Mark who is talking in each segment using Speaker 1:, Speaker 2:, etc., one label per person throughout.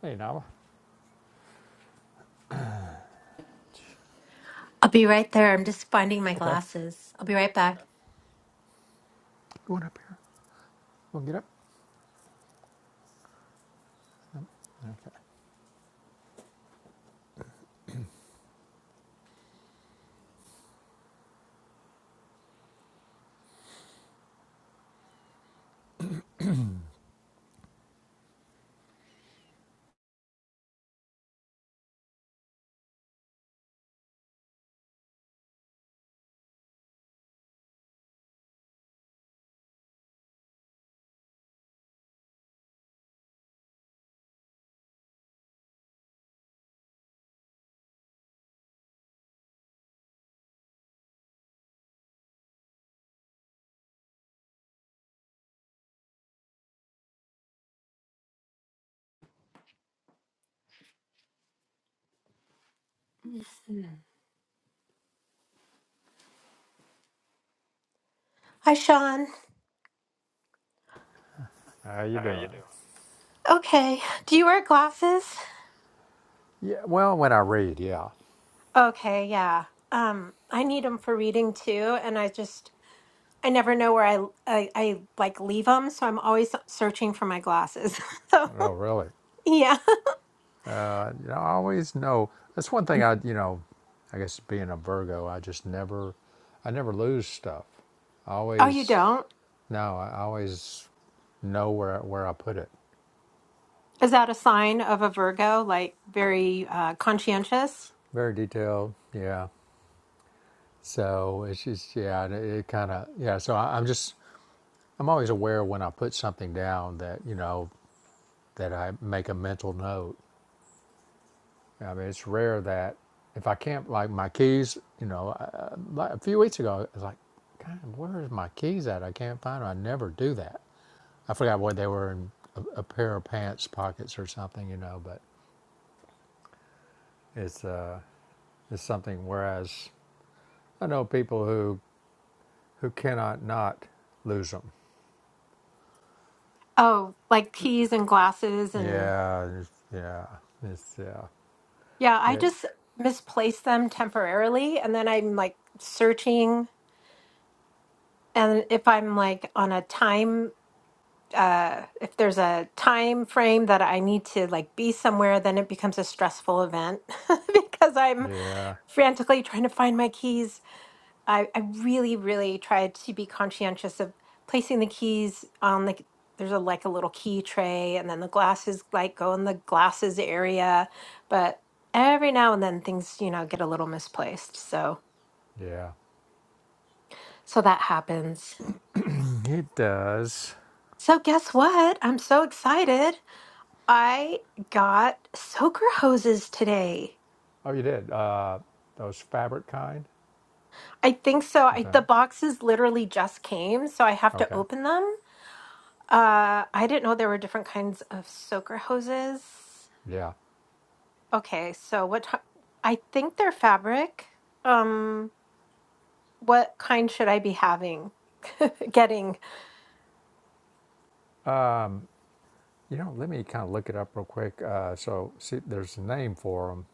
Speaker 1: Hey, Nava.
Speaker 2: I'll be right there. I'm just finding my
Speaker 1: Okay.
Speaker 2: glasses. I'll be right back.
Speaker 1: Going up here. we to get up.
Speaker 2: Hi, Sean.
Speaker 1: How you doing?
Speaker 2: Okay. Do you wear glasses?
Speaker 1: Yeah. Well, when I read, yeah.
Speaker 2: Okay, yeah. Um, I need them for reading too, and I just I never know where I I, I like leave them, so I'm always searching for my glasses. so
Speaker 1: Oh, really?
Speaker 2: yeah.
Speaker 1: Uh, you know, I always know. That's one thing I, you know, I guess being a Virgo, I just never, I never lose stuff. I
Speaker 2: Oh, you
Speaker 1: always,
Speaker 2: don't?
Speaker 1: no, I always know where where I put it.
Speaker 2: Is that a sign of a Virgo, like very uh, conscientious?
Speaker 1: Very detailed. Yeah. So it's just yeah, it, it kind of yeah. So I, I'm just I'm always aware when I put something down that you know that I make a mental note I mean, it's rare that if I can't like my keys, you know, uh, like a few weeks ago, I was like, God, where's my keys at? I can't find them. I never do that. I forgot what they were in a, a pair of pants pockets or something, you know. But it's uh, it's something. Whereas I know people who who cannot not lose them.
Speaker 2: Oh, like keys and glasses and
Speaker 1: Yeah, it's- yeah, it's yeah,
Speaker 2: yeah. I
Speaker 1: wait,
Speaker 2: just misplace them temporarily, and then I'm like searching and if i'm like on a time uh if there's a time frame that i need to like be somewhere then it becomes a stressful event because i'm
Speaker 1: yeah,
Speaker 2: frantically trying to find my keys i i really really try to be conscientious of placing the keys on the there's a like a little key tray and then the glasses like go in the glasses area but every now and then things you know get a little misplaced so
Speaker 1: yeah.
Speaker 2: so that happens
Speaker 1: It does.
Speaker 2: so guess what i'm so excited I got soaker hoses today.
Speaker 1: Oh, you did. Uh, those fabric kind.
Speaker 2: I think so. I,
Speaker 1: Okay.
Speaker 2: the boxes literally just came, so I have to
Speaker 1: Okay.
Speaker 2: open them. Uh, I didn't know there were different kinds of soaker hoses.
Speaker 1: Yeah.
Speaker 2: Okay, so what? ti- I think they're fabric. Um, what kind should I be having? Getting?
Speaker 1: You know, let me kind of look it up real quick. Uh, so see, there's a name for them.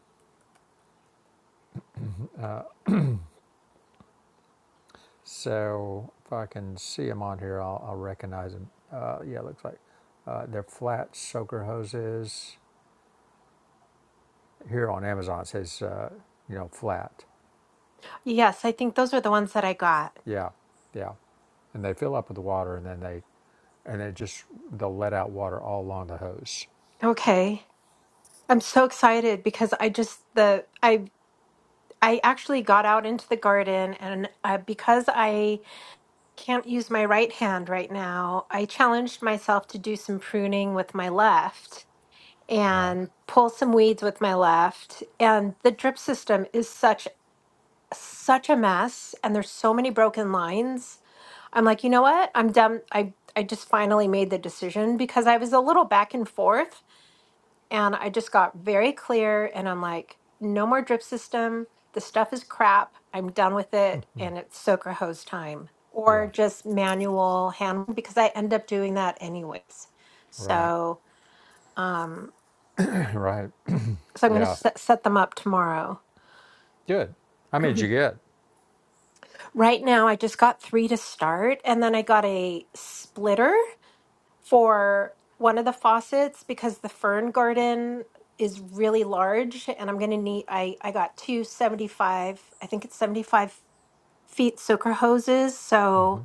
Speaker 1: So if I can see them on here, I'll, I'll recognize them. Uh, yeah, it looks like uh, they're flat soaker hoses. Here on Amazon, it says, uh, you know, flat.
Speaker 2: Yes, I think those are the ones that I got.
Speaker 1: Yeah, yeah. And they fill up with the water and then they, and it just, they'll let out water all along the hose.
Speaker 2: Okay, I'm so excited because I just the I I actually got out into the garden and uh, because I Can't use my right hand right now. I challenged myself to do some pruning with my left
Speaker 1: Right.
Speaker 2: and pull some weeds with my left. And the drip system is such such a mess and there's so many broken lines. I'm like, "You know what? I'm done. I I just finally made the decision because I was a little back and forth and I just got very clear and I'm like, no more drip system. The stuff is crap. I'm done with it. And it's soaker hose time or
Speaker 1: Yeah.
Speaker 2: just manual hand because I end up doing that anyways.
Speaker 1: Right.
Speaker 2: So, um,
Speaker 1: right.
Speaker 2: so I'm going to
Speaker 1: Yeah.
Speaker 2: set, set them up tomorrow.
Speaker 1: Good. How many did you get?
Speaker 2: Right now, I just got three to start, and then I got a splitter for one of the faucets because the fern garden is really large and I'm going to need I I got two seventy-five. I think it's 75 feet soaker hoses so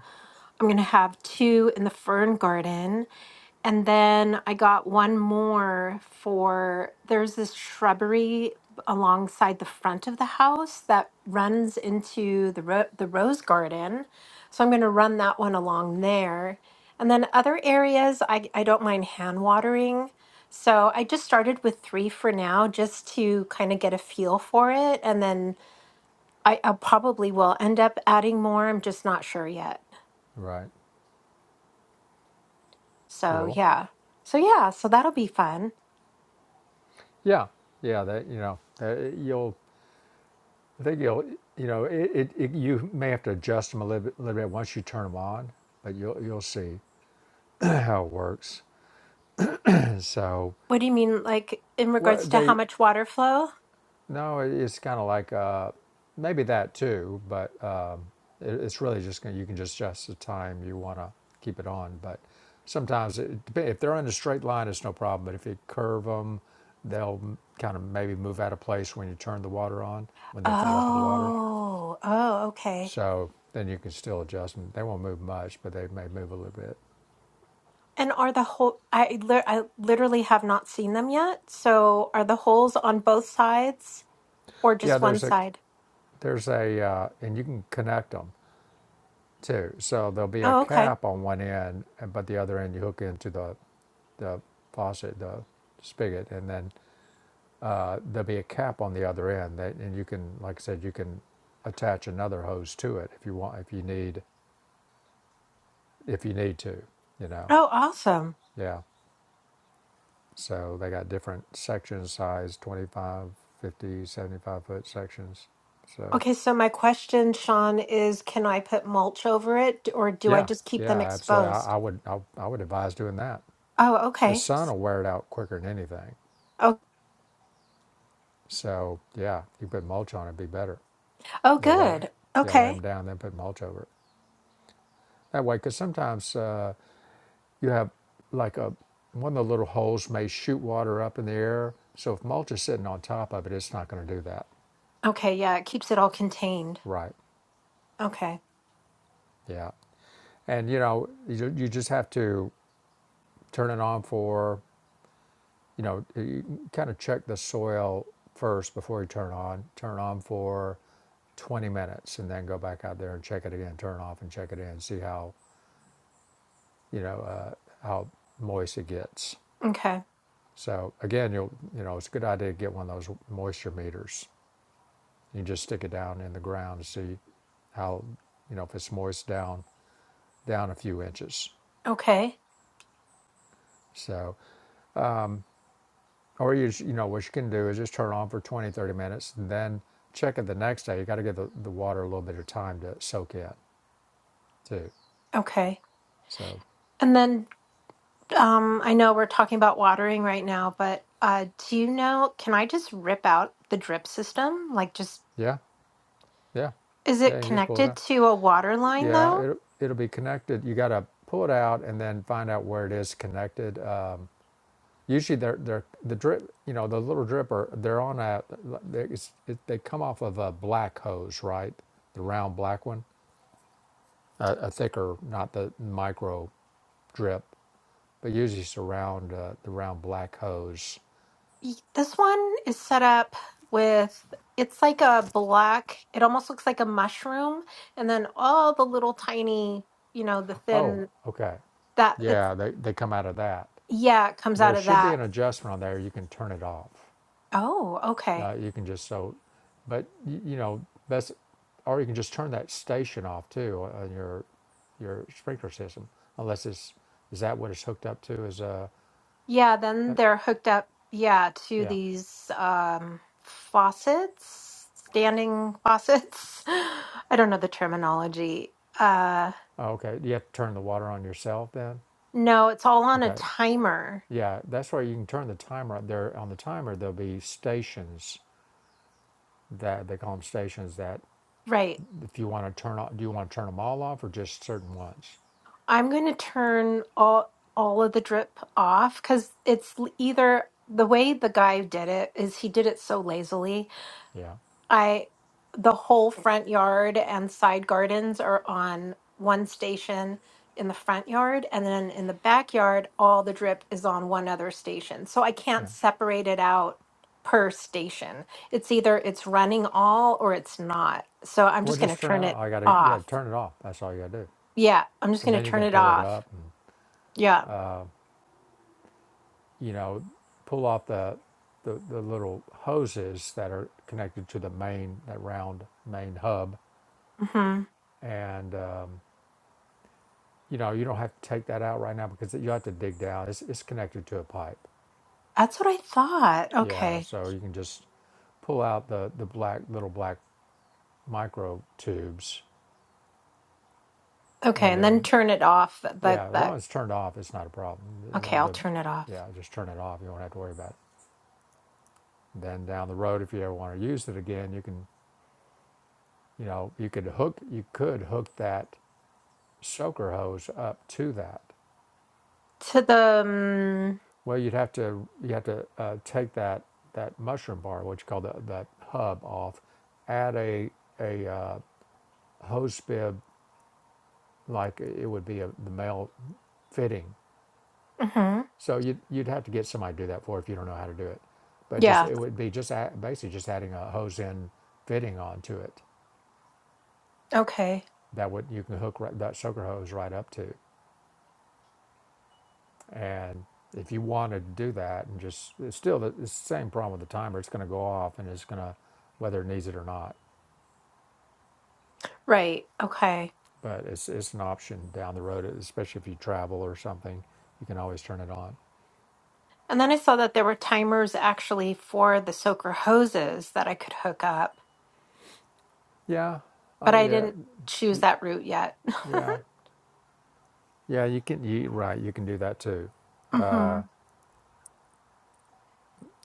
Speaker 2: I'm going to have two in the fern garden and then I got one more for there's this shrubbery alongside the front of the house that runs into the ro- the rose garden. So I'm going to run that one along there. And then other areas I I don't mind hand watering. So I just started with 3 for now just to kind of get a feel for it and then I, I probably will end up adding more. I'm just not sure yet.
Speaker 1: Right.
Speaker 2: So
Speaker 1: Cool.
Speaker 2: yeah. So yeah, so that'll be fun.
Speaker 1: Yeah, yeah, that you know, that eh, you'll. I think you'll. You know, it, it, it. You may have to adjust them a little bit, little bit once you turn them on, but you'll you'll see how it works. And so,
Speaker 2: What do you mean, like in
Speaker 1: well,
Speaker 2: regards to how
Speaker 1: they.
Speaker 2: much water flow?
Speaker 1: No, it, it's kind of like uh, maybe that too, but um, it, it's really just gonna. You can just adjust the time you want to keep it on, but sometimes it, dep- if they're in a straight line, it's no problem. But if you curve them, they'll kind of maybe move out of place when you turn the water on when they fill up with water
Speaker 2: Oh, oh, okay.
Speaker 1: So then you can still adjust them. They won't move much, but they may move a little bit.
Speaker 2: And are the hole? I li- I literally have not seen them yet. So are the holes on both sides or
Speaker 1: Yeah,
Speaker 2: just one
Speaker 1: there's a
Speaker 2: side?
Speaker 1: there's a uh, and you can connect them too. So there'll be a
Speaker 2: Oh, okay.
Speaker 1: cap on one end, and- but the other end you hook into the the faucet, the spigot, and then uh, there'll be a cap on the other end that, and you can, like I said, you can attach another hose to it if you want, if you need, if you need to, you know.
Speaker 2: Oh, awesome.
Speaker 1: Yeah, So they got different section size 25, 50, 75 foot sections. So
Speaker 2: Okay, so my question, Sean, is can I put mulch over it or do I
Speaker 1: yeah,
Speaker 2: just keep
Speaker 1: yeah,
Speaker 2: them
Speaker 1: absolutely. I,
Speaker 2: exposed?
Speaker 1: I would I, I would advise doing that.
Speaker 2: Oh,
Speaker 1: The
Speaker 2: okay.
Speaker 1: sun will wear it out quicker than anything.
Speaker 2: Oh,
Speaker 1: So yeah, you put mulch on it, would be better.
Speaker 2: oh,
Speaker 1: They lay
Speaker 2: good.
Speaker 1: yeah lay them
Speaker 2: Okay.
Speaker 1: down, then put mulch over it that way. Because sometimes uh, you have like a one of the little holes may shoot water up in the air. So if mulch is sitting on top of it, it's not going to do that.
Speaker 2: Okay, yeah, it keeps it all contained.
Speaker 1: Right.
Speaker 2: Okay.
Speaker 1: Yeah. And you know, you, you just have to turn it on for you know you kind of check the soil first before you turn on turn on for 20 minutes and then go back out there and check it again turn off and check it in see how you know uh, how moist it gets
Speaker 2: Okay.
Speaker 1: so again you'll you know it's a good idea to get one of those moisture meters you can just stick it down in the ground to see how you know if it's moist down down a few inches
Speaker 2: Okay.
Speaker 1: so Or you, you know what you can do is just turn it on for 20 30 minutes, and then check it the next day. You got to give the, the water a little bit of time to soak in too.
Speaker 2: Okay.
Speaker 1: So
Speaker 2: and then. Um, I know we're talking about watering right now, but uh, do you know, can I just rip out the drip system? Like, just
Speaker 1: yeah, yeah,
Speaker 2: is
Speaker 1: yeah.
Speaker 2: it
Speaker 1: You can just pull it
Speaker 2: connected
Speaker 1: out.
Speaker 2: to a water line
Speaker 1: Yeah,
Speaker 2: though?
Speaker 1: it it'll be connected. You got to pull it out and then find out where it is connected. Um, usually they're they're the drip. You know the little dripper. They're on a. they- It's, it, they come off of a black hose, right? The round black one, a, a thicker, not the micro drip but usually it's around uh, the round black hose.
Speaker 2: Y- This one is set up with it's like a black, it almost looks like a mushroom, and then all the little tiny, you know, the
Speaker 1: Oh,
Speaker 2: thin
Speaker 1: okay.
Speaker 2: that it's
Speaker 1: Yeah, they, they come out of that.
Speaker 2: yeah, it comes out
Speaker 1: There
Speaker 2: of
Speaker 1: should be
Speaker 2: that.
Speaker 1: an adjustment on there. You can turn it off.
Speaker 2: Oh, okay.
Speaker 1: Uh, you can just so, but y- you know that's, or you can just turn that station off too on your your sprinkler system. Unless it's is that what it's hooked up to? Is uh,
Speaker 2: Yeah,
Speaker 1: uh
Speaker 2: then they're hooked up, yeah, to
Speaker 1: yeah.
Speaker 2: these um faucets, standing faucets. I don't know the terminology. Uh
Speaker 1: Oh, okay. You have to turn the water on yourself then.
Speaker 2: no, it's all on a
Speaker 1: Okay.
Speaker 2: timer.
Speaker 1: Yeah, that's where you can turn the timer up there. On the timer, there'll be stations that they call them stations that
Speaker 2: Right.
Speaker 1: if you want to turn off do you want to turn them all off or just certain ones
Speaker 2: I'm going to turn all all of the drip off because it's l- either the way the guy did it is he did it so lazily.
Speaker 1: yeah
Speaker 2: I the whole front yard and side gardens are on one station in the front yard and then in the backyard all the drip is on one other station. So I can't
Speaker 1: yeah
Speaker 2: separate it out per station. It's either it's running all or it's not. So I'm
Speaker 1: well
Speaker 2: just going
Speaker 1: just
Speaker 2: to
Speaker 1: turn it
Speaker 2: turn
Speaker 1: off
Speaker 2: it
Speaker 1: i gotta yeah
Speaker 2: off.
Speaker 1: turn it off that's all you gotta do
Speaker 2: Yeah, I'm just
Speaker 1: and
Speaker 2: going
Speaker 1: then
Speaker 2: to
Speaker 1: you
Speaker 2: turn
Speaker 1: can
Speaker 2: it
Speaker 1: pull it
Speaker 2: off.
Speaker 1: up and
Speaker 2: Yeah.
Speaker 1: you know pull off the the, the little hoses that are connected to the main that round main hub
Speaker 2: Mhm.
Speaker 1: and um, you know you don't have to take that out right now because you have to dig down it's, it's connected to a pipe
Speaker 2: That's what I thought.
Speaker 1: yeah
Speaker 2: Okay.
Speaker 1: so you can just pull out the the black little black micro tubes
Speaker 2: Okay,
Speaker 1: And
Speaker 2: and then
Speaker 1: then,
Speaker 2: turn it off. That that,
Speaker 1: yeah, as long as it's turned off, it's not a problem.
Speaker 2: okay,
Speaker 1: The,
Speaker 2: I'll
Speaker 1: the-
Speaker 2: turn it off.
Speaker 1: yeah, just turn it off. You won't have to worry about it. Then down the road, if you ever want to use it again, you can, you know, you could hook, you could hook that soaker hose up to that.
Speaker 2: To the um,
Speaker 1: Well, you'd have to, you have to uh, take that that mushroom bar, what you call the that hub off, add a a uh, hose bib like it would be a, the male fitting
Speaker 2: mhm.
Speaker 1: So you'd, you'd have to get somebody to do that for if you don't know how to do it. But just
Speaker 2: Yeah.
Speaker 1: it would be just a, basically just adding a hose end fitting onto it
Speaker 2: Okay.
Speaker 1: that would you can hook right, that sucker hose right up to. And if you wanted to do that and just it's still the, it's the same problem with the timer. It's going to go off and it's going to whether it needs it or not.
Speaker 2: Right. Okay.
Speaker 1: But it's it's an option down the road, especially if you travel or something. You can always turn it on.
Speaker 2: And then I saw that there were timers actually for the soaker hoses that I could hook up,
Speaker 1: Yeah, uh,
Speaker 2: but I
Speaker 1: yeah,
Speaker 2: didn't choose
Speaker 1: y-
Speaker 2: that route yet.
Speaker 1: yeah, yeah. You can. You right. You can do that too.
Speaker 2: hmm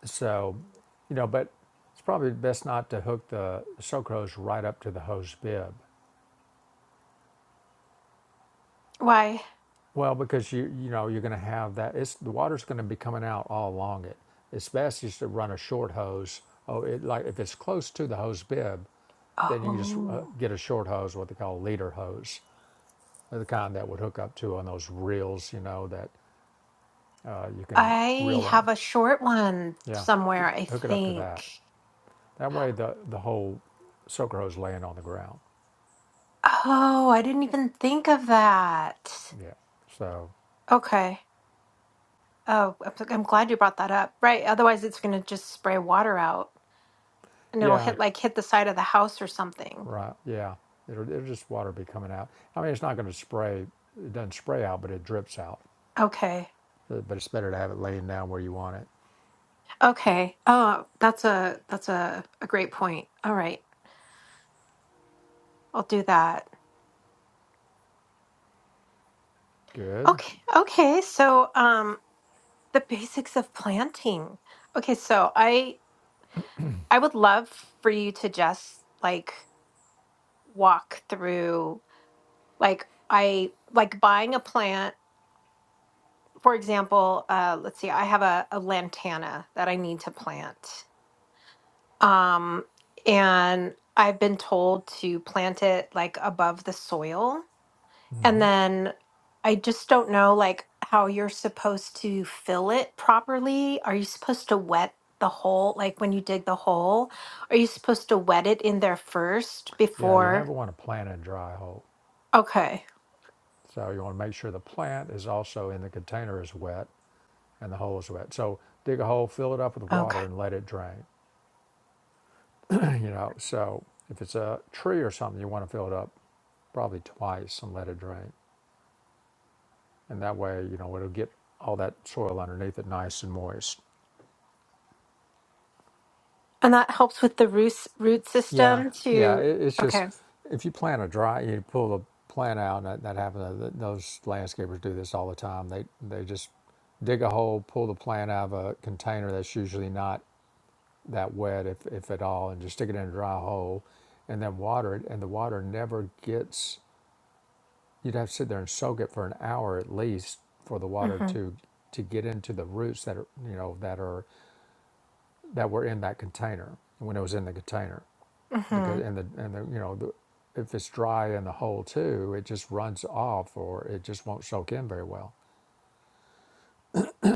Speaker 1: So, you know, but it's probably best not to hook the soak hose right up to the hose bib.
Speaker 2: Why?
Speaker 1: Well, because you you know you're going to have that. It's the water's going to be coming out all along it. It's best just to run a short hose. Oh, it, like if it's close to the hose bib, then you can just uh,
Speaker 2: Oh,
Speaker 1: get a short hose, what they call a leader hose, the kind that would hook up to on those reels. You know that uh, you can
Speaker 2: I
Speaker 1: reel in.
Speaker 2: have a short one
Speaker 1: Yeah,
Speaker 2: somewhere, I
Speaker 1: hook it up to that.
Speaker 2: think.
Speaker 1: That way the the whole soaker hose laying on the ground.
Speaker 2: Oh, I didn't even think of that.
Speaker 1: Yeah. So,
Speaker 2: Okay. Oh, I'm so, I'm glad you brought that up. Right. Otherwise, it's going to just spray water out and it'll
Speaker 1: yeah,
Speaker 2: hit like hit the side of the house or something.
Speaker 1: right. Yeah. It'll, it'll just water be coming out. I mean, it's not going to spray. It doesn't spray out, but it drips out.
Speaker 2: Okay.
Speaker 1: Uh, But it's better to have it laying down where you want it.
Speaker 2: Okay. Oh, that's a that's a, a great point. All right. I'll do that.
Speaker 1: Good.
Speaker 2: Okay. Okay. So, um the basics of planting. Okay, so I I would love for you to just like walk through like I like buying a plant. For example, uh let's see. I have a, a lantana that I need to plant. Um and I've been told to plant it like above the soil And
Speaker 1: hmm
Speaker 2: then I just don't know like how you're supposed to fill it properly. Are you supposed to wet the hole like when you dig the hole? Are you supposed to wet it in there first
Speaker 1: Yeah. You never
Speaker 2: before?
Speaker 1: want to plant in a dry hole.
Speaker 2: Okay.
Speaker 1: So you want to make sure the plant is also in the container is wet and the hole is wet. So dig a hole, fill it up with
Speaker 2: Okay.
Speaker 1: water, and let it drain. you know. So if it's a tree or something, you want to fill it up probably twice and let it drain. and that way you know it'll get all that soil underneath it nice and moist
Speaker 2: And that helps with the root root
Speaker 1: yeah
Speaker 2: system
Speaker 1: yeah
Speaker 2: to
Speaker 1: it, it's just
Speaker 2: okay.
Speaker 1: if you plant a dry you pull the plant out and that, that happens uh, th- those landscapers do this all the time they they just dig a hole pull the plant out of a container that's usually not that wet if, if at all and just stick it in a dry hole and then water it and the water never gets you'd have to sit there and soak it for an hour at least for the water
Speaker 2: Mhm.
Speaker 1: to to get into the roots that are you know that are that were in that container when it was in the container because
Speaker 2: Mhm.
Speaker 1: and the and the you know the, if it's dry in the hole too it just runs off or it just won't soak in very well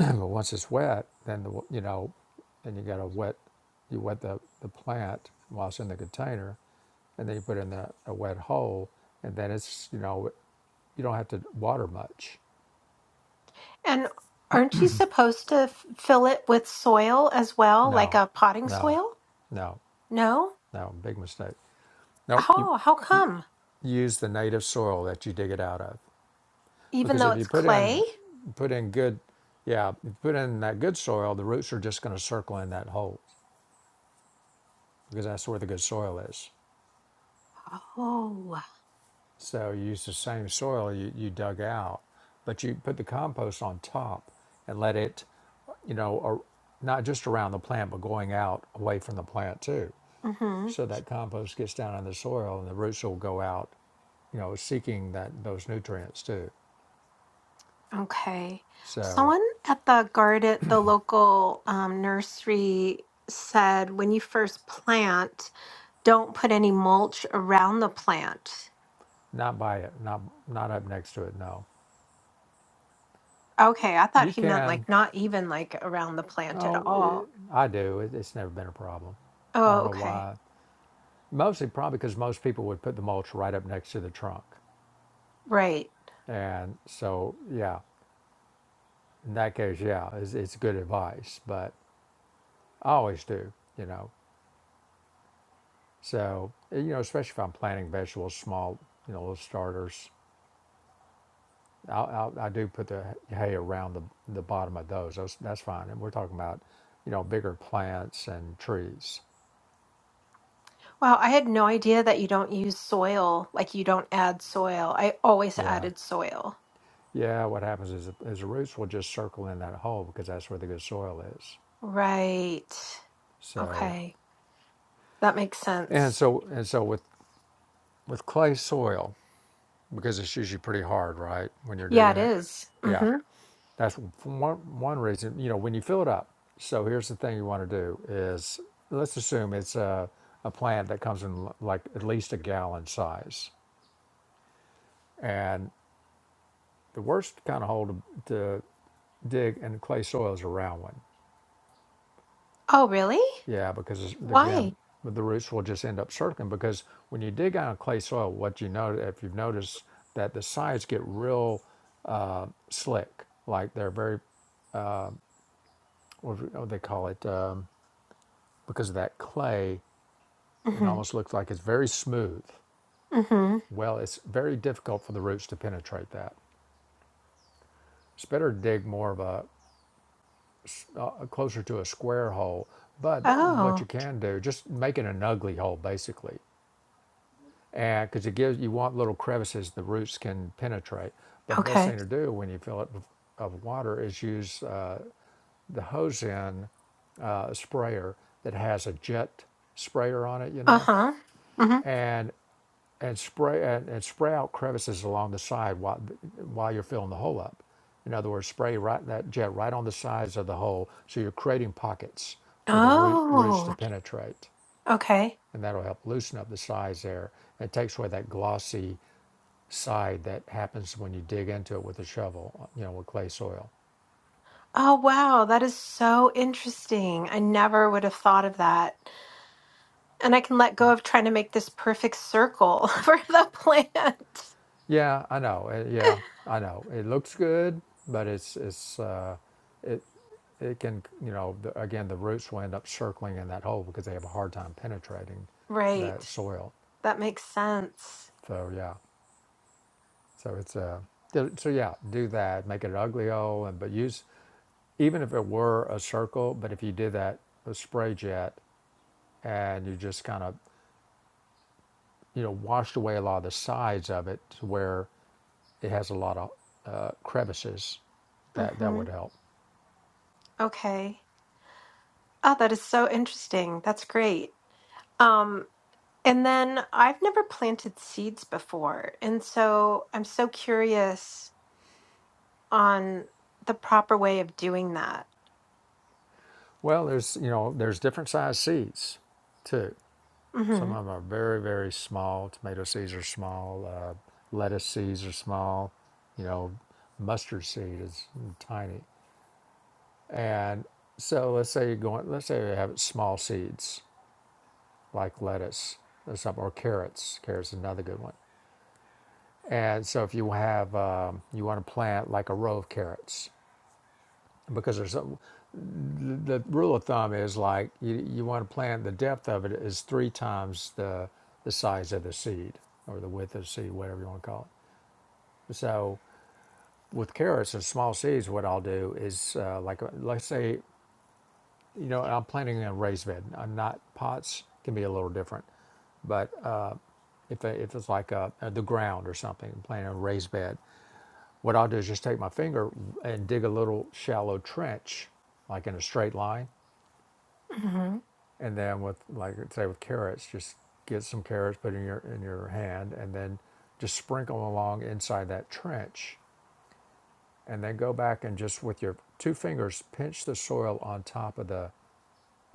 Speaker 1: but once it's wet then the you know and you got to wet you wet the, the plant while it's in the container and then you put it in the, a wet hole and then it's you know you don't have to water much
Speaker 2: And aren't you supposed to f- fill it with soil as well, like
Speaker 1: no
Speaker 2: a potting
Speaker 1: no
Speaker 2: soil?
Speaker 1: no
Speaker 2: No?
Speaker 1: no big mistake nope you,
Speaker 2: Oh, how
Speaker 1: you
Speaker 2: come?
Speaker 1: use the native soil that you dig it out of
Speaker 2: Even
Speaker 1: because
Speaker 2: though
Speaker 1: if you
Speaker 2: it's
Speaker 1: put in
Speaker 2: clay?
Speaker 1: put in good yeah if you put in that good soil the roots are just going to circle in that hole because that's where the good soil is
Speaker 2: Oh.
Speaker 1: so you use the same soil you, you dug out but you put the compost on top and let it you know or not just around the plant but going out away from the plant too so that compost gets down in the soil and the roots will go out you know seeking that those nutrients too
Speaker 2: Okay.
Speaker 1: so
Speaker 2: Someone at the garden, the local um, nursery said when you first plant, don't put any mulch around the plant.
Speaker 1: not by it not not up next to it no
Speaker 2: Okay, I thought
Speaker 1: you
Speaker 2: he meant
Speaker 1: can
Speaker 2: like not even like around the plant at
Speaker 1: Oh, it,
Speaker 2: all.
Speaker 1: I do. It, it's never been a problem. I
Speaker 2: Oh,
Speaker 1: don't know
Speaker 2: okay.
Speaker 1: why. Mostly probably because most people would put the mulch right up next to the trunk.
Speaker 2: Right.
Speaker 1: And so, yeah, in that case, yeah, it's, it's good advice, but I always do, you know. So, eh, you know, especially if I'm planting vegetables, small, you know, little starters, I'll, I'll, I do put the hay around the, the bottom of those. those. That's fine. And we're talking about, you know, bigger plants and trees.
Speaker 2: Wow, I had no idea that you don't use soil, like you don't add soil. I always
Speaker 1: Yeah.
Speaker 2: added soil.
Speaker 1: Yeah, what happens is, is the roots will just circle in that hole because that's where the good soil is.
Speaker 2: Right.
Speaker 1: So
Speaker 2: Okay. That makes
Speaker 1: and
Speaker 2: sense.
Speaker 1: so and so with with clay soil because it's usually pretty hard, right? When you're
Speaker 2: Yeah,
Speaker 1: digging
Speaker 2: it
Speaker 1: it,
Speaker 2: is.
Speaker 1: yeah,
Speaker 2: Mm-hmm.
Speaker 1: that's one one reason. You know, when you fill it up. So here's the thing you want to do is let's assume it's a a plant that comes in l- like at least a gallon size, and the worst kind of hole to, to dig in clay soil is a round one
Speaker 2: Oh, really?
Speaker 1: Yeah, because
Speaker 2: Why?
Speaker 1: again, the roots will just end up circling. Because when you dig out of clay soil, what you know, if you've noticed, that the sides get real slick, like they're very, what do- they call it, um, because of that clay, it
Speaker 2: Mm-hmm.
Speaker 1: almost looks like it's very smooth.
Speaker 2: Mm-hmm.
Speaker 1: Well, it's very difficult for the roots to penetrate that. It's better to dig more of a uh, closer to a square hole. But what
Speaker 2: Oh,
Speaker 1: you can do, just making an ugly hole basically, because it gives you want little crevices the roots can penetrate. But the best
Speaker 2: okay.
Speaker 1: thing to do when you fill it of water is use uh, the hose in uh, sprayer that has a jet sprayer on it, you know,
Speaker 2: Uh-huh. Mm-hmm.
Speaker 1: and and spray and, and spray out crevices along the side while while you're filling the hole up. In other words, spray right that jet right on the sides of the hole, so you're creating pockets for the root, roots to
Speaker 2: Oh,
Speaker 1: penetrate,
Speaker 2: okay.
Speaker 1: and that'll help loosen up the sides there. It takes away that glossy side that happens when you dig into it with a shovel, you know, with clay soil.
Speaker 2: Oh, wow. That is so interesting. I never would have thought of that. And I can let go of trying to make this perfect circle for the plant.
Speaker 1: Yeah, I know. Uh, yeah, I know. It looks good, but it's it's uh, it it can you know the, again the roots will end up circling in that hole because they have a hard time penetrating that
Speaker 2: Right.
Speaker 1: soil.
Speaker 2: That makes sense.
Speaker 1: So yeah, so it's a uh, so so, yeah, do that. Make it an ugly hole, and but use even if it were a circle, but if you did that with spray jet and you just kind of you know washed away a lot of the sides of it to where it has a lot of uh, crevices that that
Speaker 2: Mm-hmm.
Speaker 1: would help
Speaker 2: Okay. Oh, that is so interesting. That's great. Um, and then I've never planted seeds before. And so I'm so curious on the proper way of doing that.
Speaker 1: well there's you know there's different size seeds too some
Speaker 2: hmm
Speaker 1: of them are very very small tomato seeds are small uh, lettuce seeds are small you know mustard seed is tiny and so let's say you're going let's say you have small seeds like lettuce or something or carrots carrots is another good one and so if you have um, you want to plant like a row of carrots because there's the the rule of thumb is like you, you want to plant the depth of it is three times the the size of the seed or the width of the seed, whatever you want to call it. So with carrots and small seeds, what I'll do is uh, like uh, let's say you know I'm planting in a raised bed. I'm not pots can be a little different, but uh, if if it's like uh uh, the ground or something, I'm planting in a raised bed, what I'll do is just take my finger and dig a little shallow trench, like in a straight line
Speaker 2: hmm
Speaker 1: and then with like say with carrots, just get some carrots, put in your in your hand, and then just sprinkle them along inside that trench, and then go back and just with your two fingers pinch the soil on top of the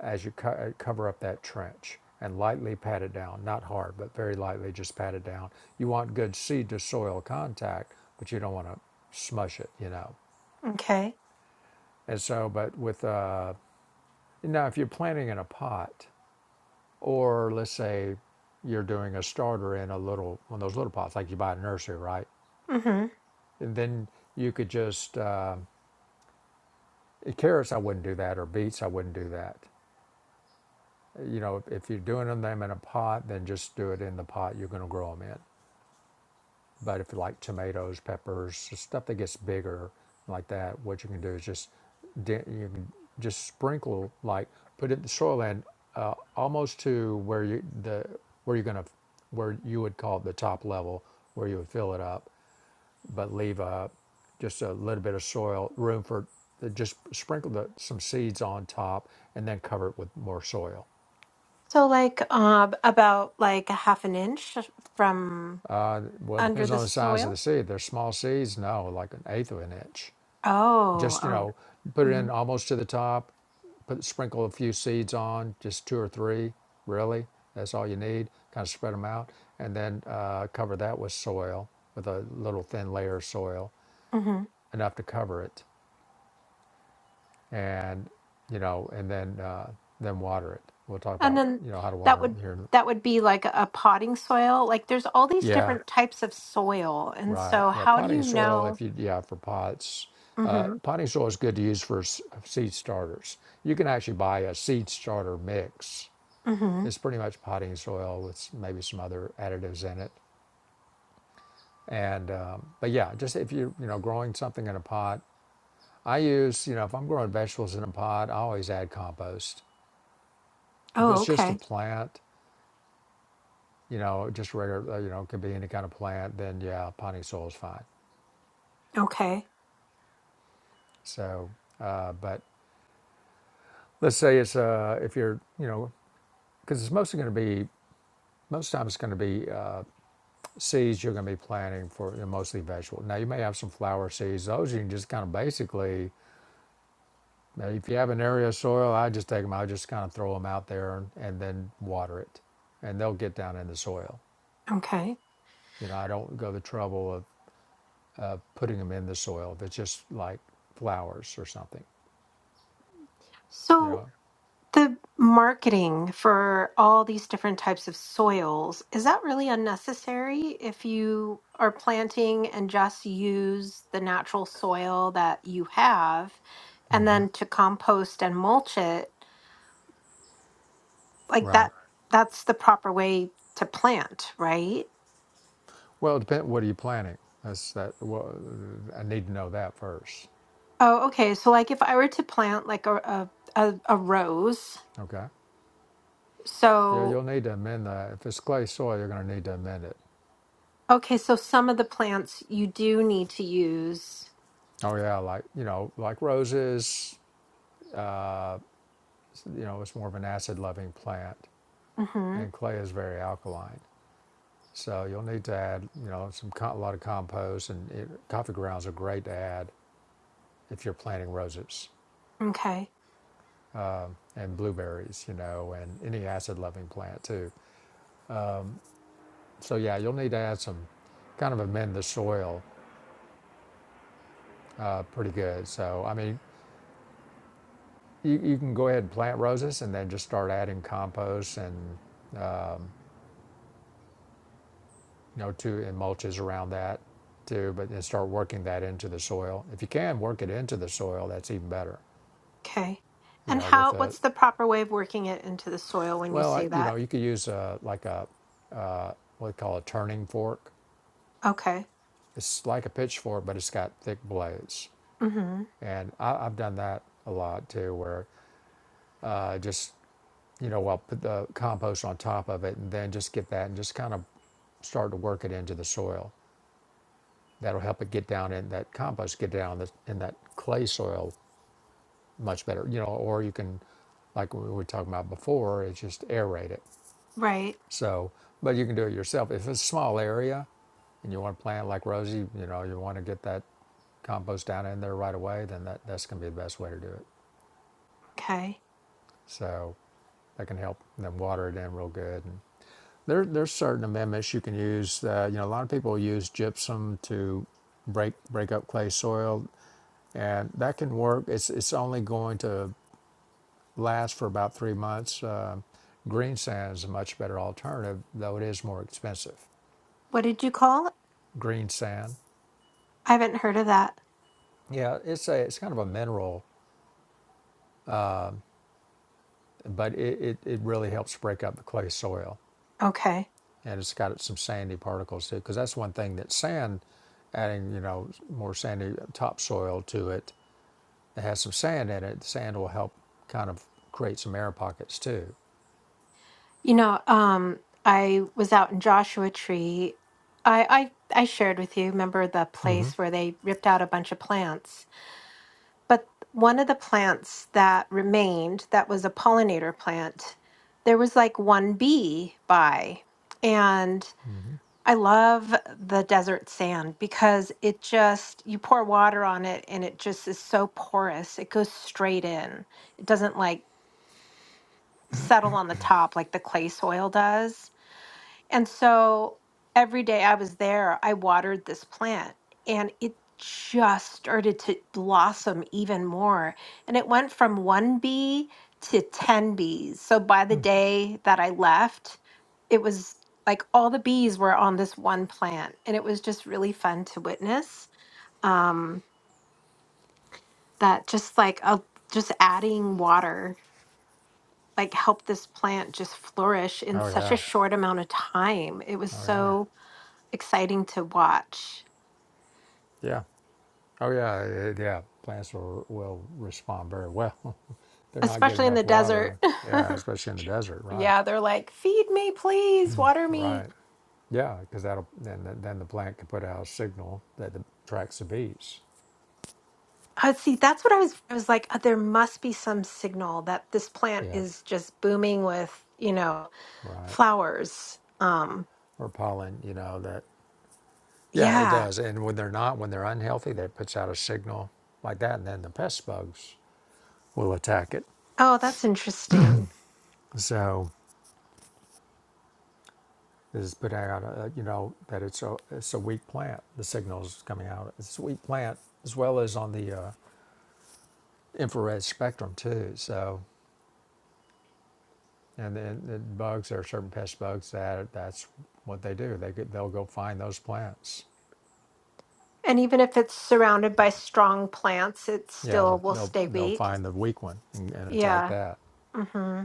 Speaker 1: as you co- uh, cover up that trench and lightly pat it down, not hard, but very lightly, just pat it down. You want good seed to soil contact, but you don't want to smush it, you know.
Speaker 2: Okay.
Speaker 1: And so, but with uh, now if you're planting in a pot Or let's say you're doing a starter in a little one of those little pots, like you buy at a nursery, right?
Speaker 2: hmm
Speaker 1: And then you could just uh, carrots. I wouldn't do that, or beets. I wouldn't do that. You know, if you're doing them in a pot, then just do it in the pot you're going to grow them in. But if you like tomatoes, peppers, stuff that gets bigger like that, what you can do is just you can just sprinkle like put it in the soil and uh, almost to where you the where you're gonna where you would call it the top level where you would fill it up, but leave a just a little bit of soil room for uh, just sprinkle the, some seeds on top and then cover it with more soil.
Speaker 2: So, like, uh, about like a half an inch from
Speaker 1: Uh, well, it
Speaker 2: under
Speaker 1: depends
Speaker 2: the
Speaker 1: on the size of
Speaker 2: soil.
Speaker 1: the seed. If they're small seeds, no, like an eighth of an inch.
Speaker 2: Oh,
Speaker 1: Just you
Speaker 2: oh.
Speaker 1: know, put it
Speaker 2: hmm
Speaker 1: in almost to the top. Put sprinkle a few seeds on, just two or three, really. That's all you need. Kind of spread them out, and then uh, cover that with soil, with a little thin layer of soil,
Speaker 2: hmm
Speaker 1: enough to cover it, and you know, and then uh, then water it. We'll talk
Speaker 2: And
Speaker 1: about
Speaker 2: then
Speaker 1: you know how to water
Speaker 2: that
Speaker 1: them
Speaker 2: would
Speaker 1: here. in-
Speaker 2: that would be like a potting soil. Like, there's all these
Speaker 1: Yeah,
Speaker 2: different types of soil, and
Speaker 1: right.
Speaker 2: so
Speaker 1: Yeah,
Speaker 2: how do
Speaker 1: potting
Speaker 2: you
Speaker 1: soil. If
Speaker 2: know?
Speaker 1: you yeah for pots, uh,
Speaker 2: hmm
Speaker 1: potting soil is good to use for s- seed starters. You can actually buy a seed starter mix
Speaker 2: hmm
Speaker 1: It's pretty much potting soil with maybe some other additives in it. And um, but yeah, just if you are you know growing something in a pot, I use you know if I'm growing vegetables in a pot, I always add compost. If
Speaker 2: Oh,
Speaker 1: it's just a
Speaker 2: okay.
Speaker 1: plant, you know, just regular, uh, you know, it could be any kind of plant, then yeah, potting soil is fine.
Speaker 2: Okay.
Speaker 1: So, uh, but let's say it's uh, if you're you know because it's mostly going to be most times it's going to be uh, seeds you're going to be planting for you know, mostly vegetable. Now you may have some flower seeds; those you can just kind of basically Now, if you have an area of soil, I just take them. I just kind of throw them out there and, and then water it, and they'll get down in the soil.
Speaker 2: Okay.
Speaker 1: You know, I don't go the trouble of, of putting them in the soil. If it's just like flowers or something, you
Speaker 2: So.
Speaker 1: know.
Speaker 2: The marketing for all these different types of soils, is that really unnecessary if you are planting and just use the natural soil that you have and then to compost and mulch it? Like
Speaker 1: Right.
Speaker 2: that that's the proper way to plant, right?
Speaker 1: Well, it depends. What are you planting? That's that. Well, I need to know that first.
Speaker 2: Oh, okay. So like if I were to plant like a a, a, a rose,
Speaker 1: Okay. Yeah,
Speaker 2: so
Speaker 1: you'll need to amend that. If it's clay soil, you're going to need to amend it.
Speaker 2: okay, so some of the plants you do need to use.
Speaker 1: Oh yeah, like you know, like roses. You know, it's more of an acid-loving plant,
Speaker 2: Mhm.
Speaker 1: and clay is very alkaline. So you'll need to add, you know, some a lot of compost and it, coffee grounds are great to add if you're planting roses
Speaker 2: Okay.
Speaker 1: and blueberries, you know, and any acid-loving plant too. So yeah, you'll need to add some, kind of amend the soil uh, pretty good. So I mean, you, you can go ahead and plant roses and then just start adding compost and you know to and mulches around that too, but then start working that into the soil. If you can work it into the soil, that's even better.
Speaker 2: Okay.
Speaker 1: You
Speaker 2: And
Speaker 1: know, with
Speaker 2: how,
Speaker 1: a
Speaker 2: what's the proper way of working it into the soil when you
Speaker 1: Well, I,
Speaker 2: say
Speaker 1: you
Speaker 2: that?
Speaker 1: know, you could use a, like a, uh, what we call a turning fork.
Speaker 2: Okay.
Speaker 1: It's like a pitchfork, but it's got thick blades.
Speaker 2: Mm-hmm.
Speaker 1: And I, I've done that a lot too, where uh, just, you know, I'll put the compost on top of it and then just get that and just kind of start to work it into the soil. That'll help it get down in that compost, get down the, in that clay soil much better, you know, or you can, like we were talking about before, it's just aerate it
Speaker 2: Right.
Speaker 1: So, but you can do it yourself. If it's a small area and you want to plant like Rosie, you know, you want to get that compost down in there right away, then that, that's going to be the best way to do it.
Speaker 2: Okay.
Speaker 1: So that can help them water it in real good. And there, there's certain amendments you can use. Uh, you know, a lot of people use gypsum to break break up clay soil, and that can work. It's it's only going to last for about three months. Uh, green sand is a much better alternative, though it is more expensive.
Speaker 2: What did you call it?
Speaker 1: Green sand
Speaker 2: I haven't heard of that.
Speaker 1: Yeah, it's a it's kind of a mineral, but it, it, it really helps break up the clay soil,
Speaker 2: Okay.
Speaker 1: and it's got some sandy particles too. Because that's one thing that sand, adding you know more sandy topsoil to it that has some sand in it, the sand will help kind of create some air pockets too.
Speaker 2: You know, um, I was out in Joshua Tree. I, I, I shared with you, remember the
Speaker 1: Mm-hmm.
Speaker 2: place where they ripped out a bunch of plants? But one of the plants that remained, that was a pollinator plant, there was like one bee by. and. I love the desert sand because it just, you pour water on it and it just is so porous. It goes straight in. It doesn't like settle on the top like the clay soil does. And so every day I was there, I watered this plant and it just started to blossom even more. And it went from one bee to 10 bees. So by the day that I left, it was like all the bees were on this one plant. And it was just really fun to witness um, that just like a, just adding water like helped this plant just flourish in
Speaker 1: Oh
Speaker 2: such a
Speaker 1: yeah,
Speaker 2: short amount of time. It was
Speaker 1: oh yeah,
Speaker 2: so exciting to watch,
Speaker 1: yeah, oh yeah, eh, yeah. Plants will will respond very well. They're not getting
Speaker 2: especially in the
Speaker 1: enough
Speaker 2: desert.
Speaker 1: water. Yeah, especially in the desert, right?
Speaker 2: yeah, they're like, feed me, please, water me.
Speaker 1: Right. Yeah, because that'll then the, then the plant can put out a signal that the, attracts the bees.
Speaker 2: Uh, see, that's what I was. I was like, "Uh, there must be some signal that this plant
Speaker 1: Yeah.
Speaker 2: is just booming with, you know,
Speaker 1: Right.
Speaker 2: flowers. Um,
Speaker 1: Or pollen. You know that. Yeah, it
Speaker 2: yeah.
Speaker 1: does. And when they're not, when they're unhealthy, that puts out a signal like that, and then the pest bugs will attack it.
Speaker 2: Oh, that's interesting.
Speaker 1: So this is putting out, a, you know, that it's a it's a weak plant. The signal is coming out. It's a weak plant as well as on the uh, infrared spectrum too. So And then the bugs, there are certain pest bugs that that's what they do. They go- they'll go find those plants.
Speaker 2: And even if it's surrounded by strong plants, it
Speaker 1: Yeah,
Speaker 2: still
Speaker 1: they'll
Speaker 2: will
Speaker 1: they'll,
Speaker 2: stay
Speaker 1: they'll
Speaker 2: weak.
Speaker 1: find the weak one and, and attack
Speaker 2: Yeah.
Speaker 1: that.
Speaker 2: Mm-hmm.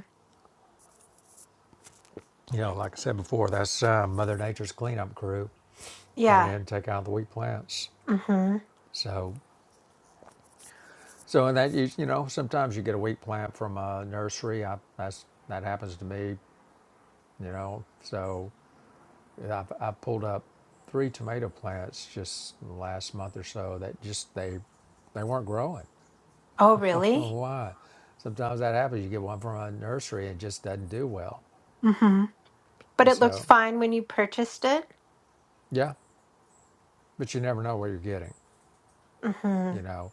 Speaker 1: You know, like I said before, that's uh, Mother Nature's cleanup crew coming
Speaker 2: Yeah.
Speaker 1: in and take out the weak plants.
Speaker 2: Mm-hmm.
Speaker 1: So so in that you you know sometimes you get a weak plant from a nursery. I that's that happens to me. You know, so I I pulled up three tomato plants just last month or so that just they they weren't growing
Speaker 2: Oh,
Speaker 1: Oh,
Speaker 2: really?
Speaker 1: why? Sometimes that happens. You get one from a nursery and it just doesn't do well.
Speaker 2: Mm-hmm. But
Speaker 1: And
Speaker 2: it looked
Speaker 1: so,
Speaker 2: fine when you purchased it.
Speaker 1: yeah, but you never know what you're getting.
Speaker 2: Mm-hmm.
Speaker 1: You know,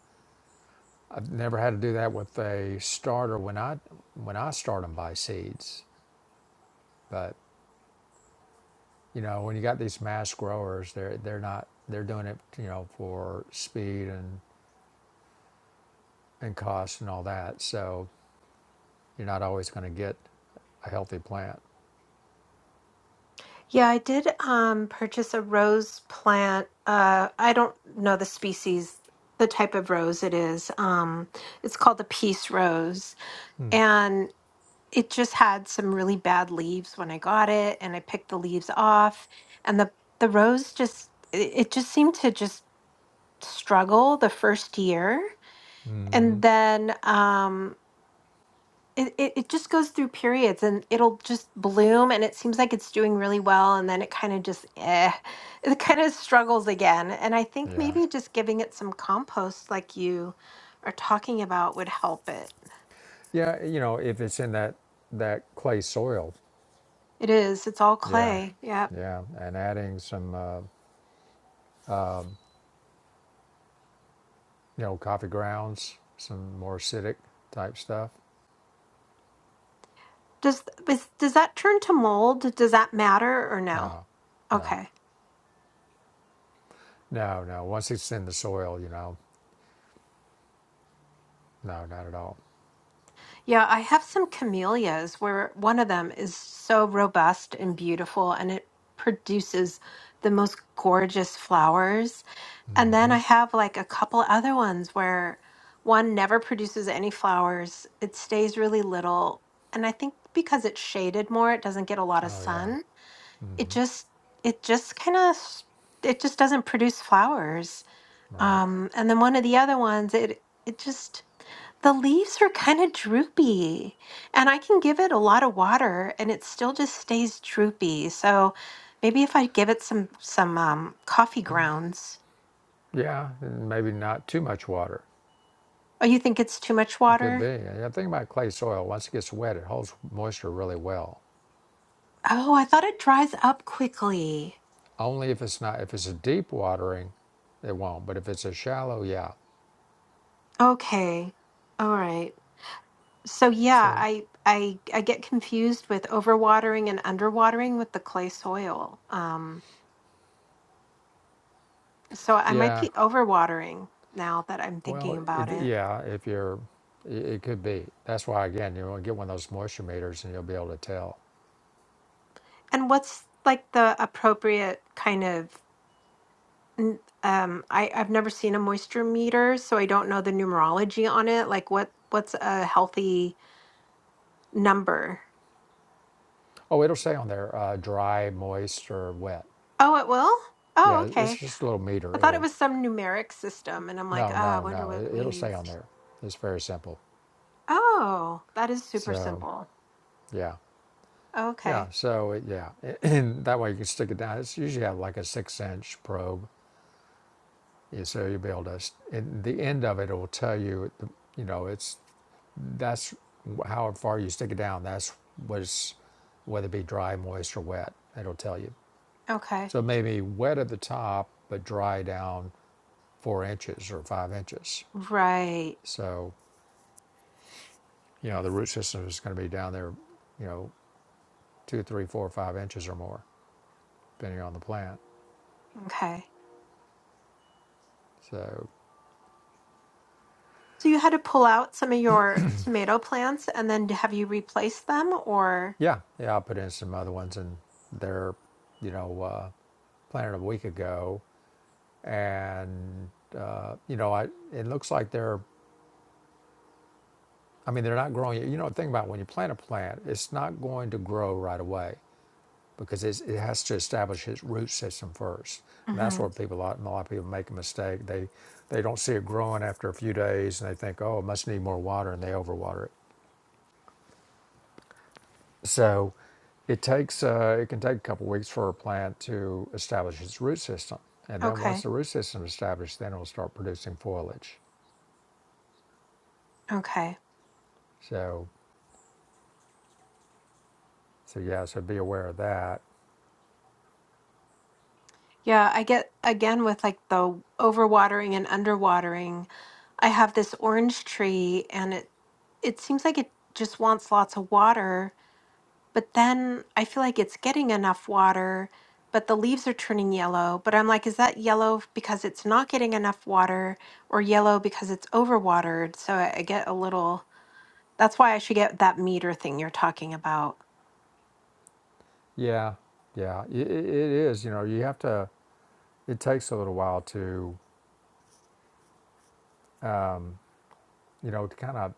Speaker 1: I've never had to do that with a starter when I when I start them by seeds. But you know, when you got these mass growers, they're they're not they're doing it you know for speed and and cost and all that. So you're not always going to get a healthy plant.
Speaker 2: Yeah, I did um purchase a rose plant. Uh I don't know the species, the type of rose it is. Um it's called the peace rose and it just had some really bad leaves when I got it and I picked the leaves off and the the rose just it it just seemed to just struggle the first year and then um it, it, it just goes through periods and it'll just bloom and it seems like it's doing really well and then it kind of just eh, it kind of struggles again and i think
Speaker 1: Yeah.
Speaker 2: maybe just giving it some compost like you are talking about would help it
Speaker 1: Yeah, you know, if it's in that that clay soil,
Speaker 2: it is it's all
Speaker 1: Yeah,
Speaker 2: clay yeah
Speaker 1: yeah, and adding some, uh, you know, coffee grounds, some more acidic type stuff.
Speaker 2: does is, does that turn to mold does that matter or no
Speaker 1: No, no,
Speaker 2: okay
Speaker 1: no, no. Once it's in the soil, you know, no, not at all.
Speaker 2: yeah i have some camellias where one of them is so robust and beautiful and it produces the most gorgeous flowers And then
Speaker 1: hmm
Speaker 2: I have like a couple other ones where one never produces any flowers, it stays really little. And I think because it's shaded more, it doesn't get a lot of
Speaker 1: Oh yeah,
Speaker 2: sun. It
Speaker 1: hmm
Speaker 2: just it just kind of it just doesn't produce flowers.
Speaker 1: right.
Speaker 2: Um and then one of the other ones it it just the leaves are kind of droopy. And I can give it a lot of water and it still just stays droopy. So maybe if I give it some some um coffee grounds
Speaker 1: Yeah, and maybe not too much water.
Speaker 2: Oh, you think it's too much
Speaker 1: It could be.
Speaker 2: water?
Speaker 1: And the thing about clay soil, once it gets wet, it holds moisture really well.
Speaker 2: Oh, I thought it dries up quickly.
Speaker 1: Only if it's not if it's a deep watering, it won't. But if it's a shallow, yeah.
Speaker 2: Okay. All right. So yeah,
Speaker 1: So
Speaker 2: I I I get confused with overwatering and underwatering with the clay soil. Um so I might
Speaker 1: yeah,
Speaker 2: be overwatering now that I'm thinking
Speaker 1: Well,
Speaker 2: about
Speaker 1: it,
Speaker 2: it.
Speaker 1: yeah, if you're, it, it could be. That's why, again, you want to get one of those moisture meters and you'll be able to tell.
Speaker 2: And what's like the appropriate kind of n- um I I've never seen a moisture meter, so I don't know the numerology on it. Like what what's a healthy number?
Speaker 1: Oh, it'll say on there uh, dry, moist, or wet.
Speaker 2: Oh, it will? Oh,
Speaker 1: Yeah,
Speaker 2: okay.
Speaker 1: it's just a little meter.
Speaker 2: I thought it
Speaker 1: It'll,
Speaker 2: was some numeric system, and I'm like,
Speaker 1: no,
Speaker 2: ah, I
Speaker 1: no,
Speaker 2: wonder
Speaker 1: no,
Speaker 2: what it
Speaker 1: it, it'll
Speaker 2: means.
Speaker 1: say on there. It's very simple.
Speaker 2: Oh, that is super
Speaker 1: So,
Speaker 2: simple.
Speaker 1: yeah, yeah,
Speaker 2: Okay.
Speaker 1: so, it, yeah. And that way you can stick it down. It's usually have like a six inch probe. Yeah, so you'll be able to, s- and the end of it will tell you, the- you know, it's That's how far you stick it down. That's was whether it be dry, moist, or wet. It'll tell you.
Speaker 2: Okay.
Speaker 1: So maybe wet at the top, but dry down four inches or five inches.
Speaker 2: Right.
Speaker 1: So you know the root system is going to be down there, you know, two, three, four, five inches or more, depending on the plant.
Speaker 2: Okay.
Speaker 1: So
Speaker 2: So you had to pull out some of your tomato plants and then d- have you replaced them or
Speaker 1: yeah, yeah, I put in some other ones, and they're, you know, uh, planted a week ago, and uh, you know, I it looks like they're I mean, they're not growing. You know, think about when you plant a plant, it's not going to grow right away because it's, it has to establish its root system first. And that's where
Speaker 2: Mhm.
Speaker 1: people, a lot, a lot of people make a mistake. They, they don't see it growing after a few days and they think, oh, it must need more water and they overwater it. So it takes, uh, it can take a couple weeks for a plant to establish its root system. And then once
Speaker 2: Okay.
Speaker 1: the root system is established, then it'll start producing foliage.
Speaker 2: Okay.
Speaker 1: So, so yeah, so be aware of that.
Speaker 2: Yeah, I get again with like the overwatering and underwatering. I have this orange tree and it it seems like it just wants lots of water but then I feel like it's getting enough water, but the leaves are turning yellow. But I'm like, is that yellow f- because it's not getting enough water or yellow because it's overwatered? So I, I get a little, that's why I should get that meter thing you're talking about.
Speaker 1: Yeah, yeah, it, it is. You know, you have to. It takes a little while to, you know, to kind of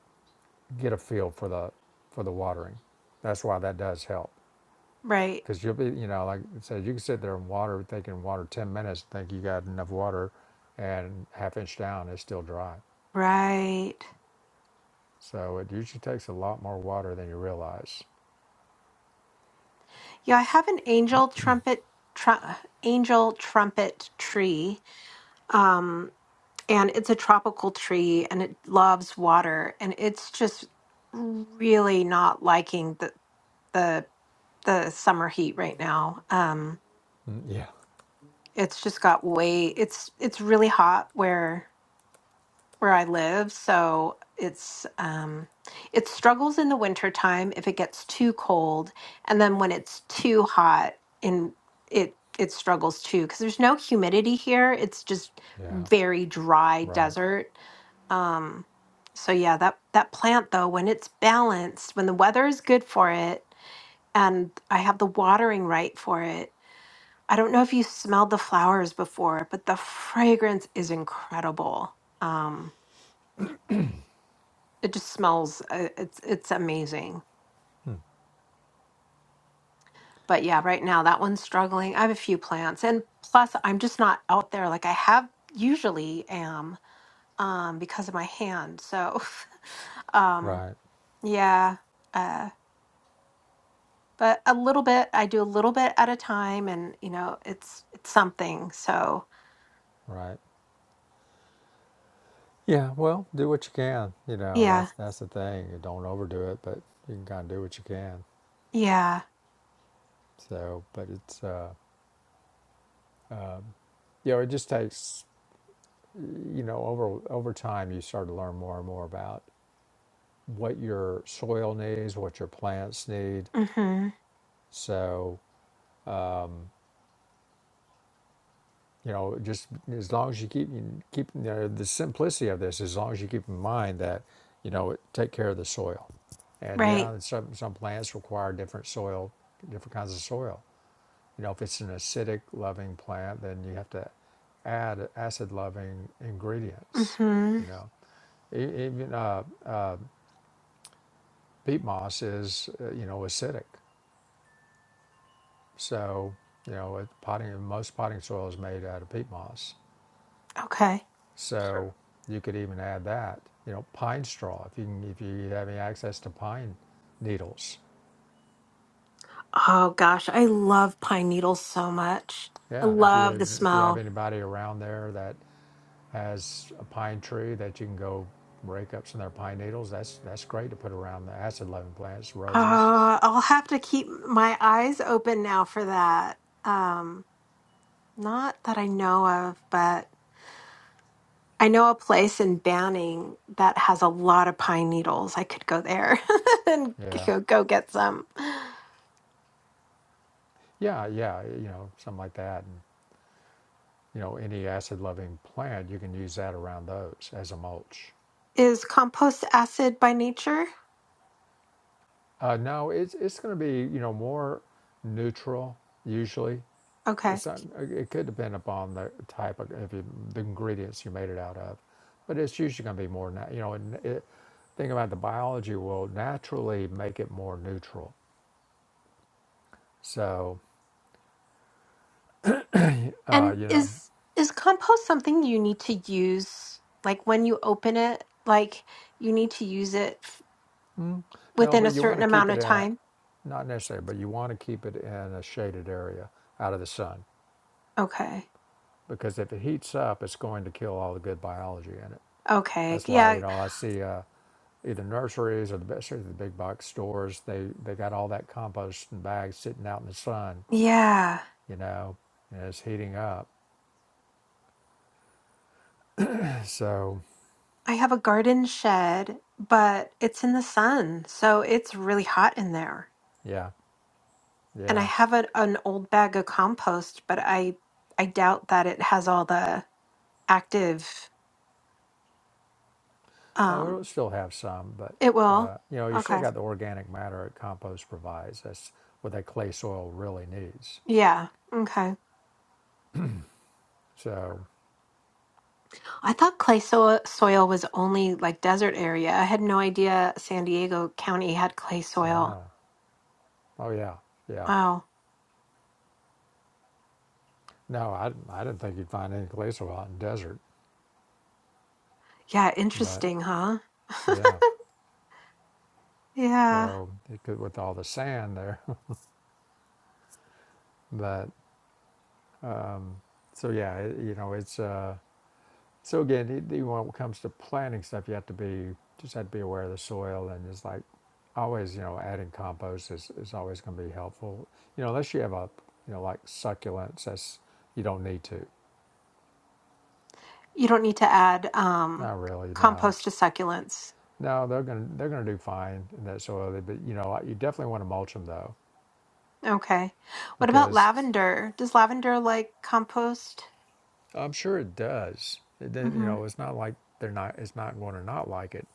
Speaker 1: get a feel for the for the watering. That's why that does help
Speaker 2: Right.
Speaker 1: because you'll be, you know, like I said, you can sit there and water, thinking water ten minutes, think you got enough water, and half inch down it's still dry.
Speaker 2: Right.
Speaker 1: So it usually takes a lot more water than you realize.
Speaker 2: Yeah, I have an angel trumpet, tr- angel trumpet tree. Um, and it's a tropical tree and it loves water and it's just really not liking the. the the summer heat right now. Um,
Speaker 1: Mm, Yeah,
Speaker 2: it's just got way it's it's really hot where where I live, so it's um it struggles in the winter time if it gets too cold, and then when it's too hot in it it struggles too because there's no humidity here. It's just
Speaker 1: yeah,
Speaker 2: very dry
Speaker 1: right,
Speaker 2: desert. Um so yeah, that that plant though when it's balanced, when the weather is good for it, and I have the watering right for it. I don't know if you smelled the flowers before, but the fragrance is incredible. Um, it just smells uh, it's it's amazing. But yeah, right now that one's struggling. I have a few plants, and plus I'm just not out there like I have usually am um, because of my hand. So um,
Speaker 1: right,
Speaker 2: yeah, uh, but a little bit I do a little bit at a time, and you know it's it's something. So
Speaker 1: right. Yeah, well, do what you can. You know,
Speaker 2: yeah,
Speaker 1: that's that's the thing. You don't overdo it, but you can kind of do what you can.
Speaker 2: yeah.
Speaker 1: So, but it's uh, you know, it just takes you know over over time you start to learn more and more about what your soil needs, what your plants need.
Speaker 2: Mm-hmm.
Speaker 1: So, you know, just as long as you keep you keep you know, the simplicity of this, as long as you keep in mind that you know take care of the soil. And
Speaker 2: Right.
Speaker 1: yeah, some some plants require different soil, different kinds of soil You know, if it's an acidic loving plant, then you have to add acid loving ingredients.
Speaker 2: Mm-hmm.
Speaker 1: You know, E- even uh, peat moss is, uh, you know, acidic. So, you know, it- potting, most potting soil is made out of peat moss.
Speaker 2: Okay.
Speaker 1: So you could even add that. You know, pine straw. If you can, if you have any access to pine needles,
Speaker 2: Oh gosh, I love pine needles so much. I
Speaker 1: yeah. If
Speaker 2: love
Speaker 1: you
Speaker 2: the
Speaker 1: if you have
Speaker 2: smell.
Speaker 1: anybody around there that has a pine tree that you can go rake up some of their pine needles. That's that's great to put around the acid loving plants, roses.
Speaker 2: Uh, I'll have to keep my eyes open now for that. Um, not that I know of, but I know a place in Banning that has a lot of pine needles. I could go there and
Speaker 1: Yeah,
Speaker 2: go, go get some.
Speaker 1: yeah, yeah. You know, something like that. And, you know, any acid loving plant, you can use that around those as a mulch.
Speaker 2: Is compost acid by nature?
Speaker 1: Uh, no, it's it's going to be you know more neutral usually.
Speaker 2: Okay.
Speaker 1: some, it could depend upon the type of if you, the ingredients you made it out of, but it's usually going to be more. Na- you know, and it, think about the biology will naturally make it more neutral. So uh,
Speaker 2: And
Speaker 1: you know,
Speaker 2: is is compost something you need to use like when you open it, like you need to use it f-
Speaker 1: mm, no,
Speaker 2: within
Speaker 1: but
Speaker 2: a
Speaker 1: you want
Speaker 2: certain
Speaker 1: to keep
Speaker 2: amount
Speaker 1: it
Speaker 2: of
Speaker 1: in a
Speaker 2: time?
Speaker 1: not necessarily, but you want to keep it in a shaded area out of the sun
Speaker 2: Okay.
Speaker 1: because if it heats up, it's going to kill all the good biology in it.
Speaker 2: Okay.
Speaker 1: That's why you
Speaker 2: Yeah.
Speaker 1: know I see. Uh, either nurseries or the especially the big box stores. They they got all that compost in bags sitting out in the sun,
Speaker 2: Yeah.
Speaker 1: you know, and it's heating up. So
Speaker 2: I have a garden shed, but it's in the sun, so it's really hot in there.
Speaker 1: yeah,
Speaker 2: And I
Speaker 1: yeah.
Speaker 2: have a, an old bag of compost, but I I doubt that it has all the active
Speaker 1: Oh, we'll
Speaker 2: um
Speaker 1: still have some, but
Speaker 2: it will.
Speaker 1: uh, you know, you still
Speaker 2: Okay.
Speaker 1: got the organic matter that compost provides. That's what that clay soil really needs.
Speaker 2: Yeah. Okay.
Speaker 1: So
Speaker 2: I thought clay so- soil was only like desert area. I had no idea San Diego County had clay soil.
Speaker 1: no, oh yeah, yeah.
Speaker 2: Wow.
Speaker 1: No, I I didn't think you'd find any clay soil out in the desert,
Speaker 2: Yeah,
Speaker 1: but
Speaker 2: interesting, huh?
Speaker 1: yeah.
Speaker 2: Yeah.
Speaker 1: So it could with all the sand there, but So yeah, it, you know, it's uh, so again, it, even when it comes to planting stuff, you have to be just have to be aware of the soil and it's like always, you know, adding compost is, is always going to be helpful. You know, unless you have a you know like succulents, that's you don't need to.
Speaker 2: You don't need to add um,
Speaker 1: Not really, no,
Speaker 2: compost to succulents.
Speaker 1: no, they're gonna they're gonna do fine in that soil. But you know, like, you definitely want to mulch them though,
Speaker 2: Okay. What about
Speaker 1: because
Speaker 2: lavender? Does lavender like compost?
Speaker 1: I'm sure it does. It, did- you
Speaker 2: Mm-hmm.
Speaker 1: know, it's not like they're not. It's not going to not like it.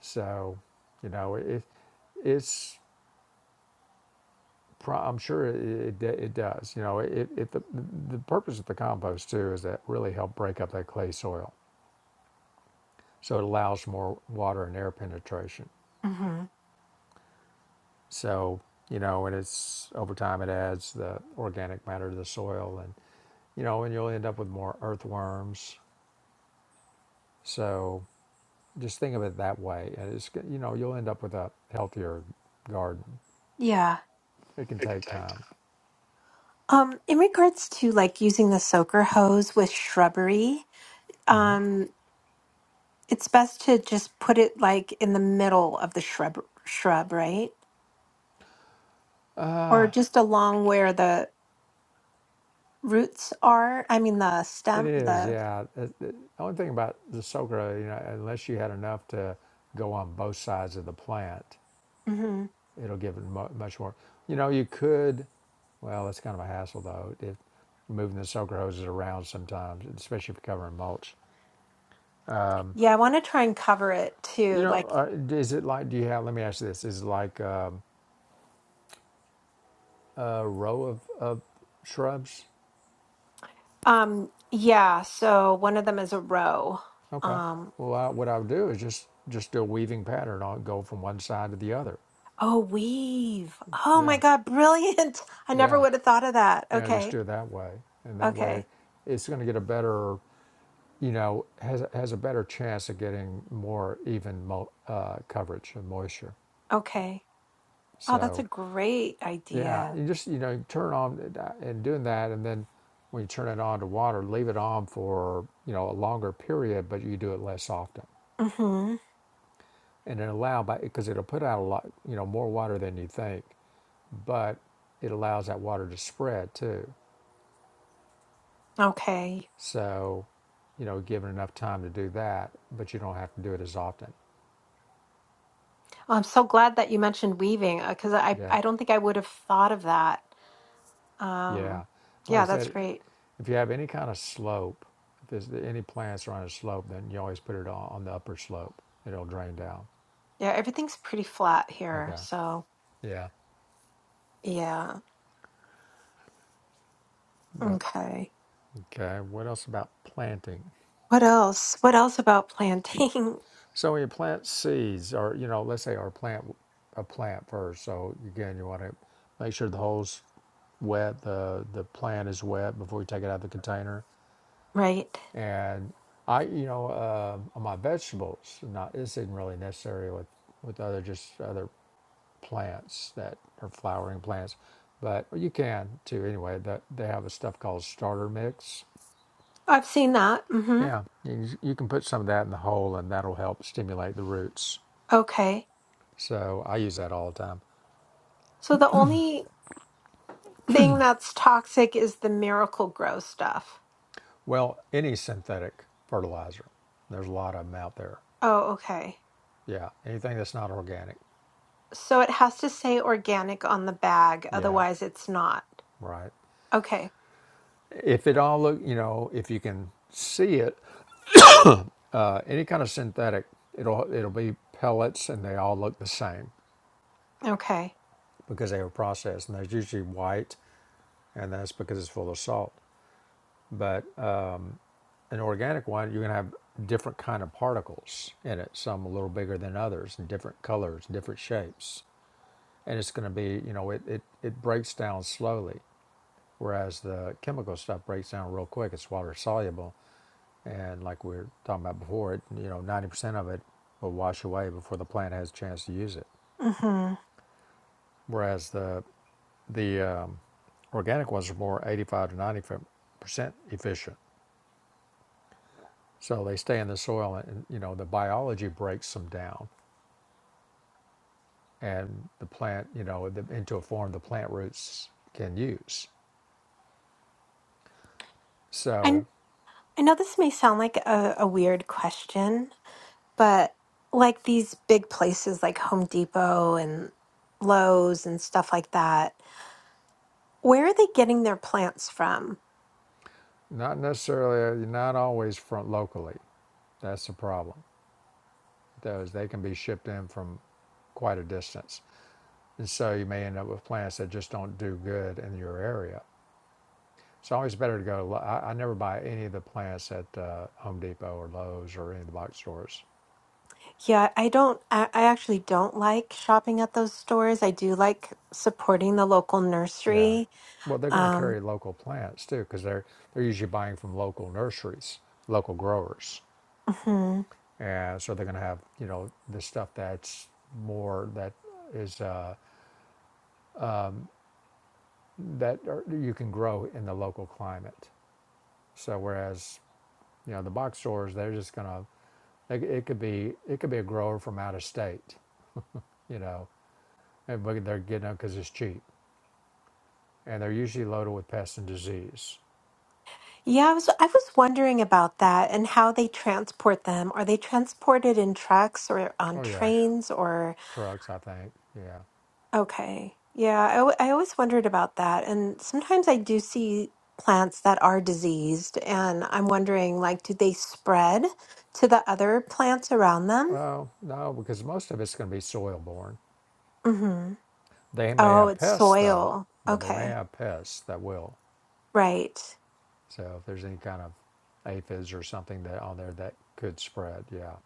Speaker 1: So, you know, it it's I'm sure it, it, it does. You know, it, it the, the purpose of the compost too is that really help break up that clay soil, so it allows more water and air penetration.
Speaker 2: Mm-hmm.
Speaker 1: So you know, and it's over time it adds the organic matter to the soil, and you know, and you'll end up with more earthworms. So just think of it that way, and it's you know you'll end up with a healthier garden.
Speaker 2: Yeah.
Speaker 1: It can take time.
Speaker 2: Um, in regards to like using the soaker hose with shrubbery,
Speaker 1: hmm
Speaker 2: um, it's best to just put it like in the middle of the shrub shrub, right? or just along where the roots are i mean the
Speaker 1: It
Speaker 2: stem
Speaker 1: is,
Speaker 2: the
Speaker 1: yeah. It- The only thing about the Sogra, you know, unless you had enough to go on both sides of the plant,
Speaker 2: hmm
Speaker 1: it'll give it mu- much more. You know, you could, well, that's kind of a hassle though, if moving the Sogra hoses around sometimes, especially if you're covering mulch.
Speaker 2: yeah i want to try and cover it
Speaker 1: You
Speaker 2: too
Speaker 1: know,
Speaker 2: like
Speaker 1: uh, is it like, do you have, let me ask you this, is it like um, a row of, of shrubs?
Speaker 2: um yeah so one of them is a row
Speaker 1: Okay.
Speaker 2: um
Speaker 1: Well, I, what I would do is just, just do a weaving pattern. I'll go from one side to the other.
Speaker 2: oh weave oh my
Speaker 1: Yeah.
Speaker 2: god brilliant i never
Speaker 1: Yeah.
Speaker 2: would have thought of that
Speaker 1: you know just
Speaker 2: okay
Speaker 1: do it that way and that way
Speaker 2: okay
Speaker 1: it's going to get a better you know has, has a better chance of getting more even mo- uh, coverage and moisture
Speaker 2: okay oh that's a
Speaker 1: so
Speaker 2: great
Speaker 1: yeah
Speaker 2: idea
Speaker 1: you just you know you turn on and doing that and then when you turn it on to water leave it on for you know a longer period but you do it less often
Speaker 2: hmm
Speaker 1: and it allow by because it'll put out a lot you know more water than you think but it allows that water to spread too
Speaker 2: okay
Speaker 1: So, you know, given enough time to do that, but you don't have to do it as often.
Speaker 2: well, i'm so glad that you mentioned weaving because i
Speaker 1: Yeah,
Speaker 2: i don't think i would have thought of that um
Speaker 1: yeah. Like I
Speaker 2: yeah that's
Speaker 1: said,
Speaker 2: great
Speaker 1: if you have any kind of slope, if there's any plants are on a slope, then you always put it on, on the upper slope. It'll drain down.
Speaker 2: Yeah, everything's pretty flat here.
Speaker 1: Okay.
Speaker 2: So,
Speaker 1: Yeah.
Speaker 2: yeah.
Speaker 1: But
Speaker 2: Okay.
Speaker 1: okay. What else about planting?
Speaker 2: What else? What else about planting?
Speaker 1: So when you plant seeds, or you know, let's say or plant a plant first. So again, you want to make sure the holes wet, the the plant is wet before you take it out of the container.
Speaker 2: right.
Speaker 1: and I, you know, uh, on my vegetables, not this isn't really necessary with with other just other plants that are flowering plants, but you can too. Anyway, that they have a stuff called starter mix.
Speaker 2: I've seen that. hmm
Speaker 1: Yeah, you can, you can put some of that in the hole, and that'll help stimulate the roots.
Speaker 2: Okay.
Speaker 1: So I use that all the time.
Speaker 2: So the only thing that's toxic is the miracle grow stuff.
Speaker 1: Well, any synthetic fertilizer, there's a lot of them out there.
Speaker 2: Oh, okay.
Speaker 1: Yeah, anything that's not organic.
Speaker 2: So it has to say organic on the bag,
Speaker 1: Yeah,
Speaker 2: otherwise it's not.
Speaker 1: right
Speaker 2: Okay.
Speaker 1: if it all look you know if you can see it uh, any kind of synthetic, it'll it'll be pellets, and they all look the same
Speaker 2: Okay.
Speaker 1: because they were processed, and they're usually white, and that's because it's full of salt. But uh, an organic one, you're gonna have different kind of particles in it, some a little bigger than others, and different colors, different shapes, and it's gonna be, you know, it it, it breaks down slowly, whereas the chemical stuff breaks down real quick. It's water soluble, and like we were talking about before, it you know, 90% of it will wash away before the plant has a chance to use it.
Speaker 2: Mm-hmm.
Speaker 1: whereas the the um, organic ones are more 85 to 90 percent efficient. So they stay in the soil, and, you know the biology breaks them down, and the plant, you know, the, into a form the plant roots can use.
Speaker 2: I
Speaker 1: So
Speaker 2: I know this may sound like a, a weird question, but like these big places like Home Depot and Lowe's and stuff like that, where are they getting their plants from?
Speaker 1: not necessarily, not always from locally. That's the problem. Those they can be shipped in from quite a distance, and so you may end up with plants that just don't do good in your area So It's always better to go. I, I never buy any of the plants at uh, Home Depot or Lowe's or any of the box stores.
Speaker 2: Yeah, I don't, I, I actually don't like shopping at those stores. I do like supporting the local
Speaker 1: Yeah,
Speaker 2: nursery.
Speaker 1: well, they're going to
Speaker 2: Um,
Speaker 1: carry local plants too because they're they're usually buying from local nurseries, local growers,
Speaker 2: mhm.
Speaker 1: and so they're going to have you know the stuff that's more that is uh, that are, you can grow in the local climate. So whereas you know the box stores, they're just going to it, it could be it could be a grower from out of state, you know, and they're getting it because it's cheap and they're usually loaded with pests and disease.
Speaker 2: Yeah, I was, I was wondering about that and how they transport them. Are they transported in trucks or on
Speaker 1: Oh yeah,
Speaker 2: trains or?
Speaker 1: trucks, I think. Yeah.
Speaker 2: Okay. Yeah, I, al- I always wondered about that. And sometimes I do see plants that are diseased, and I'm wondering, like, do they spread to the other plants around them?
Speaker 1: Well, no, because most of it's going to be soil borne.
Speaker 2: Mm-hmm.
Speaker 1: They may
Speaker 2: Oh,
Speaker 1: have
Speaker 2: it's
Speaker 1: pests though,
Speaker 2: soil.
Speaker 1: but they may
Speaker 2: Okay.
Speaker 1: have pests that will.
Speaker 2: Right.
Speaker 1: So if there's any kind of aphids or something that on there that could spread, yeah,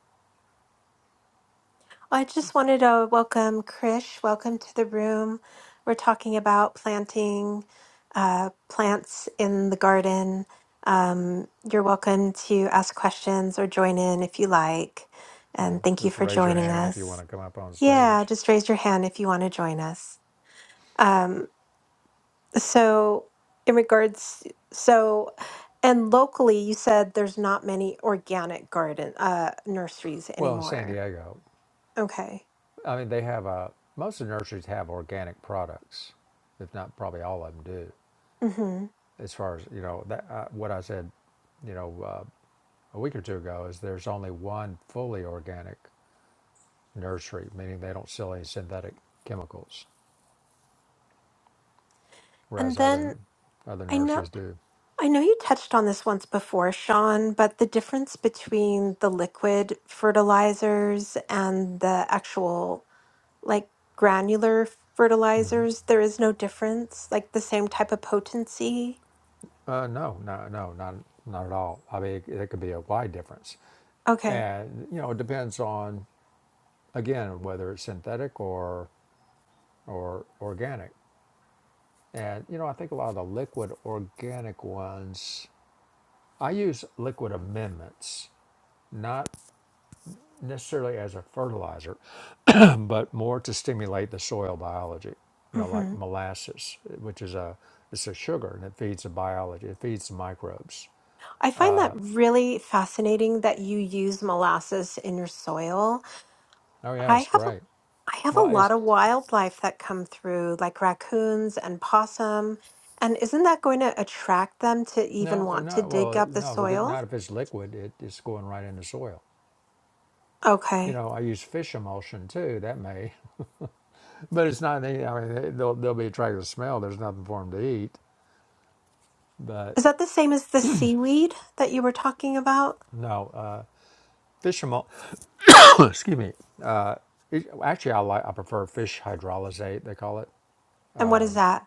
Speaker 2: I just wanted to welcome Krish. Welcome to the room. We're talking about planting uh, plants in the garden. Um, you're welcome to ask questions or join in if you like.
Speaker 1: yeah.
Speaker 2: And thank you
Speaker 1: Just
Speaker 2: for
Speaker 1: raise your
Speaker 2: joining
Speaker 1: hand if you want
Speaker 2: us.
Speaker 1: to come up on
Speaker 2: Yeah,
Speaker 1: stage.
Speaker 2: just raise your hand if you want to join us. Um, so, in regards, so, and locally, you said there's not many organic garden uh, nurseries
Speaker 1: Well, in San
Speaker 2: anymore.
Speaker 1: Diego,
Speaker 2: Okay.
Speaker 1: I mean, they have a most of the nurseries have organic products, if not probably all of them do.
Speaker 2: Mm-hmm.
Speaker 1: As far as you know, that uh, what I said, you know, uh, a week or two ago is there's only one fully organic nursery, meaning they don't sell any synthetic chemicals,
Speaker 2: And
Speaker 1: whereas other
Speaker 2: then
Speaker 1: other
Speaker 2: I know
Speaker 1: nurseries do.
Speaker 2: I know you touched on this once before, Sean, but the difference between the liquid fertilizers and the actual like granular
Speaker 1: hmm
Speaker 2: fertilizers, there is no difference, like the same type of potency.
Speaker 1: Uh, no, no, no, not not at all. I mean, it, it could be a wide difference,
Speaker 2: Okay.
Speaker 1: and you know, it depends on again whether it's synthetic or or organic. And you know, I think a lot of the liquid organic ones. I use liquid amendments, not necessarily as a fertilizer, but more to stimulate the soil biology. You know, like
Speaker 2: hmm
Speaker 1: molasses, which is a it's a sugar and it feeds the biology. It feeds the microbes.
Speaker 2: I find that really fascinating that you use molasses in your soil.
Speaker 1: Oh yeah,
Speaker 2: I
Speaker 1: it's
Speaker 2: have a-
Speaker 1: great.
Speaker 2: I have a
Speaker 1: Well, it's
Speaker 2: lot of wildlife that come through, like raccoons and possum. And isn't that going to attract them to
Speaker 1: no,
Speaker 2: even want to
Speaker 1: not
Speaker 2: dig
Speaker 1: well,
Speaker 2: up the
Speaker 1: no, because
Speaker 2: soil?
Speaker 1: not if it's liquid. It, it's going right in the soil. You
Speaker 2: Okay.
Speaker 1: know, I use fish emulsion too. That may, but it's not. any- I mean, they- they'll they'll be attracted to the smell. There's nothing for them to eat. But
Speaker 2: Is that the same as the seaweed that you were talking about?
Speaker 1: no, uh, fish emulsion. excuse me. It- Actually, I like I prefer fish hydrolysate. They call it
Speaker 2: And what is that?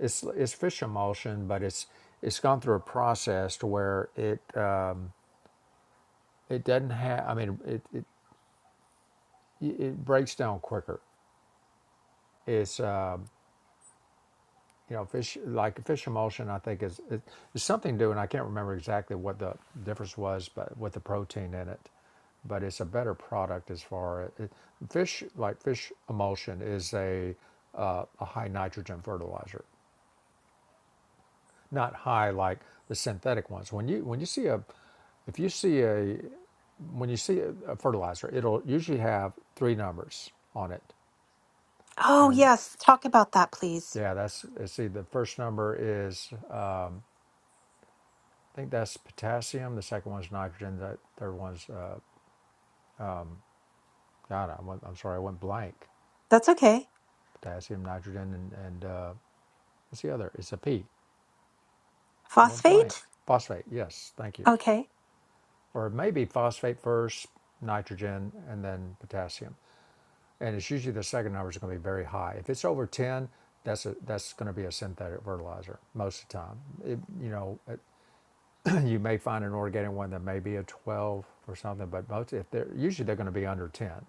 Speaker 1: It's it's fish emulsion, but it's it's gone through a process to where it uh, it doesn't have. I mean, it it it breaks down quicker. It's uh, you know fish like fish emulsion. I think is it, it's something to do, and I can't remember exactly what the difference was, but with the protein in it. But it's a better product as far as it, fish like fish emulsion is a uh, a high nitrogen fertilizer, not high like the synthetic ones. When you when you see a if you see a when you see a fertilizer, it'll usually have three numbers on it.
Speaker 2: Oh,
Speaker 1: And
Speaker 2: yes. Talk about that, please.
Speaker 1: yeah, that's see. The first number is I think that's potassium. The second one's nitrogen. The third one's uh, God. I went, I'm sorry, I went blank.
Speaker 2: That's okay.
Speaker 1: Potassium, nitrogen, and, and uh, what's the other? It's a P. I went blank.
Speaker 2: Phosphate?
Speaker 1: Phosphate. Yes, thank you.
Speaker 2: Okay.
Speaker 1: Or maybe phosphate first, nitrogen, and then potassium. and it's usually the second numbers are going to be very high. If it's over ten, that's a, that's going to be a synthetic fertilizer most of the time. It, you know, it, you may find an organic one that may be a twelve or something, but most if they're usually they're going to be under ten.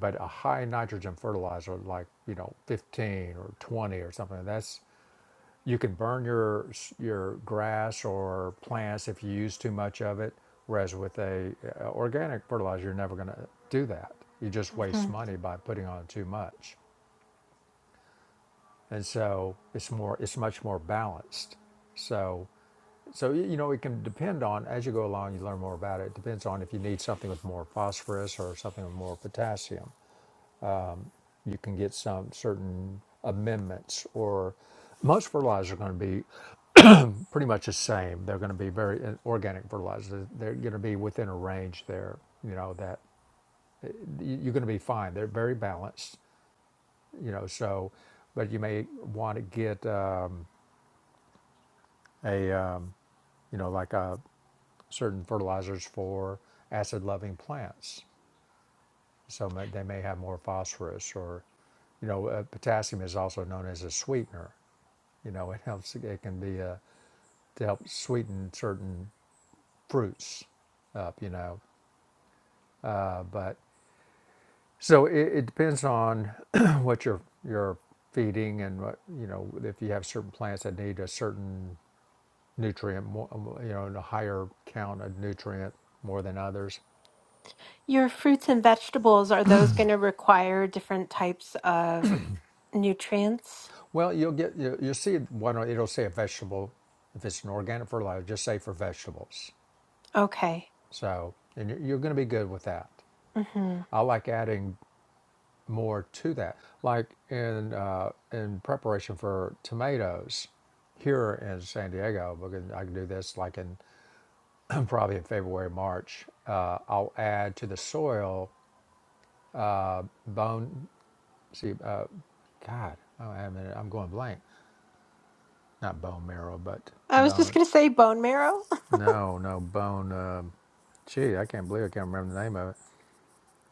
Speaker 1: But a high nitrogen fertilizer like you know fifteen or twenty or something that's you can burn your your grass or plants if you use too much of it. Whereas with a, uh organic fertilizer, you're never going to do that. You just waste
Speaker 2: hmm
Speaker 1: money by putting on too much. and so it's more it's much more balanced so so y- you know it can depend on as you go along you learn more about it it depends on if you need something with more phosphorus or something with more potassium you can get some certain amendments or most fertilizers are going to be pretty much the same they're going to be very uh, organic fertilizers they're going to be within a range there you know that y- you're going to be fine they're very balanced you know so but you may want to get um, a um, you know like a certain fertilizers for acid loving plants. So they may have more phosphorus or, you know, uh, potassium is also known as a sweetener. You know, it helps, it can be a, to help sweeten certain fruits up, you know. Uh, but so it, it depends on what you're, you're feeding and what, you know, if you have certain plants that need a certain nutrient, more, you know, a higher count of nutrient more than others
Speaker 2: Your fruits and vegetables, are those going to require different types of nutrients?
Speaker 1: Well, you'll get you you'll see one. It'll say a vegetable if it's an organic fertilizer. Just say for vegetables.
Speaker 2: Okay.
Speaker 1: So and you're, you're going to be good with that.
Speaker 2: hmm
Speaker 1: I like adding more to that, like in uh, in preparation for tomatoes here in San Diego. Because I can do this like in probably in February, March. Uh, I'll add to the soil bone. See, uh, God, oh, I mean, I'm going blank. Not bone marrow, but
Speaker 2: I was just
Speaker 1: bone.
Speaker 2: gonna say bone marrow,
Speaker 1: No, no bone. um gee, I can't believe I can't remember the name of it.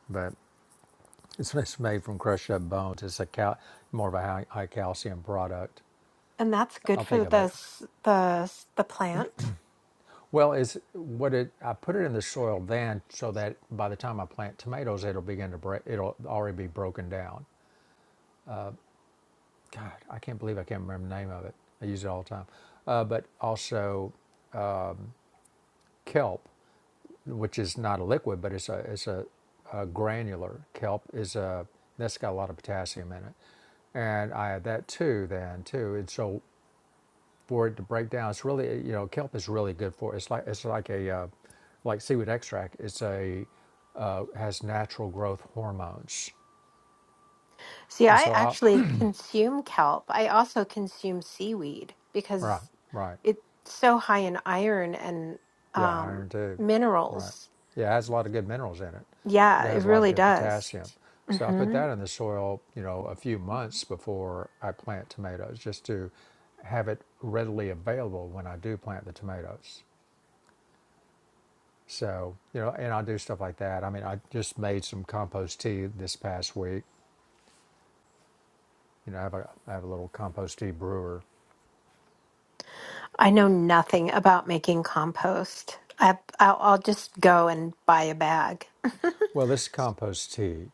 Speaker 1: But it's, it's made from crushed up bones. It's a cal- more of a high, high calcium product.
Speaker 2: and that's good
Speaker 1: I'll think
Speaker 2: for
Speaker 1: of
Speaker 2: the
Speaker 1: it.
Speaker 2: s- the s- the plant.
Speaker 1: Well, is what it? I put it in the soil then, so that by the time I plant tomatoes, it'll begin to break. It'll already be broken down. God, I can't believe I can't remember the name of it. I use it all the time. Uh, but also kelp. which is not a liquid, but it's a it's a, a granular kelp is a that's got a lot of potassium in it, and I had that too then too, and so for it to break down, it's really you know kelp is really good for it's like it's like a uh, like seaweed extract. It's a uh, has natural growth hormones,
Speaker 2: See,
Speaker 1: and
Speaker 2: I
Speaker 1: so I
Speaker 2: actually consume kelp. I also consume seaweed because
Speaker 1: right right
Speaker 2: it's so high in iron and
Speaker 1: Yeah,
Speaker 2: um,
Speaker 1: iron too. Right.
Speaker 2: minerals.
Speaker 1: Yeah, it has a lot of good minerals in it, but
Speaker 2: Yeah,
Speaker 1: it
Speaker 2: it
Speaker 1: has a lot of
Speaker 2: really
Speaker 1: good
Speaker 2: does.
Speaker 1: potassium. So I put
Speaker 2: hmm
Speaker 1: that in the soil, you know, a few months before I plant tomatoes, just to have it readily available when I do plant the tomatoes. So, you know, and I do stuff like that. I mean, I just made some compost tea this past week. You know, I have a, I have a little compost tea brewer.
Speaker 2: I know nothing about making compost. I, I'll, I'll just go and buy a bag,
Speaker 1: Well, this compost tea.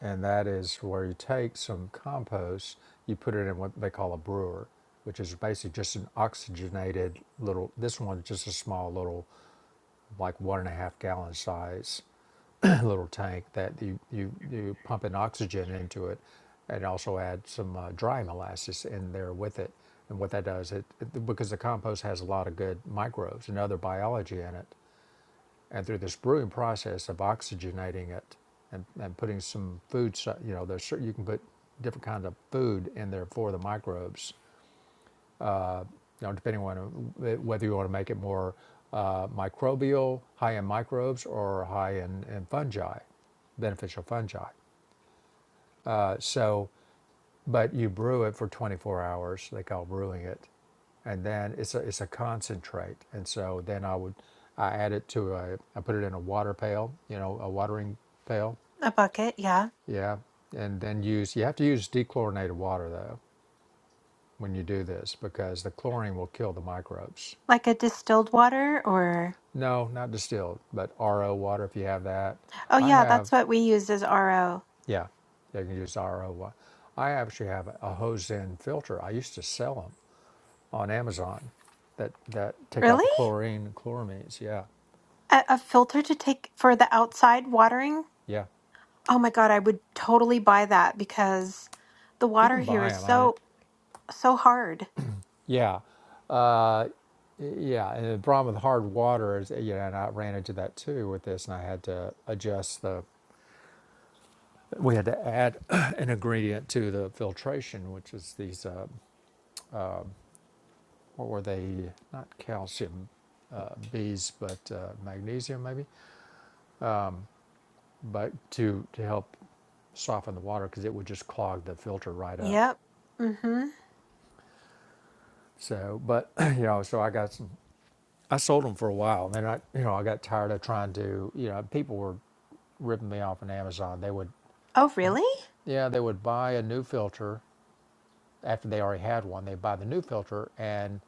Speaker 1: and that is where you take some compost, you put it in what they call a brewer, which is basically just an oxygenated little. This one's just a small little, like one and a half gallon size little tank that you you you pump in oxygen into it, and also add some uh, dry molasses in there with it. And what that does, it, it because the compost has a lot of good microbes and other biology in it, and through this brewing process of oxygenating it and, and putting some food, so- you know, there's you can put different kinds of food in there for the microbes, you know, depending on uh, whether you want to make it more uh, microbial, high in microbes, or high in, in fungi, beneficial fungi. Uh, so, but you brew it for 24 hours, they call brewing it, and then it's a it's a concentrate. And so then I would I add it to a I put it in a water pail, you know, a watering pail,
Speaker 2: a bucket. Yeah,
Speaker 1: Yeah, and then use you have to use dechlorinated water though when you do this because the chlorine will kill the microbes.
Speaker 2: like a distilled water or
Speaker 1: No, not distilled, but RO water if you have that.
Speaker 2: oh
Speaker 1: I
Speaker 2: yeah,
Speaker 1: have,
Speaker 2: that's what we use as RO.
Speaker 1: yeah, yeah, you can use RO water. I actually have a Hosen filter. I used to sell them on Amazon that that take out
Speaker 2: Really?
Speaker 1: the chlorine and chloramines. Yeah,
Speaker 2: A, a filter to take for the outside watering?
Speaker 1: yeah,
Speaker 2: Oh my God, I would totally buy that because the
Speaker 1: you
Speaker 2: water
Speaker 1: can
Speaker 2: here
Speaker 1: buy
Speaker 2: is
Speaker 1: them. I mean,
Speaker 2: so, so hard.
Speaker 1: yeah, yeah. And the problem with hard water is, you know, and I ran into that too with this, and I had to adjust the we had to add an ingredient to the filtration, which is these, uh, what were they? Not calcium uh, bees, but uh, magnesium maybe, but to, to help soften the water because it would just clog the filter right up.
Speaker 2: Yep. Mm-hmm.
Speaker 1: So, but, you know, so I got some, I sold them for a while. And then I, you know, I got tired of trying to, you know, people were ripping me off on Amazon. They would,
Speaker 2: Oh, really?
Speaker 1: yeah, they would buy a new filter after they already had one. They buy the new filter, and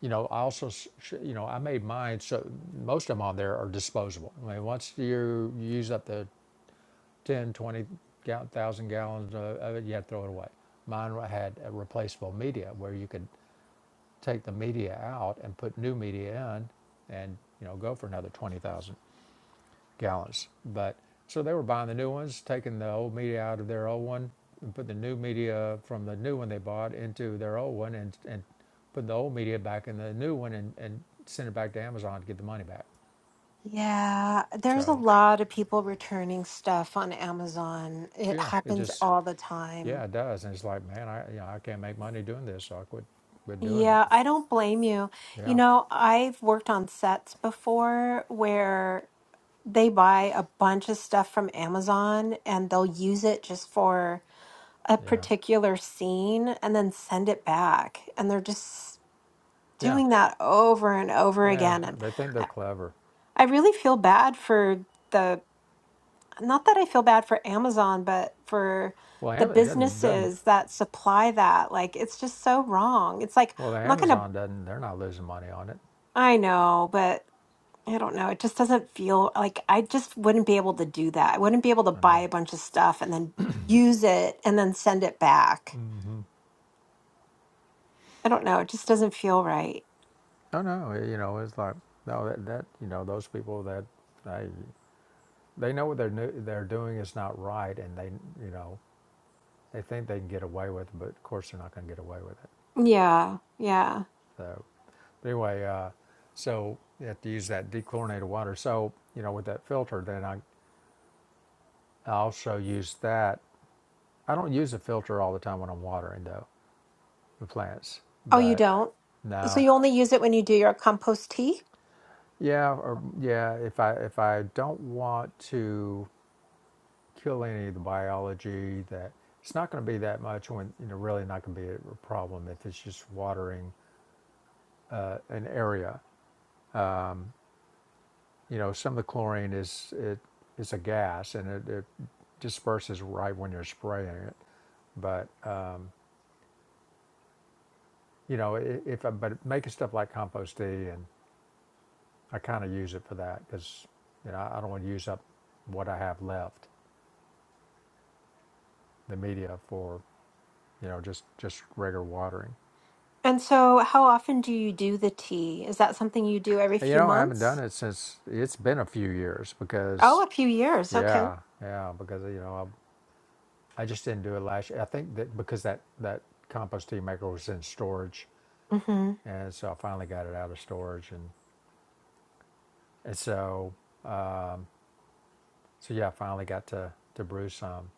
Speaker 1: you know, I also, sh- you know, I made mine so most of them on there are disposable. I mean, once you use up the 10, twenty gal- thousand gallons uh, of it, you have to throw it away. Mine wa- had a replaceable media where you could take the media out and put new media in, and you know, go for another twenty thousand gallons. But so they were buying the new ones, taking the old media out of their old one, and put the new media from the new one they bought into their old one, and and put the old media back in the new one, and and send it back to Amazon to get the money back.
Speaker 2: Yeah, there's a
Speaker 1: So
Speaker 2: lot of people returning stuff on Amazon. It
Speaker 1: yeah, it
Speaker 2: happens
Speaker 1: just
Speaker 2: all the
Speaker 1: yeah
Speaker 2: time.
Speaker 1: it does, and it's like man, I you know, I can't make money doing this, so I quit quit doing it.
Speaker 2: Yeah, I don't blame you. You
Speaker 1: Yeah,
Speaker 2: know, I've worked on sets before where they buy a bunch of stuff from Amazon and they'll use it just for a
Speaker 1: yeah,
Speaker 2: particular scene and then send it back. And they're just
Speaker 1: yeah,
Speaker 2: doing that over and over
Speaker 1: yeah.
Speaker 2: again. And
Speaker 1: They think they're
Speaker 2: I
Speaker 1: clever.
Speaker 2: I really feel bad for the, not that I feel bad for Amazon, but for
Speaker 1: Well,
Speaker 2: the
Speaker 1: Am- it doesn't doesn't.
Speaker 2: businesses that supply that. Like, it's just so wrong. It's like,
Speaker 1: Well, the
Speaker 2: I'm not going to,
Speaker 1: Amazon doesn't. They're not losing money on it.
Speaker 2: I know, but I don't know. It just doesn't feel like I just wouldn't be able to do that. I wouldn't be able to
Speaker 1: I know.
Speaker 2: buy a bunch of stuff and then use it and then send it back.
Speaker 1: Mm-hmm.
Speaker 2: I don't know, it just doesn't feel right.
Speaker 1: No, no, you know, it's like no, that, that you know, those people that they they know what they're new, they're doing is not right, and they you know they think they can get away with it, but of course they're not going to get away with it.
Speaker 2: Yeah, yeah.
Speaker 1: So, but anyway, uh, so you have to use that dechlorinated water. So you know, with that filter, then I, I also use that. I don't use a filter all the time when I'm watering though the plants,
Speaker 2: Oh, you
Speaker 1: but
Speaker 2: don't? So
Speaker 1: no,
Speaker 2: you only use it when you do your compost tea?
Speaker 1: yeah, or yeah, if I if I don't want to kill any of the biology that it's not going to be that much when you know really not going to be a problem if it's just watering uh, an area you know some of the chlorine is it is a gas and it, it disperses right when you're spraying it but uh, you know i- if I, but making stuff like compost tea and I kind of use it for that because you know I I don't want to use up what I have left the media for you know just just regular watering
Speaker 2: And so how often do you do the tea? Is that something you do every
Speaker 1: You
Speaker 2: few
Speaker 1: know, I haven't done
Speaker 2: months?
Speaker 1: it since it's been a few years because,
Speaker 2: Oh, a few years. Okay.
Speaker 1: yeah, yeah, because you know, I, I just didn't do it last year. I think that because that that compost tea maker was in storage,
Speaker 2: Mm-hmm.
Speaker 1: and so I finally got it out of storage, and and so so yeah, I finally got to to brew some,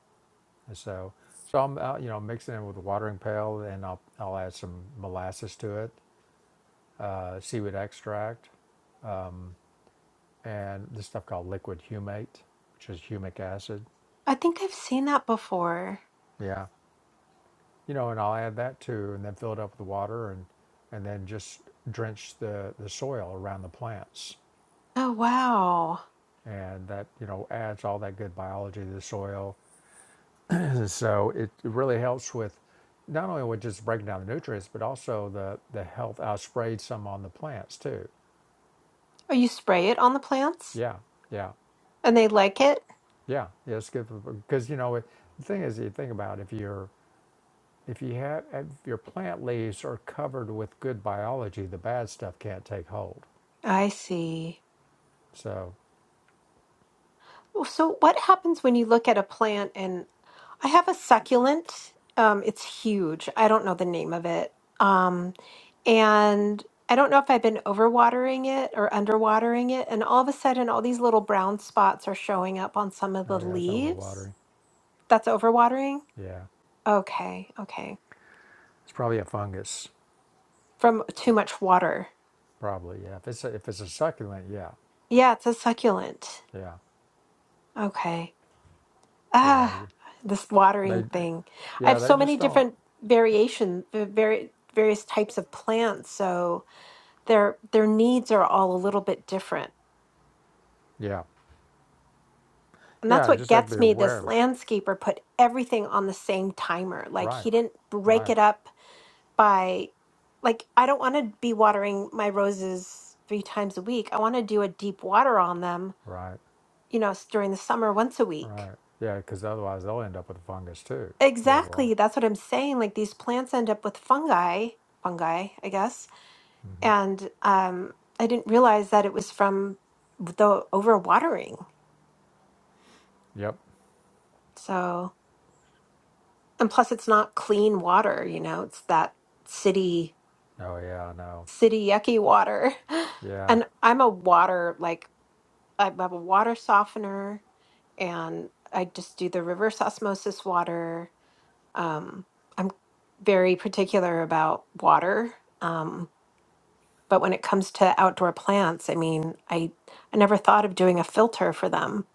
Speaker 1: and so so I'm uh, you know mixing it with a watering pail, and I'll I'll add some molasses to it, uh, seaweed extract, and this stuff called liquid humate, which is humic acid.
Speaker 2: I think I've seen that before.
Speaker 1: Yeah. you know, and I'll add that too, and then fill it up with water, and and then just drench the the soil around the plants,
Speaker 2: Oh, wow.
Speaker 1: and that you know adds all that good biology to the soil. so it really helps with not only with just breaking down the nutrients, but also the the health. I sprayed some on the plants too.
Speaker 2: Oh, you spray it on the plants
Speaker 1: Yeah, yeah,
Speaker 2: and they like it?
Speaker 1: yeah, yeah. It's good because you know it, the thing is, you think about if you're if you have if your plant leaves are covered with good biology, the bad stuff can't take hold.
Speaker 2: I see.
Speaker 1: So
Speaker 2: Well, So, what happens when you look at a plant and I have a succulent. Um, it's huge. I don't know the name of it. Um, and I don't know if I've been overwatering it or underwatering it. And all of a sudden, all these little brown spots are showing up on some of
Speaker 1: Oh
Speaker 2: the
Speaker 1: yeah, it's
Speaker 2: leaves.
Speaker 1: overwatering.
Speaker 2: That's overwatering?
Speaker 1: Yeah,
Speaker 2: Okay, okay.
Speaker 1: it's probably a fungus.
Speaker 2: From too much water.
Speaker 1: Probably yeah. If it's a, if it's a succulent, yeah,
Speaker 2: Yeah, it's a succulent.
Speaker 1: yeah,
Speaker 2: Okay.
Speaker 1: yeah.
Speaker 2: Ah,
Speaker 1: you-
Speaker 2: this watering
Speaker 1: They
Speaker 2: thing. I
Speaker 1: yeah
Speaker 2: have
Speaker 1: they
Speaker 2: so many
Speaker 1: just don't.
Speaker 2: different variation, the very various types of plants, so their their needs are all a little bit different.
Speaker 1: Yeah,
Speaker 2: And that's
Speaker 1: yeah. You
Speaker 2: what
Speaker 1: just have to
Speaker 2: gets
Speaker 1: be
Speaker 2: me. This
Speaker 1: aware.
Speaker 2: landscaper put everything on the same timer. Like
Speaker 1: Right,
Speaker 2: he didn't break
Speaker 1: right,
Speaker 2: it up by like I don't want to be watering my roses three times a week. I want to do a deep water on them,
Speaker 1: right,
Speaker 2: you know, s- during the summer once a week
Speaker 1: right. Yeah, because otherwise they'll end up with a fungus too. If you overwater.
Speaker 2: Exactly. That's what I'm saying. Like these plants end up with fungi, fungi, I guess.
Speaker 1: hmm
Speaker 2: And um, I didn't realize that it was from the overwatering.
Speaker 1: Yep.
Speaker 2: So, and plus it's not clean water, you know, it's that city,
Speaker 1: Oh yeah, I know.
Speaker 2: city yucky water.
Speaker 1: Yeah,
Speaker 2: And I'm a water, like I have a water softener and I just do the reverse osmosis water. Um, I'm very particular about water. Um, But when it comes to outdoor plants, I mean, I I never thought of doing a filter for them.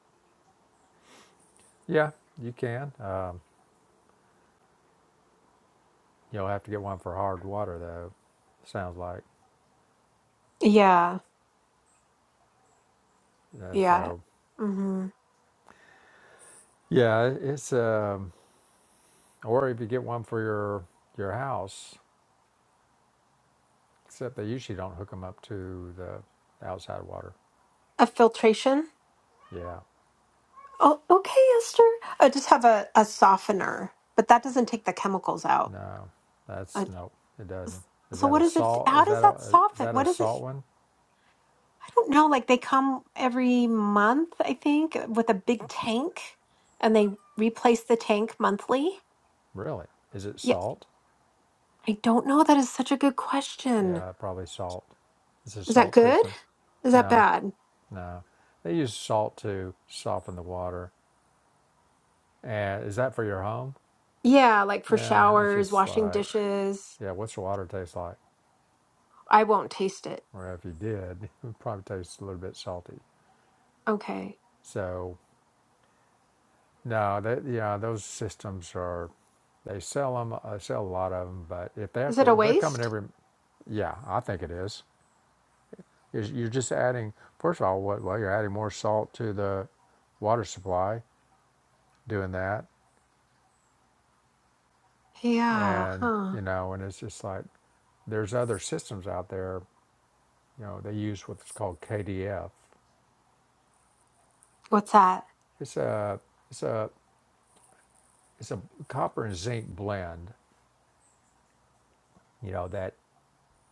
Speaker 1: yeah. You can. Um, you'll have to get one for hard water though. Sounds like.
Speaker 2: Yeah,
Speaker 1: Yeah,
Speaker 2: yeah.
Speaker 1: so
Speaker 2: hmm
Speaker 1: yeah, it's um, Or if you get one for your your house, except they usually don't hook them up to the outside water.
Speaker 2: A filtration.
Speaker 1: Yeah,
Speaker 2: Oh, okay, Esther. I just have a, a softener, but that doesn't take the chemicals out.
Speaker 1: no, that's
Speaker 2: Uh,
Speaker 1: nope. It doesn't.
Speaker 2: s-
Speaker 1: Is
Speaker 2: so
Speaker 1: that a
Speaker 2: what is it?
Speaker 1: salt?
Speaker 2: How
Speaker 1: Is
Speaker 2: does
Speaker 1: that
Speaker 2: that
Speaker 1: a is
Speaker 2: soften?
Speaker 1: that a
Speaker 2: What is it?
Speaker 1: salt one?
Speaker 2: I don't know. Like they come every month, I think, with a big tank, and they replace the tank monthly.
Speaker 1: Really? Is it
Speaker 2: Yeah,
Speaker 1: salt?
Speaker 2: I don't know. That is such a good question.
Speaker 1: Yeah, probably salt. Is it a
Speaker 2: Is that
Speaker 1: salt
Speaker 2: good?
Speaker 1: system?
Speaker 2: Is that
Speaker 1: No,
Speaker 2: bad?
Speaker 1: no. They use salt to soften the water. And is that for your home?
Speaker 2: Yeah, like for
Speaker 1: Yeah, it's
Speaker 2: showers,
Speaker 1: just
Speaker 2: washing
Speaker 1: like
Speaker 2: dishes.
Speaker 1: yeah. What's the water taste like?
Speaker 2: I won't taste it.
Speaker 1: Or if you did, it would probably taste a little bit salty.
Speaker 2: Okay.
Speaker 1: So No, that yeah, those systems are. They sell them. They sell a lot of them, but if they have
Speaker 2: Is it a
Speaker 1: to, they're coming
Speaker 2: waste?
Speaker 1: every. Yeah, I think it is. You're you're just adding. First of all, what? Well, you're adding more salt to the water supply doing that,
Speaker 2: Yeah,
Speaker 1: and
Speaker 2: huh.
Speaker 1: you know, and it's just like there's other systems out there. You know, they use what's called KDF.
Speaker 2: What's that?
Speaker 1: It's a it's a it's a copper and zinc blend. You know that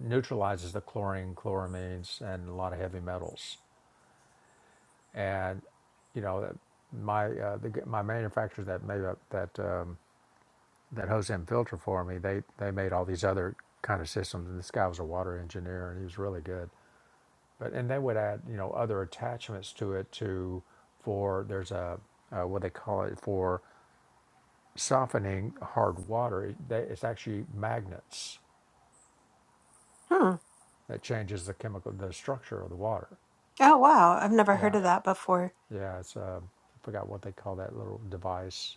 Speaker 1: neutralizes the chlorine, chloramines, and a lot of heavy metals and you know my uh, the, my manufacturer that made up that um, that hose and filter for me they they made all these other kind of systems and this guy was a water engineer and he was really good but and they would add you know other attachments to it to for there's a uh, what they call it for softening hard water it, they, it's actually magnets
Speaker 2: Hmm.
Speaker 1: that changes the chemical the structure of the water
Speaker 2: Oh, wow. I've never heard
Speaker 1: yeah
Speaker 2: of that before.
Speaker 1: yeah it's uh, I forgot what they call that little device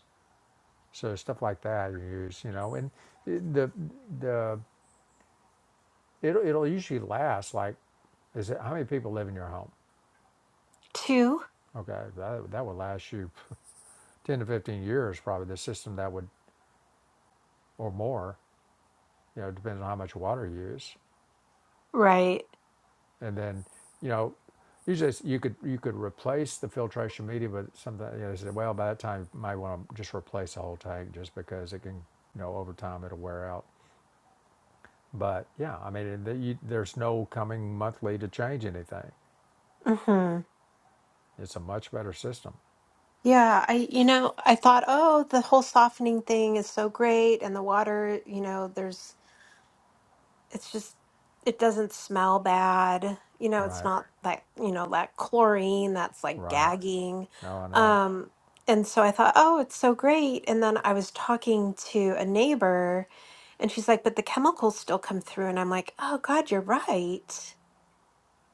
Speaker 1: So stuff like that you use, you know, and the the it'll, it'll usually last like is it how many people live in your home?
Speaker 2: Two?
Speaker 1: Okay, that that would last you ten to fifteen years probably. The system that would or more, you know, depends on how much water you use,
Speaker 2: Right.
Speaker 1: and then you know. Usually, you could you could replace the filtration media with something. You know, they said, well, by that time, you might want to just replace the whole tank, just because it can, you know, over time it'll wear out. But yeah, I mean, the, you, there's no coming monthly to change anything.
Speaker 2: Mm-hmm.
Speaker 1: It's a much better system.
Speaker 2: Yeah, I, you know, I thought, oh, the whole softening thing is so great, and the water, you know, there's it's just it doesn't smell bad you know it's
Speaker 1: Right.
Speaker 2: not that you know that chlorine that's like
Speaker 1: Right.
Speaker 2: gagging
Speaker 1: No, I know.
Speaker 2: um and so i thought oh it's so great and then i was talking to a neighbor and she's like but the chemicals still come through and i'm like oh god you're right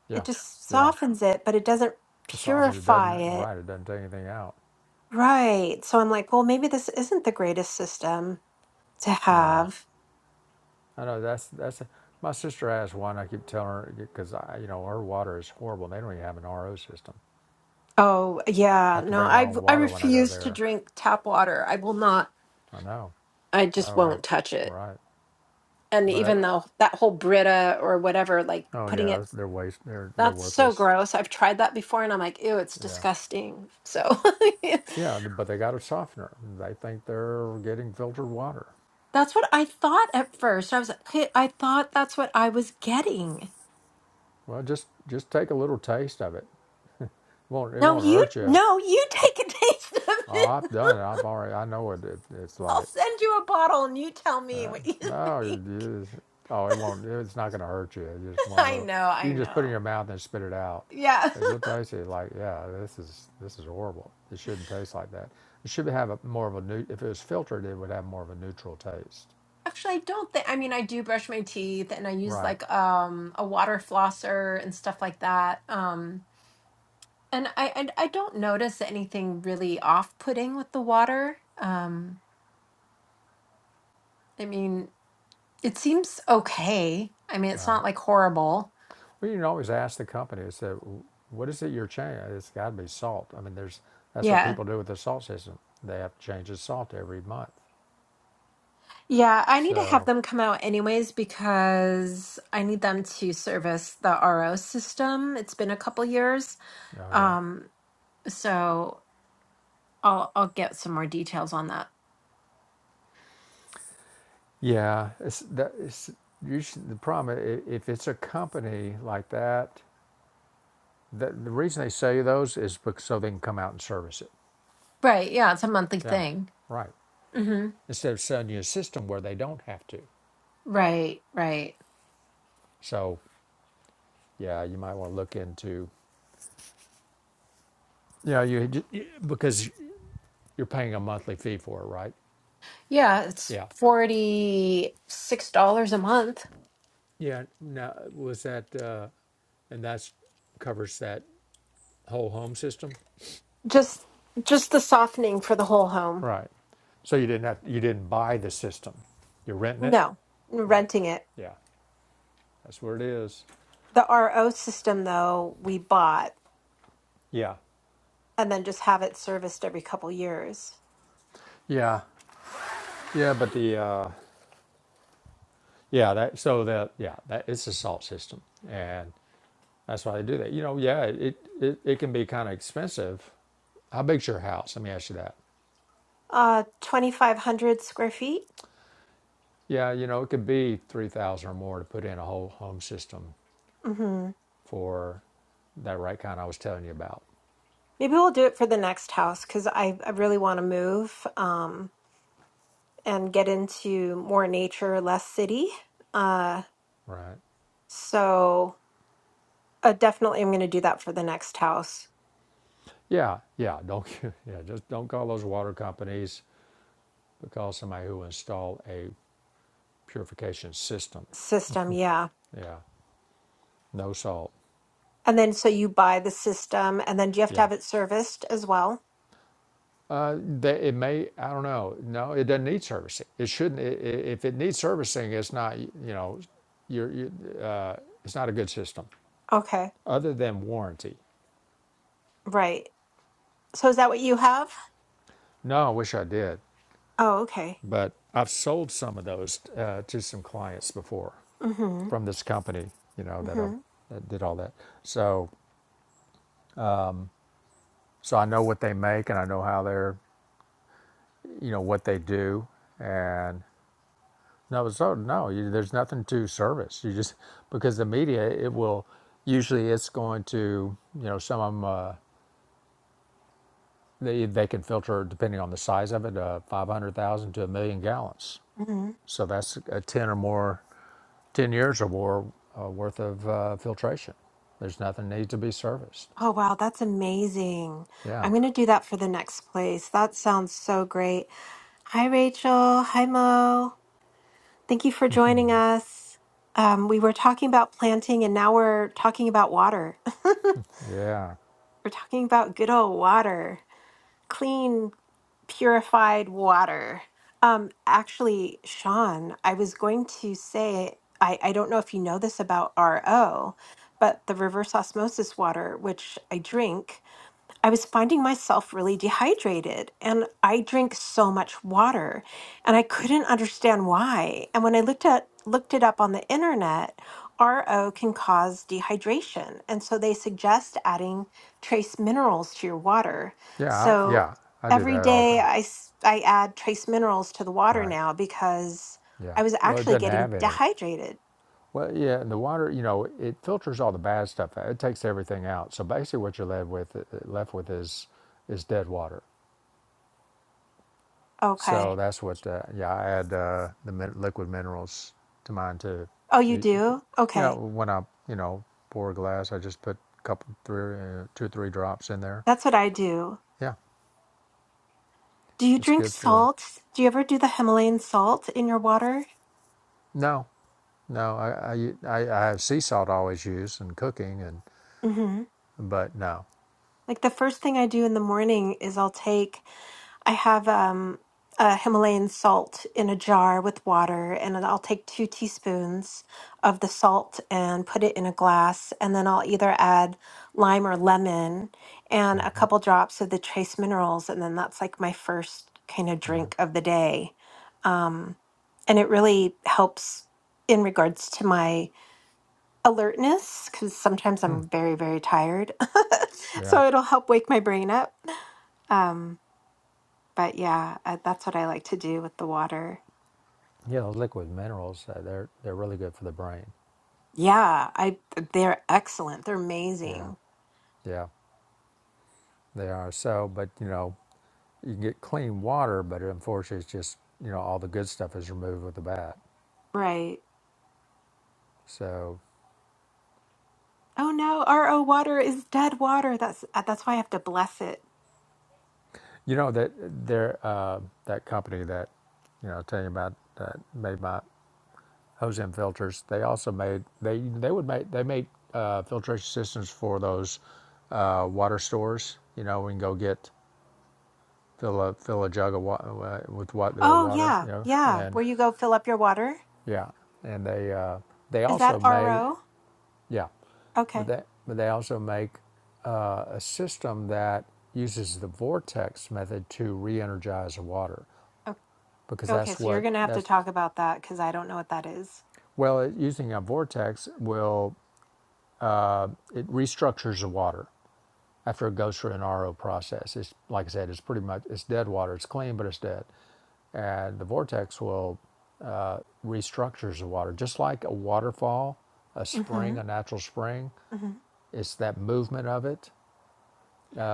Speaker 1: Yeah.
Speaker 2: it just
Speaker 1: Yeah.
Speaker 2: softens it but it doesn't
Speaker 1: It softens. It
Speaker 2: purify
Speaker 1: doesn't.
Speaker 2: it
Speaker 1: Right. It doesn't take anything out.
Speaker 2: right so i'm like well maybe this isn't the greatest system to
Speaker 1: No.
Speaker 2: have
Speaker 1: I know. That's that's. My sister has one. I keep telling her because I, you know, her water is horrible. They don't even have an RO system.
Speaker 2: Oh,
Speaker 1: I
Speaker 2: yeah.
Speaker 1: have to
Speaker 2: No,
Speaker 1: bring my
Speaker 2: I
Speaker 1: own
Speaker 2: I
Speaker 1: water when I go
Speaker 2: refuse to
Speaker 1: there.
Speaker 2: drink tap water. I will not.
Speaker 1: I know.
Speaker 2: I just
Speaker 1: Oh, I,
Speaker 2: won't touch it.
Speaker 1: right.
Speaker 2: And even
Speaker 1: But
Speaker 2: though that whole Brita or whatever, like
Speaker 1: oh
Speaker 2: putting
Speaker 1: yeah,
Speaker 2: it,
Speaker 1: they're waste. They're they're
Speaker 2: that's so
Speaker 1: worthless.
Speaker 2: gross. I've tried that before and I'm like, ew, it's
Speaker 1: Yeah.
Speaker 2: disgusting. So
Speaker 1: Yeah. But they got a softener. They think they're getting filtered water.
Speaker 2: that's what I thought at first. I was like, "Hey, I thought that's what I was getting.
Speaker 1: Well, just just take a little taste of it. won't it
Speaker 2: No,
Speaker 1: won't
Speaker 2: you,
Speaker 1: hurt you.
Speaker 2: no, you take a taste of
Speaker 1: Oh,
Speaker 2: it.
Speaker 1: I've done it. I've already. I know what it, it's
Speaker 2: I'll
Speaker 1: like.
Speaker 2: send you a bottle and you tell me what you
Speaker 1: No, you,
Speaker 2: think.
Speaker 1: you just, oh, it won't. It's not going to hurt you. It's just one
Speaker 2: I
Speaker 1: little.
Speaker 2: know,
Speaker 1: You
Speaker 2: I
Speaker 1: can just put it in your
Speaker 2: know.
Speaker 1: mouth and spit it out.
Speaker 2: Yeah.
Speaker 1: But you'll taste it like, yeah, this is this is horrible. It shouldn't taste like that. It should have a, more of a new. If it was filtered, it would have more of a neutral taste.
Speaker 2: Actually, I don't think, I mean, I do brush my teeth and I use
Speaker 1: Right,
Speaker 2: like um a water flosser and stuff like that. Um and I and I don't notice anything really off-putting with the water. Um I mean, it seems okay. I mean, it's
Speaker 1: right.
Speaker 2: not like horrible.
Speaker 1: Well, you can always ask the company. It's that, what is it you're changing? It's got to be salt. I mean, there's that's what
Speaker 2: Yeah.
Speaker 1: people do with the salt system. They have to change the salt every month.
Speaker 2: Yeah, I need to have
Speaker 1: So
Speaker 2: them come out anyways because I need them to service the RO system. It's been a couple years.
Speaker 1: Oh yeah,
Speaker 2: Um so I'll I'll get some more details on that.
Speaker 1: yeah. It's that. It's usually the problem. i- If it's a company like that, the, the reason they sell you those is because so they can come out and service it.
Speaker 2: Right. Yeah, it's a monthly
Speaker 1: Yeah,
Speaker 2: thing.
Speaker 1: right.
Speaker 2: hmm
Speaker 1: Instead of selling you a system where they don't have to.
Speaker 2: Right, right.
Speaker 1: So yeah, you might want to look into. Yeah, you, ju- you because you're paying a monthly fee for it, right?
Speaker 2: Yeah, it's
Speaker 1: Yeah.
Speaker 2: $46 a month.
Speaker 1: Yeah. Now was that, uh, and that's covers that whole home system.
Speaker 2: Just just the softening for the whole home,
Speaker 1: Right. So you didn't have you didn't buy the system. You're renting it.
Speaker 2: No.
Speaker 1: Right.
Speaker 2: renting it.
Speaker 1: Yeah. That's where it is.
Speaker 2: The RO system though, we bought
Speaker 1: Yeah.
Speaker 2: and then just have it serviced every couple years.
Speaker 1: Yeah. Yeah. But the, uh, yeah, that, so that, yeah, that it's a salt system. And that's why they do that. You know, yeah, it, it, it can be kind of expensive. How big's your house? Let me ask you that.
Speaker 2: Uh 2500 square feet.
Speaker 1: Yeah. You know, it could be 3000 or more to put in a whole home system
Speaker 2: Mhm.
Speaker 1: for that right kind I was telling you about.
Speaker 2: Maybe we'll do it for the next house cuz I I really want to move. Um and get into more nature, less city. Uh,
Speaker 1: Right.
Speaker 2: so uh, definitely, I'm going to do that for the next house
Speaker 1: Yeah. Yeah. Don't, yeah, just don't call those water companies, but call somebody who installed a purification system.
Speaker 2: system. Yeah.
Speaker 1: Yeah. No salt.
Speaker 2: And then so you buy the system, and then do you have to
Speaker 1: Yeah.
Speaker 2: have it serviced as well?
Speaker 1: Uh, they, it may, I don't know. No, it doesn't need servicing. It shouldn't, i i if it needs servicing, it's not, you know, you're, you, uh, it's not a good system
Speaker 2: Okay.
Speaker 1: other than warranty.
Speaker 2: Right. So is that what you have?
Speaker 1: No, I wish I did,
Speaker 2: Oh, okay.
Speaker 1: but I've sold some of those uh, to some clients before
Speaker 2: Mm-hmm.
Speaker 1: from this company, you know, that I
Speaker 2: Mm-hmm.
Speaker 1: that did all that. So, so I know what they make and I know how they're, you know, what they do. and. No, so no, you, there's nothing to service. You just because the media, it will usually it's going to you know some of them uh, they they can filter depending on the size of it, uh, five hundred thousand to a million gallons.
Speaker 2: Mm-hmm.
Speaker 1: So that's a ten or more, ten years or more uh, worth of uh, filtration. There's nothing need to be serviced.
Speaker 2: Oh, wow. That's amazing.
Speaker 1: Yeah,
Speaker 2: I'm going to do that for the next place. That sounds so great. Hi, Rachel. Hi, Mo. Thank you for joining us. Um, we were talking about planting and now we're talking about water.
Speaker 1: yeah,
Speaker 2: We're talking about good old water, clean, purified water. Um, actually, Sean, I was going to say, I, I don't know if you know this about RO, but the reverse osmosis water, which I drink, I was finding myself really dehydrated and I drink so much water and I couldn't understand why. And when I looked at looked it up on the internet, RO can cause dehydration. And so they suggest adding trace minerals to your water.
Speaker 1: yeah, I,
Speaker 2: So
Speaker 1: yeah. I do
Speaker 2: every
Speaker 1: that all the
Speaker 2: day
Speaker 1: time.
Speaker 2: I s- I add trace minerals to the water
Speaker 1: Right.
Speaker 2: now because
Speaker 1: Yeah.
Speaker 2: I was
Speaker 1: Well, it
Speaker 2: actually
Speaker 1: doesn't
Speaker 2: getting
Speaker 1: have any.
Speaker 2: dehydrated.
Speaker 1: Well, yeah, and the water, you know, it filters all the bad stuff out. It takes everything out. So basically, what you're left with, uh, left with is is dead water. So
Speaker 2: Okay.
Speaker 1: that's what, uh, yeah, I add uh, the min- liquid minerals to mine too.
Speaker 2: Oh, you
Speaker 1: It-
Speaker 2: do?
Speaker 1: Yeah,
Speaker 2: Okay.
Speaker 1: when I, you know, pour a glass, I just put a couple, three, uh, two or three drops in there.
Speaker 2: That's what I do.
Speaker 1: Yeah,
Speaker 2: Do you
Speaker 1: it's
Speaker 2: drink
Speaker 1: good for.
Speaker 2: salt? Do you ever do the Himalayan salt in your water?
Speaker 1: No, no, I, I, u- I, I have sea salt I always use in cooking, and
Speaker 2: hmm
Speaker 1: but no,
Speaker 2: Like the first thing I do in the morning is I'll take, I have um, a Himalayan salt in a jar with water, and I'll take two teaspoons of the salt and put it in a glass. And then I'll either add lime or lemon and a
Speaker 1: hmm
Speaker 2: couple drops of the trace minerals. And then that's like my first kind of
Speaker 1: yeah,
Speaker 2: drink of the day. Um, and it really helps in regards to my alertness because sometimes
Speaker 1: Hmm.
Speaker 2: I'm very, very tired.
Speaker 1: yeah.
Speaker 2: so it'll help wake my brain up. Um, but yeah, I, that's what I like to do with the water.
Speaker 1: Yeah, those liquid minerals, uh, they're they're really good for the brain.
Speaker 2: Yeah, I they're excellent. They're
Speaker 1: Yeah,
Speaker 2: amazing.
Speaker 1: yeah, they are. So, but you know, you can get clean water, but unfortunately, it's just you know all the good stuff is removed with the bad.
Speaker 2: Right.
Speaker 1: So,
Speaker 2: Oh no, RO water is dead water. That's uh, that's why I have to bless it.
Speaker 1: you know that there uh, that company that you know I was telling you about that made my ozone filters. They also made they they would make they made uh, filtration systems for those uh, water stores. You know, we can go get fill a fill a jug of wa- uh, with what their
Speaker 2: Oh
Speaker 1: water. You
Speaker 2: yeah,
Speaker 1: know,
Speaker 2: yeah.
Speaker 1: and
Speaker 2: Where you go fill up your water?
Speaker 1: Yeah, and they uh, they
Speaker 2: Is
Speaker 1: also
Speaker 2: that
Speaker 1: make
Speaker 2: RO?
Speaker 1: yeah, but
Speaker 2: Okay.
Speaker 1: they but they also make uh, a system that uses the vortex method to re-energize the water
Speaker 2: O-
Speaker 1: because
Speaker 2: Okay,
Speaker 1: that's
Speaker 2: so you're
Speaker 1: what
Speaker 2: gonna have to
Speaker 1: that's
Speaker 2: talk about that because I don't know what that is.
Speaker 1: well it, using a vortex will it restructures the water after it goes through an RO process. It's like I said, it's pretty much it's dead water. It's clean, but it's dead, and the vortex will uh, restructures the water, just like a waterfall, a
Speaker 2: Mm-hmm.
Speaker 1: spring, a natural spring.
Speaker 2: Mm-hmm.
Speaker 1: It's that movement of it.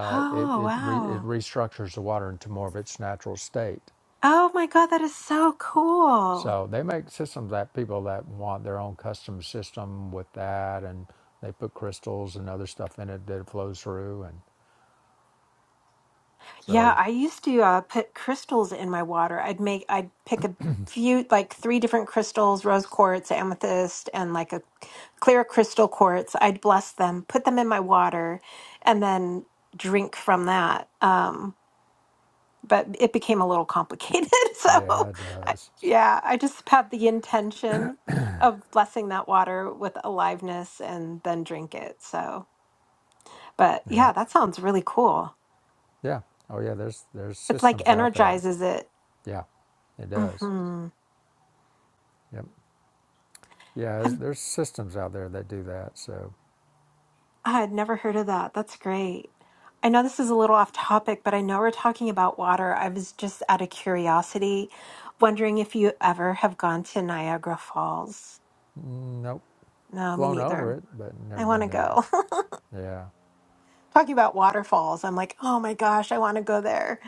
Speaker 1: Uh, it
Speaker 2: Oh
Speaker 1: it, re, it
Speaker 2: wow.
Speaker 1: restructures the water into more of its natural state.
Speaker 2: Oh my God, that is so cool.
Speaker 1: So they make systems that people that want their own custom system with that, and they put crystals and other stuff in it that it flows through. And
Speaker 2: Yeah,
Speaker 1: so
Speaker 2: I used to uh, put crystals in my water. I'd make, I'd pick a few, like three different crystals, rose quartz, amethyst, and like a clear crystal quartz. I'd bless them, put them in my water, and then drink from that. Um, but it became a little complicated. So,
Speaker 1: yeah, it
Speaker 2: I,
Speaker 1: does.
Speaker 2: yeah, I just had the intention of blessing that water with aliveness and then drink it. So, but
Speaker 1: Yeah,
Speaker 2: yeah, that sounds really cool.
Speaker 1: yeah. Oh yeah, there's there's
Speaker 2: It's like
Speaker 1: systems out there.
Speaker 2: energizes it.
Speaker 1: Yeah, it does.
Speaker 2: hmm
Speaker 1: Yep. Yeah, there's,
Speaker 2: I've,
Speaker 1: there's systems out there that do that. So
Speaker 2: I had never heard of that. That's great. I know this is a little off topic, but I know we're talking about water. I was just out of curiosity wondering if you ever have gone to Niagara Falls.
Speaker 1: mm, nope,
Speaker 2: No, me
Speaker 1: flown over
Speaker 2: neither.
Speaker 1: it, but never
Speaker 2: I want
Speaker 1: been
Speaker 2: to
Speaker 1: there.
Speaker 2: go.
Speaker 1: Yeah,
Speaker 2: talking about waterfalls, I'm like, oh my gosh, I want to go there.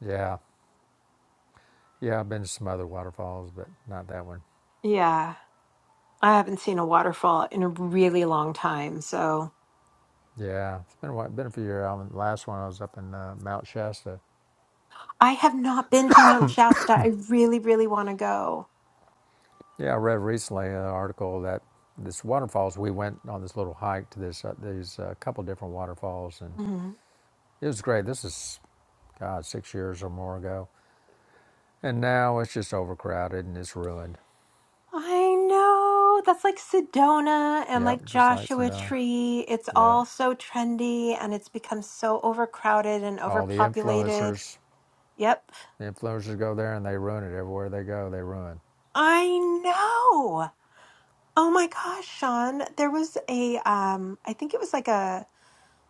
Speaker 1: yeah. Yeah, I've been to some other waterfalls, but not that one.
Speaker 2: Yeah, I haven't seen a waterfall in a really long time. So
Speaker 1: Yeah, it's been a while, been a few years. I the last one I was up in uh, Mount Shasta.
Speaker 2: I have not been to Mount Shasta. I really, really want to go.
Speaker 1: Yeah, I read recently an article that this waterfalls. We went on this little hike to this uh, these uh, couple different waterfalls, and
Speaker 2: Mm-hmm.
Speaker 1: it was great. This is God six years or more ago, and now it's just overcrowded and it's ruined.
Speaker 2: I know. That's like Sedona and
Speaker 1: Yep,
Speaker 2: like
Speaker 1: just like
Speaker 2: Joshua
Speaker 1: Sedona.
Speaker 2: Tree. It's
Speaker 1: Yeah,
Speaker 2: all so trendy and it's become so overcrowded and
Speaker 1: all the
Speaker 2: overpopulated.
Speaker 1: influencers,
Speaker 2: Yep.
Speaker 1: the influencers go there and they ruin it everywhere they go. They ruin.
Speaker 2: I know. Oh my gosh, Sean. There was a um I think it was like a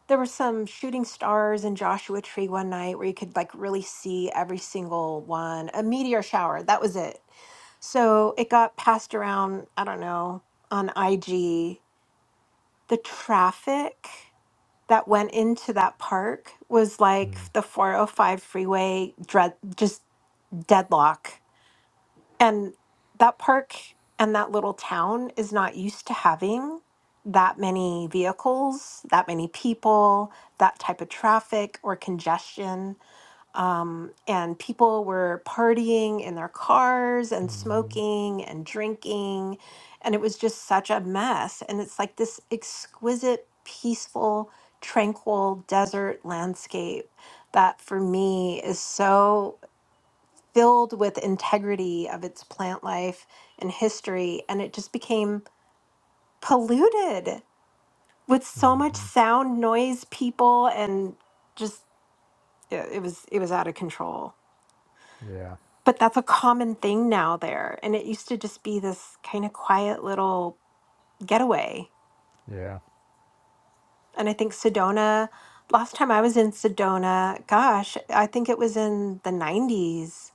Speaker 2: there were some shooting stars in Joshua Tree one night where you could like really see every single one. A meteor shower. That was it. So it got passed around, I don't know, on IG. The traffic. that went into that park was like the 405 freeway dread just deadlock and that park and that little town is not used to having that many vehicles that many people that type of traffic or congestion um, and people were partying in their cars
Speaker 1: Mm-hmm.
Speaker 2: and smoking and drinking. And it was just such a mess. And it's like this exquisite, peaceful, tranquil desert landscape that for me is so filled with integrity of its plant life and history. And it just became polluted with so much sound, noise, people, and just it it was it was out of control.
Speaker 1: Yeah,
Speaker 2: but that's a common thing now there. And it used to just be this kind of quiet little getaway.
Speaker 1: yeah.
Speaker 2: And I think Sedona, last time I was in Sedona, gosh, I think it was in the 90s.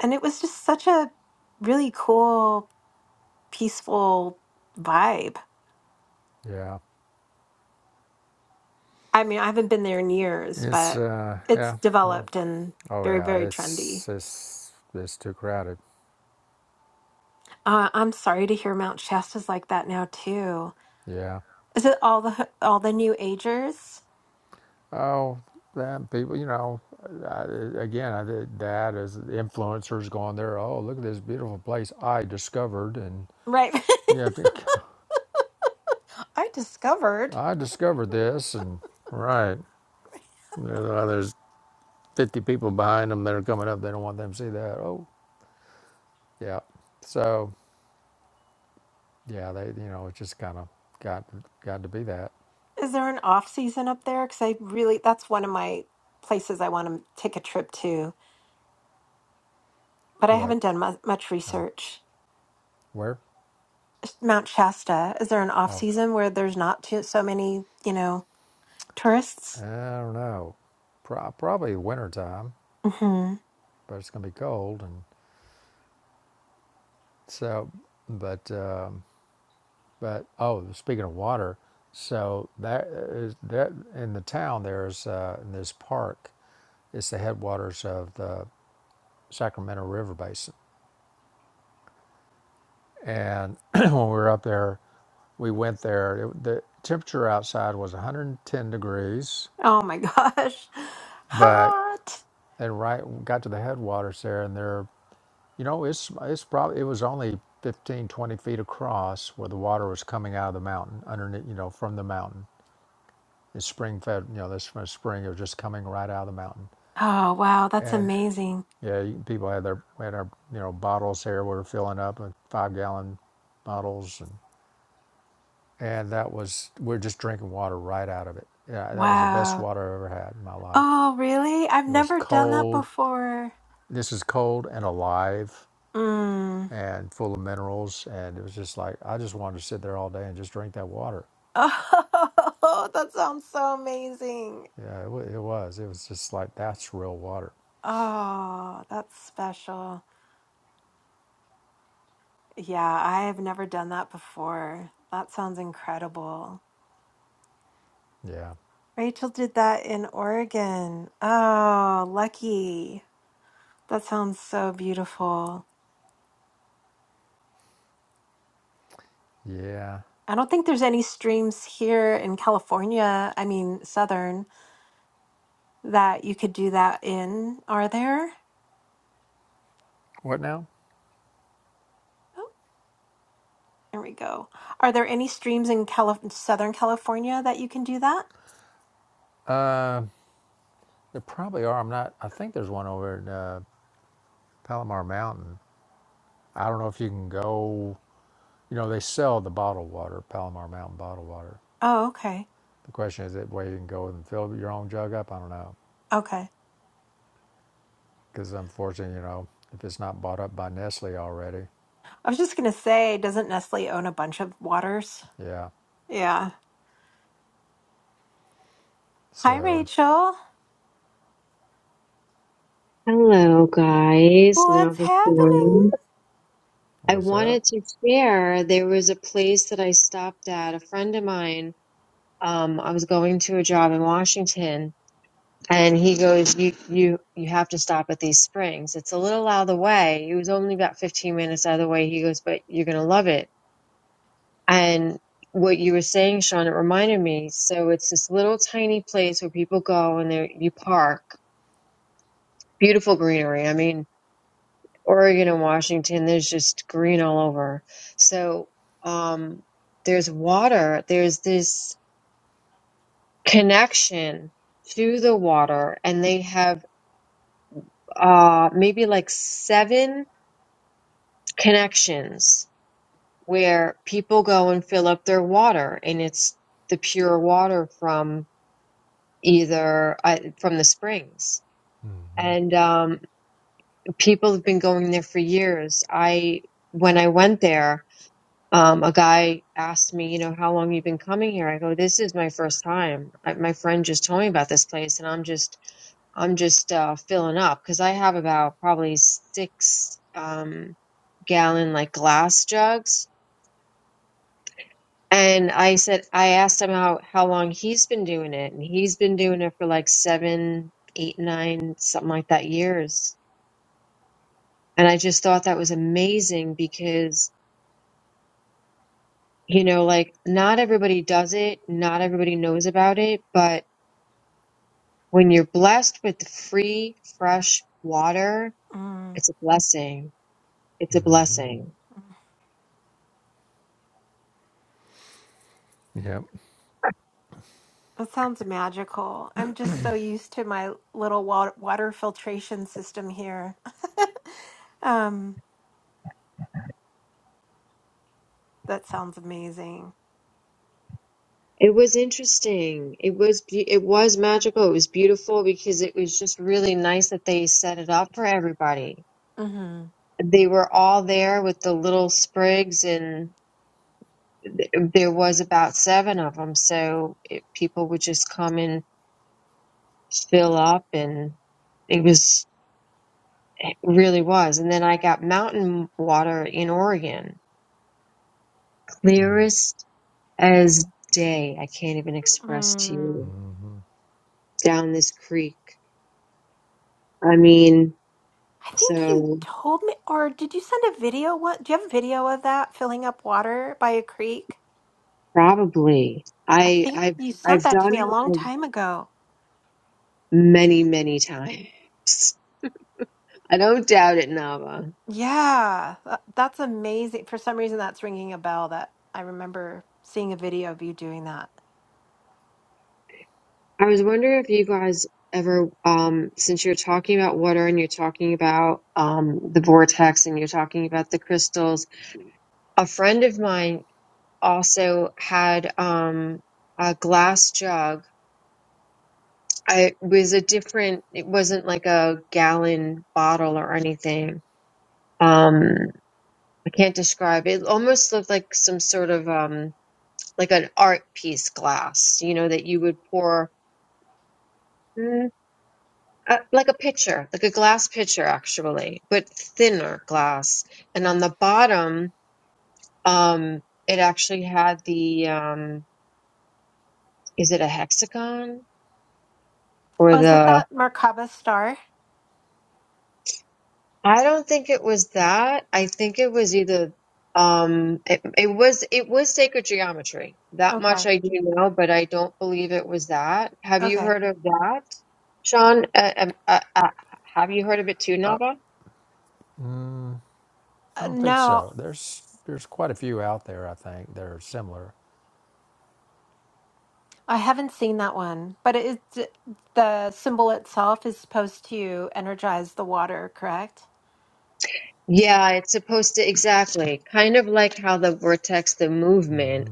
Speaker 2: And it was just such a really cool, peaceful vibe.
Speaker 1: Yeah.
Speaker 2: I mean, I haven't been there in years,
Speaker 1: It's
Speaker 2: but
Speaker 1: uh
Speaker 2: it's
Speaker 1: yeah. Well,
Speaker 2: developed and
Speaker 1: oh
Speaker 2: very,
Speaker 1: yeah,
Speaker 2: very trendy.
Speaker 1: it's it's it's too crowded.
Speaker 2: Uh, I'm sorry to hear Mount Shasta's like that now too.
Speaker 1: Yeah.
Speaker 2: Is it all the all the new agers?
Speaker 1: Oh, that people, you know, I, again, I did that as influencers going there. Oh, look at this beautiful place I discovered, and
Speaker 2: Right.
Speaker 1: you have to.
Speaker 2: I discovered.
Speaker 1: I discovered this, and right there's, uh, there's 50 people behind them that are coming up. They don't want them to see that. Oh, yeah. So yeah, they you know it just kind of got got to be that.
Speaker 2: Is there an off season up there? Because I really, that's one of my places I want to take a trip to, but I
Speaker 1: What?
Speaker 2: haven't done mu- much
Speaker 1: Oh,
Speaker 2: research.
Speaker 1: where?
Speaker 2: Mount Shasta, is there an off
Speaker 1: Oh.
Speaker 2: season where there's not too, so many, you know,
Speaker 1: I
Speaker 2: tourists?
Speaker 1: don't know. Pro- probably wintertime,
Speaker 2: hmm
Speaker 1: but it's going to be cold. And so, but, um, but, oh, speaking of water, so that is that in the town, there's, uh, in this park, it's the headwaters of the Sacramento River Basin. And when we were up there, we went there. It, the temperature outside was 110 degrees,
Speaker 2: Oh my gosh.
Speaker 1: but,
Speaker 2: Hot.
Speaker 1: and right, got to the headwaters there, and they're You know, it's it's probably it was only 15, 20 feet across where the water was coming out of the mountain underneath, you know, from the mountain. It's spring fed, you know, this from a spring. It was just coming right out of the mountain.
Speaker 2: Oh, wow. That's
Speaker 1: And
Speaker 2: amazing.
Speaker 1: yeah, you, people had their we had our you know bottles here. We were filling up with five gallon bottles, and and that was we're just drinking water right out of it. Yeah, that was the best
Speaker 2: Wow.
Speaker 1: water I ever had in my life.
Speaker 2: Oh, really? I've
Speaker 1: It was
Speaker 2: never done that
Speaker 1: cold.
Speaker 2: before.
Speaker 1: This is cold and alive.
Speaker 2: Mm.
Speaker 1: and full of minerals. And it was just like, I just wanted to sit there all day and just drink that water.
Speaker 2: Oh, that sounds so amazing.
Speaker 1: Yeah, it, wa it was. It was just like, that's real water.
Speaker 2: Oh, that's special. Yeah, I have never done that before. That sounds incredible.
Speaker 1: Yeah.
Speaker 2: Rachel did that in Oregon. Oh, lucky. That sounds so beautiful.
Speaker 1: Yeah.
Speaker 2: I don't think there's any streams here in California, I mean, Southern, that you could do that in. Are there?
Speaker 1: What now?
Speaker 2: Oh, there we go. Are there any streams in Cali- Southern California that you can do that?
Speaker 1: There probably are. I'm not, I think there's one over in uh, Palomar Mountain. I don't know if you can go, you know, they sell the bottled water, Palomar Mountain bottled water.
Speaker 2: Oh, okay.
Speaker 1: The question is that way you can go and fill your own jug up? I don't know.
Speaker 2: Okay.
Speaker 1: Because unfortunately, you know, if it's not bought up by Nestle already,
Speaker 2: I was just gonna say, doesn't Nestle own a bunch of waters?
Speaker 1: yeah.
Speaker 2: Yeah. Hi,
Speaker 1: So,
Speaker 2: Rachel.
Speaker 3: Hello, guys.
Speaker 2: What's happening?
Speaker 3: Navashan. I
Speaker 1: what's up?
Speaker 3: wanted to share there was a place that I stopped at. A friend of mine, um, I was going to a job in Washington, and he goes, "You, you, you have to stop at these springs. It's a little out of the way. It was only about 15 minutes out of the way." He goes, "But you're gonna love it." And what you were saying, Sean, it reminded me. So it's this little tiny place where people go and they you park. Beautiful greenery. I mean, Oregon and Washington, there's just green all over. So um, there's water. There's this connection to the water, and they have uh, maybe like seven connections where people go and fill up their water, and it's the pure water from either uh, from the springs. And um, people have been going there for years. I when I went there, um, a guy asked me, you know, how long you been coming here? I go, this is my first time. I, my friend just told me about this place, and I'm just, I'm just uh, filling up because I have about probably six um, gallon like glass jugs. And I said, I asked him how how long he's been doing it, and he's been doing it for like seven, eight, nine, something like that years. And I just thought that was amazing because you know, like not everybody does it, not everybody knows about it, but When you're blessed with free, fresh water,
Speaker 2: Mm.
Speaker 3: it's a blessing. It's a blessing.
Speaker 1: Yep.
Speaker 2: That sounds magical. I'm just so used to my little wa- water filtration system here. um, that sounds amazing.
Speaker 3: It was interesting. It was be- it was magical. It was beautiful because it was just really nice that they set it up for everybody.
Speaker 2: hmm
Speaker 3: They were all there with the little sprigs, and th- there was about seven of them. So it, people would just come and fill up, and it was it really was. And then I got mountain water in Oregon, clearest as day. I can't even express to
Speaker 2: Mm.
Speaker 3: you
Speaker 1: Mm-hmm.
Speaker 3: down this creek. I mean,
Speaker 2: I think you
Speaker 3: so
Speaker 2: told me, or did you send a video? What do you have a video of that filling up water by a creek?
Speaker 3: probably
Speaker 2: I
Speaker 3: I
Speaker 2: think
Speaker 3: I've
Speaker 2: you sent
Speaker 3: I've
Speaker 2: that to
Speaker 3: done
Speaker 2: me a long
Speaker 3: it
Speaker 2: time ago.
Speaker 3: many many times. I don't doubt it, Nava.
Speaker 2: Yeah, tha- that's amazing. For some reason, that's ringing a bell that I remember seeing a video of you doing that.
Speaker 3: I was wondering if you guys ever, um, since you're talking about water and you're talking about um, the vortex and you're talking about the crystals, a friend of mine also had um, a glass jug I was a different. It wasn't like a gallon bottle or anything. Um, I can't describe it. Almost looked like some sort of um, like an art piece glass. You know that you would pour. Mm, uh, like a pitcher, like a glass pitcher, actually, but thinner glass. And on the bottom, um, it actually had the um, is it a hexagon or
Speaker 2: Oh, is it
Speaker 3: the
Speaker 2: that Merkaba star?
Speaker 3: I don't think it was that. I think it was either um it, it was it was sacred geometry. That much
Speaker 2: Okay,
Speaker 3: I do know, but I don't believe it was that. Have you
Speaker 2: okay.
Speaker 3: heard of that, Sean? Uh, um, uh, uh, have you heard of it too, Nava?
Speaker 1: I
Speaker 2: Uh,
Speaker 1: don't think
Speaker 2: no,
Speaker 1: so. There's there's quite a few out there. I think that are similar.
Speaker 2: I haven't seen that one, but it is the symbol itself is supposed to energize the water, correct?
Speaker 3: Yeah, it's supposed to exactly kind of like how the vortex, the movement,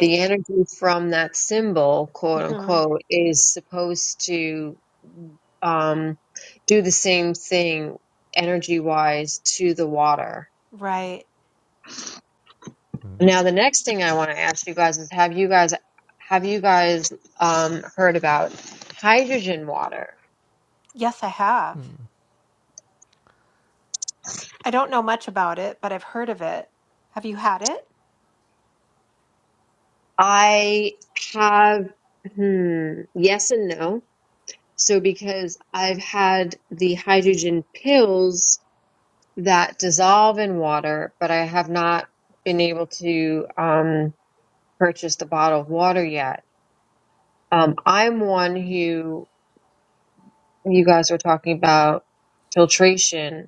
Speaker 3: the energy from that symbol, quote
Speaker 2: hmm
Speaker 3: unquote, is supposed to um do the same thing energy wise to the water
Speaker 2: Right.
Speaker 3: Now, the next thing I want to ask you guys is have you guys have you guys um, heard about hydrogen water?
Speaker 2: Yes, I have. I don't know much about it, but I've heard of it. Have you had it?
Speaker 3: I have hmm, yes and no. So because I've had the hydrogen pills that dissolve in water, but I have not been able to um, purchase the bottle of water yet. Um, I'm one who you guys were talking about filtration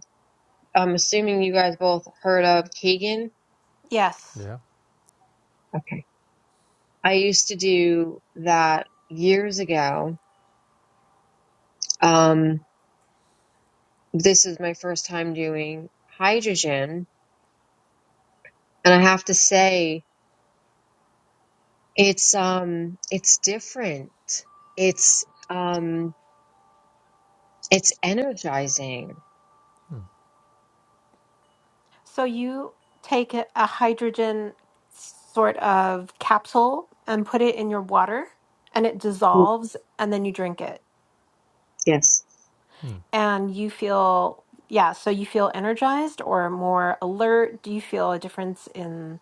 Speaker 3: I'm assuming you guys both heard of Kagan.
Speaker 2: Yes.
Speaker 1: Yeah.
Speaker 3: Okay. I used to do that years ago. Um, this is my first time doing hydrogen, and I have to say it's um it's different. It's um it's energizing.
Speaker 2: So you take a a hydrogen sort of capsule and put it in your water and it dissolves and then you drink it.
Speaker 3: Yes,
Speaker 1: Hmm.
Speaker 2: And you feel, yeah, so you feel energized or more alert. Do you feel a difference in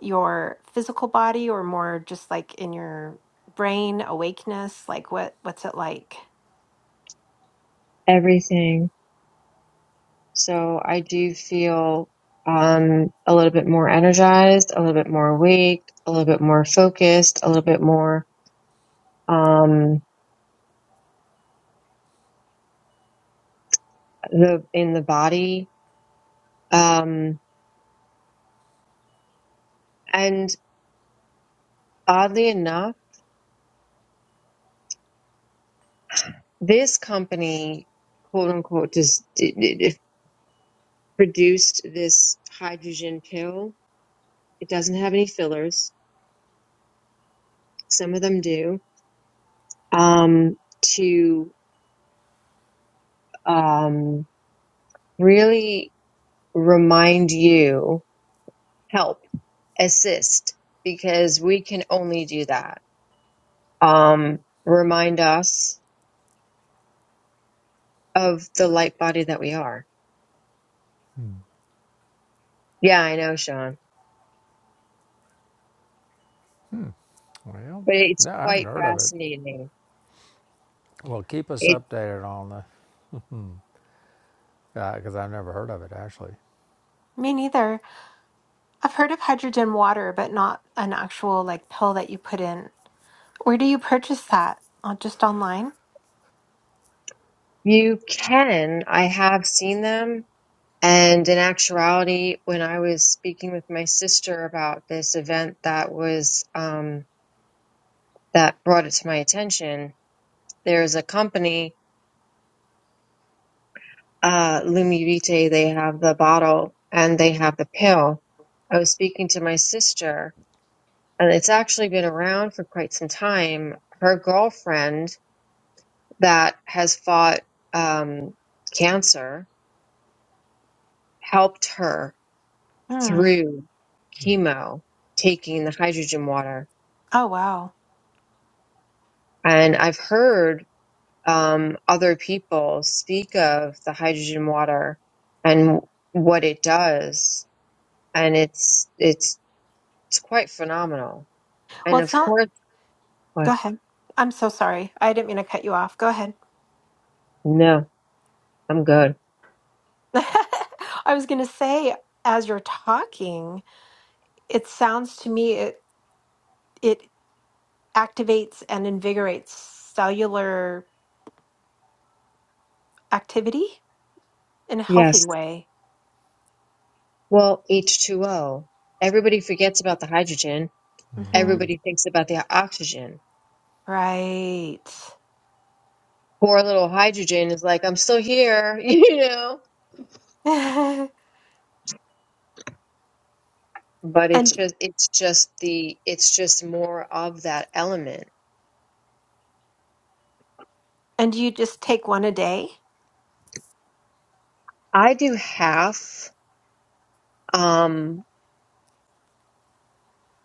Speaker 2: your physical body or more just like in your brain awakeness? Like what what's it like?
Speaker 3: everything. So I do feel um a little bit more energized, a little bit more awake, a little bit more focused, a little bit more um the in the body. Um, and oddly enough, this company, quote unquote, just d- d- d- produced this hydrogen pill. It doesn't have any fillers. Some of them do um, to um, really remind you, help, assist, because we can only do that. Um, remind us of the light body that we are. Yeah, I know, Sean.
Speaker 1: Well,
Speaker 3: but it's
Speaker 1: No, I haven't
Speaker 3: quite
Speaker 1: heard of it.
Speaker 3: fascinating.
Speaker 1: Well, keep us
Speaker 3: It
Speaker 1: updated on the because I've never heard of it actually.
Speaker 2: Me neither. I've heard of hydrogen water, but not an actual like pill that you put in. Where do you purchase that? Uh, Just online?
Speaker 3: you can. I have seen them, and in actuality, when I was speaking with my sister about this event that was um, that brought it to my attention, there's a company, uh, Lumivite. They have the bottle and they have the pill. I was speaking to my sister, and it's actually been around for quite some time. Her girlfriend that has fought um, cancer helped her
Speaker 2: Hmm.
Speaker 3: through chemo taking the hydrogen water.
Speaker 2: Oh, wow.
Speaker 3: And I've heard um, other people speak of the hydrogen water and what it does, and it's it's it's quite phenomenal.
Speaker 2: Well,
Speaker 3: And
Speaker 2: it's
Speaker 3: of
Speaker 2: not.
Speaker 3: course,
Speaker 2: Go
Speaker 3: what?
Speaker 2: ahead. I'm so sorry. I didn't mean to cut you off. Go ahead.
Speaker 3: No, I'm good.
Speaker 2: I was going to say, as you're talking, it sounds to me it it activates and invigorates cellular activity in a healthy
Speaker 3: Yes.
Speaker 2: way.
Speaker 3: Well, H2O. Everybody forgets about the hydrogen.
Speaker 2: hmm
Speaker 1: Hmm.
Speaker 3: Everybody thinks about the oxygen.
Speaker 2: Right.
Speaker 3: Poor little hydrogen is like, I'm still here, you know
Speaker 2: and
Speaker 3: but it's just it's just the it's just more of that element
Speaker 2: and you just take one a day.
Speaker 3: i do half um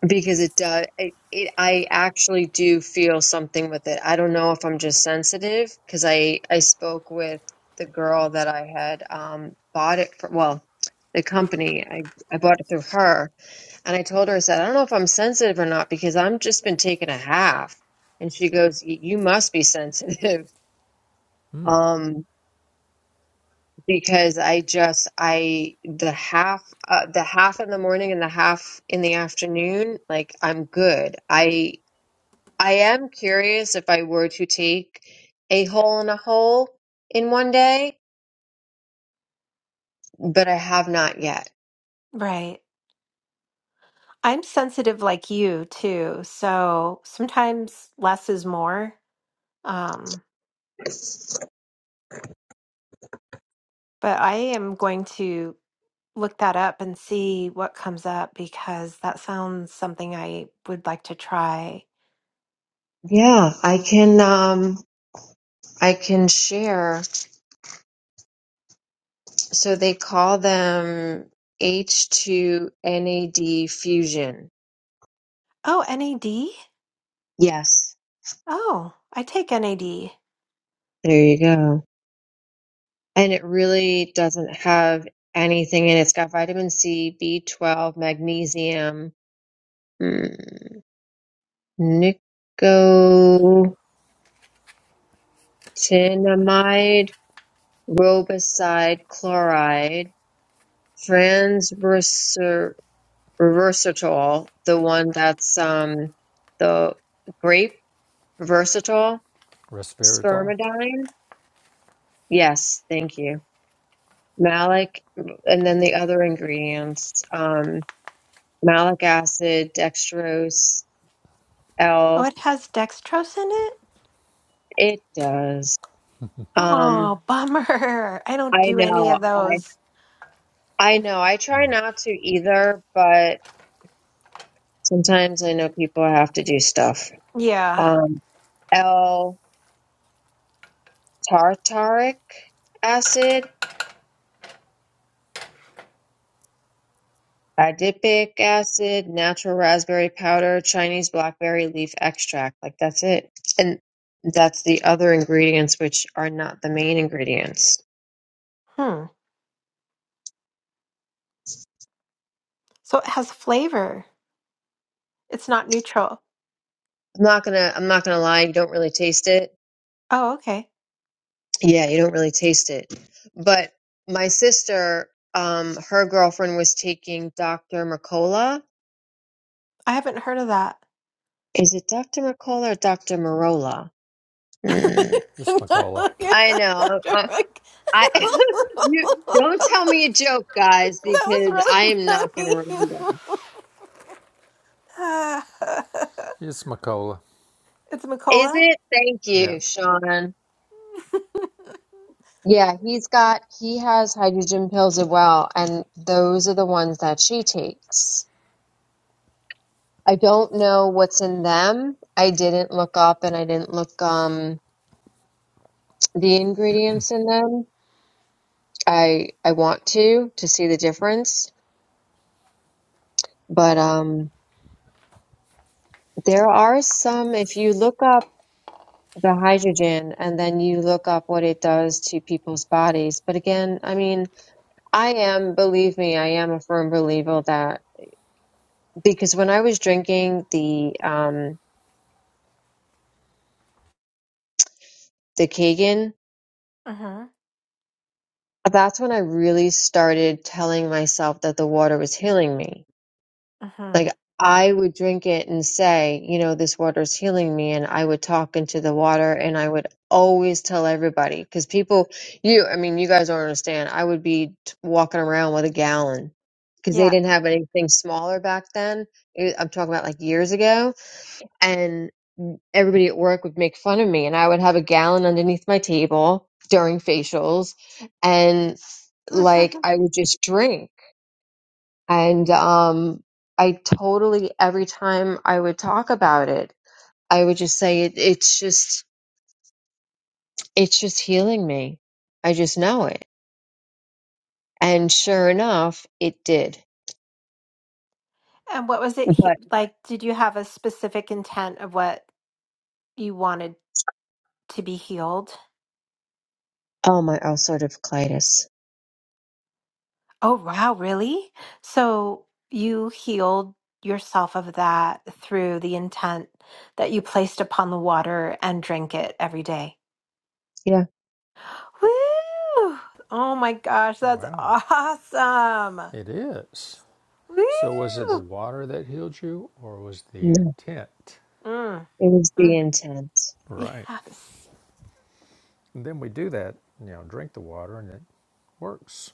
Speaker 3: because it does it, it i actually do feel something with it i don't know if i'm just sensitive because i i spoke with the girl that i had um bought it for well the company i i bought it through her and i told her i said i don't know if i'm sensitive or not because i'm just been taking a half and she goes "Y- you must be sensitive um because I just I the half uh, the half in the morning and the half in the afternoon like I'm good. I I am curious if I were to take a hole in a hole in one day, but I have not yet.
Speaker 2: Right. I'm sensitive like you too, so sometimes less is more. Um, But I am going to look that up and see what comes up because that sounds something I would like to try.
Speaker 3: Yeah, I can um I can share. So they call them H2NAD fusion.
Speaker 2: Oh, NAD?
Speaker 3: Yes.
Speaker 2: Oh, I take NAD.
Speaker 3: There you go. and it really doesn't have anything in it. It's got vitamin C, B12, magnesium, mm, nicotinamide, robicide chloride, transversatol, the one that's um, the grape versatile,
Speaker 1: Resveratrol.
Speaker 3: spermidine. Yes, thank you. Malic, and then the other ingredients. Um, malic acid, dextrose,
Speaker 2: Oh,
Speaker 3: L.
Speaker 2: it has dextrose in it?
Speaker 3: It does. Um,
Speaker 2: Oh, bummer. I don't
Speaker 3: I
Speaker 2: do any
Speaker 3: know.
Speaker 2: of
Speaker 3: I
Speaker 2: those.
Speaker 3: I know. I try not to either, but sometimes I know people have to do stuff.
Speaker 2: Yeah.
Speaker 3: Um, L tartaric acid, adipic acid, natural raspberry powder, Chinese blackberry leaf extract. Like that's it, and that's the other ingredients which are not the main ingredients.
Speaker 2: Hmm. So it has flavor. It's not neutral.
Speaker 3: I'm not gonna. I'm not gonna lie. You don't really taste it
Speaker 2: Oh, okay.
Speaker 3: Yeah, you don't really taste it. But my sister, um, her girlfriend was taking Dr. Mercola.
Speaker 2: I haven't heard of that.
Speaker 3: Is it Dr. Mercola or Dr. Marola?
Speaker 2: I'm
Speaker 3: Hmm.
Speaker 1: It's
Speaker 2: not
Speaker 1: Macola.
Speaker 2: looking
Speaker 3: I
Speaker 2: at
Speaker 3: know. I,
Speaker 2: that.
Speaker 3: I you don't tell me a joke, guys,
Speaker 2: That
Speaker 3: because I
Speaker 2: was
Speaker 3: am not going to
Speaker 2: really
Speaker 3: remember.
Speaker 2: funny.
Speaker 1: It's Macola.
Speaker 2: it's
Speaker 3: Is
Speaker 2: Nicola.
Speaker 3: it? Thank
Speaker 1: Yeah,
Speaker 3: you, Sean. Yeah, he's got he has hydrogen pills as well, and those are the ones that she takes. I don't know what's in them. I didn't look up and I didn't look um the ingredients in them. I I want to to see the difference, but um there are some if you look up the hydrogen and then you look up what it does to people's bodies. But again, I mean, I am believe me, I am a firm believer that because when I was drinking the um the Kagan,
Speaker 2: Uh-huh.
Speaker 3: that's when I really started telling myself that the water was healing me
Speaker 2: Uh-huh.
Speaker 3: Like I would drink it and say, you know, this water's healing me. And I would talk into the water and I would always tell everybody because people, you, I mean, you guys don't understand. I would be t- walking around with a gallon because they
Speaker 2: Yeah.
Speaker 3: didn't have anything smaller back then. It, I'm talking about like years ago. And everybody at work would make fun of me and I would have a gallon underneath my table during facials and like
Speaker 2: Mhm.
Speaker 3: I would just drink. And um, I totally, every time I would talk about it, I would just say it, it's just, it's just healing me. I just know it. And sure enough, it did.
Speaker 2: And what was it he-
Speaker 3: But
Speaker 2: like? Did you have a specific intent of what you wanted to be healed?
Speaker 3: oh, my ulcerative colitis.
Speaker 2: Oh, wow, really? So you healed yourself of that through the intent that you placed upon the water and drank it every day.
Speaker 3: Yeah,
Speaker 2: Woo! Oh my gosh, that's
Speaker 1: wow.
Speaker 2: awesome.
Speaker 1: it is. So was it the
Speaker 2: Woo!
Speaker 1: water that healed you, or was the
Speaker 3: no,
Speaker 1: intent?
Speaker 2: Mm,
Speaker 3: it was the
Speaker 2: mm.
Speaker 3: intent.
Speaker 1: Right.
Speaker 2: Yes.
Speaker 1: And then we do that. You know, drink the water, and it works.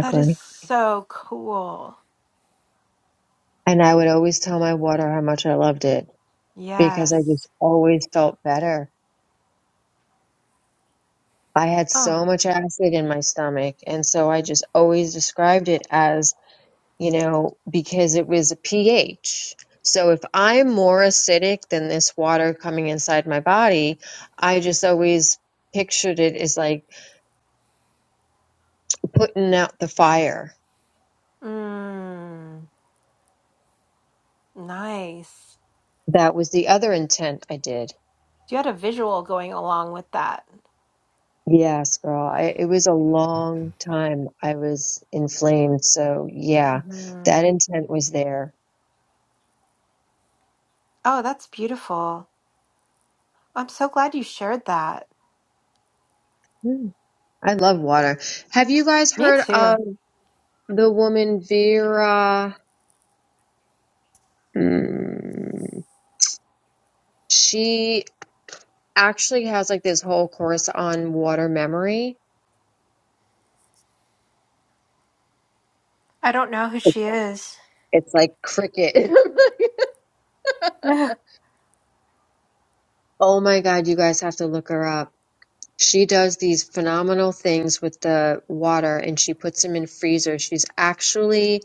Speaker 2: That is so cool.
Speaker 3: And I would always tell my water how much I loved it because I just
Speaker 2: Yes.
Speaker 3: always felt better. I had
Speaker 2: Oh.
Speaker 3: so much acid in my stomach. And so I just always described it as you know, because it was a pH. So if I'm more acidic than this water coming inside my body, I just always pictured it as like putting out the fire.
Speaker 2: Mm, nice.
Speaker 3: That was the other intent I did.
Speaker 2: You had a visual going along with that.
Speaker 3: Yes, girl. I, it was a long time I was inflamed. So yeah,
Speaker 2: hmm
Speaker 3: that intent was there.
Speaker 2: Oh, that's beautiful. I'm so glad you shared that.
Speaker 3: Mm, I love water. Have you guys
Speaker 2: Me
Speaker 3: heard of
Speaker 2: too.
Speaker 3: the woman Vera? Mm, she actually has like this whole course on water memory.
Speaker 2: I don't know who she is.
Speaker 3: It's like cricket.
Speaker 2: Ugh.
Speaker 3: oh my God, you guys have to look her up. She does these phenomenal things with the water and she puts them in freezers. She's actually,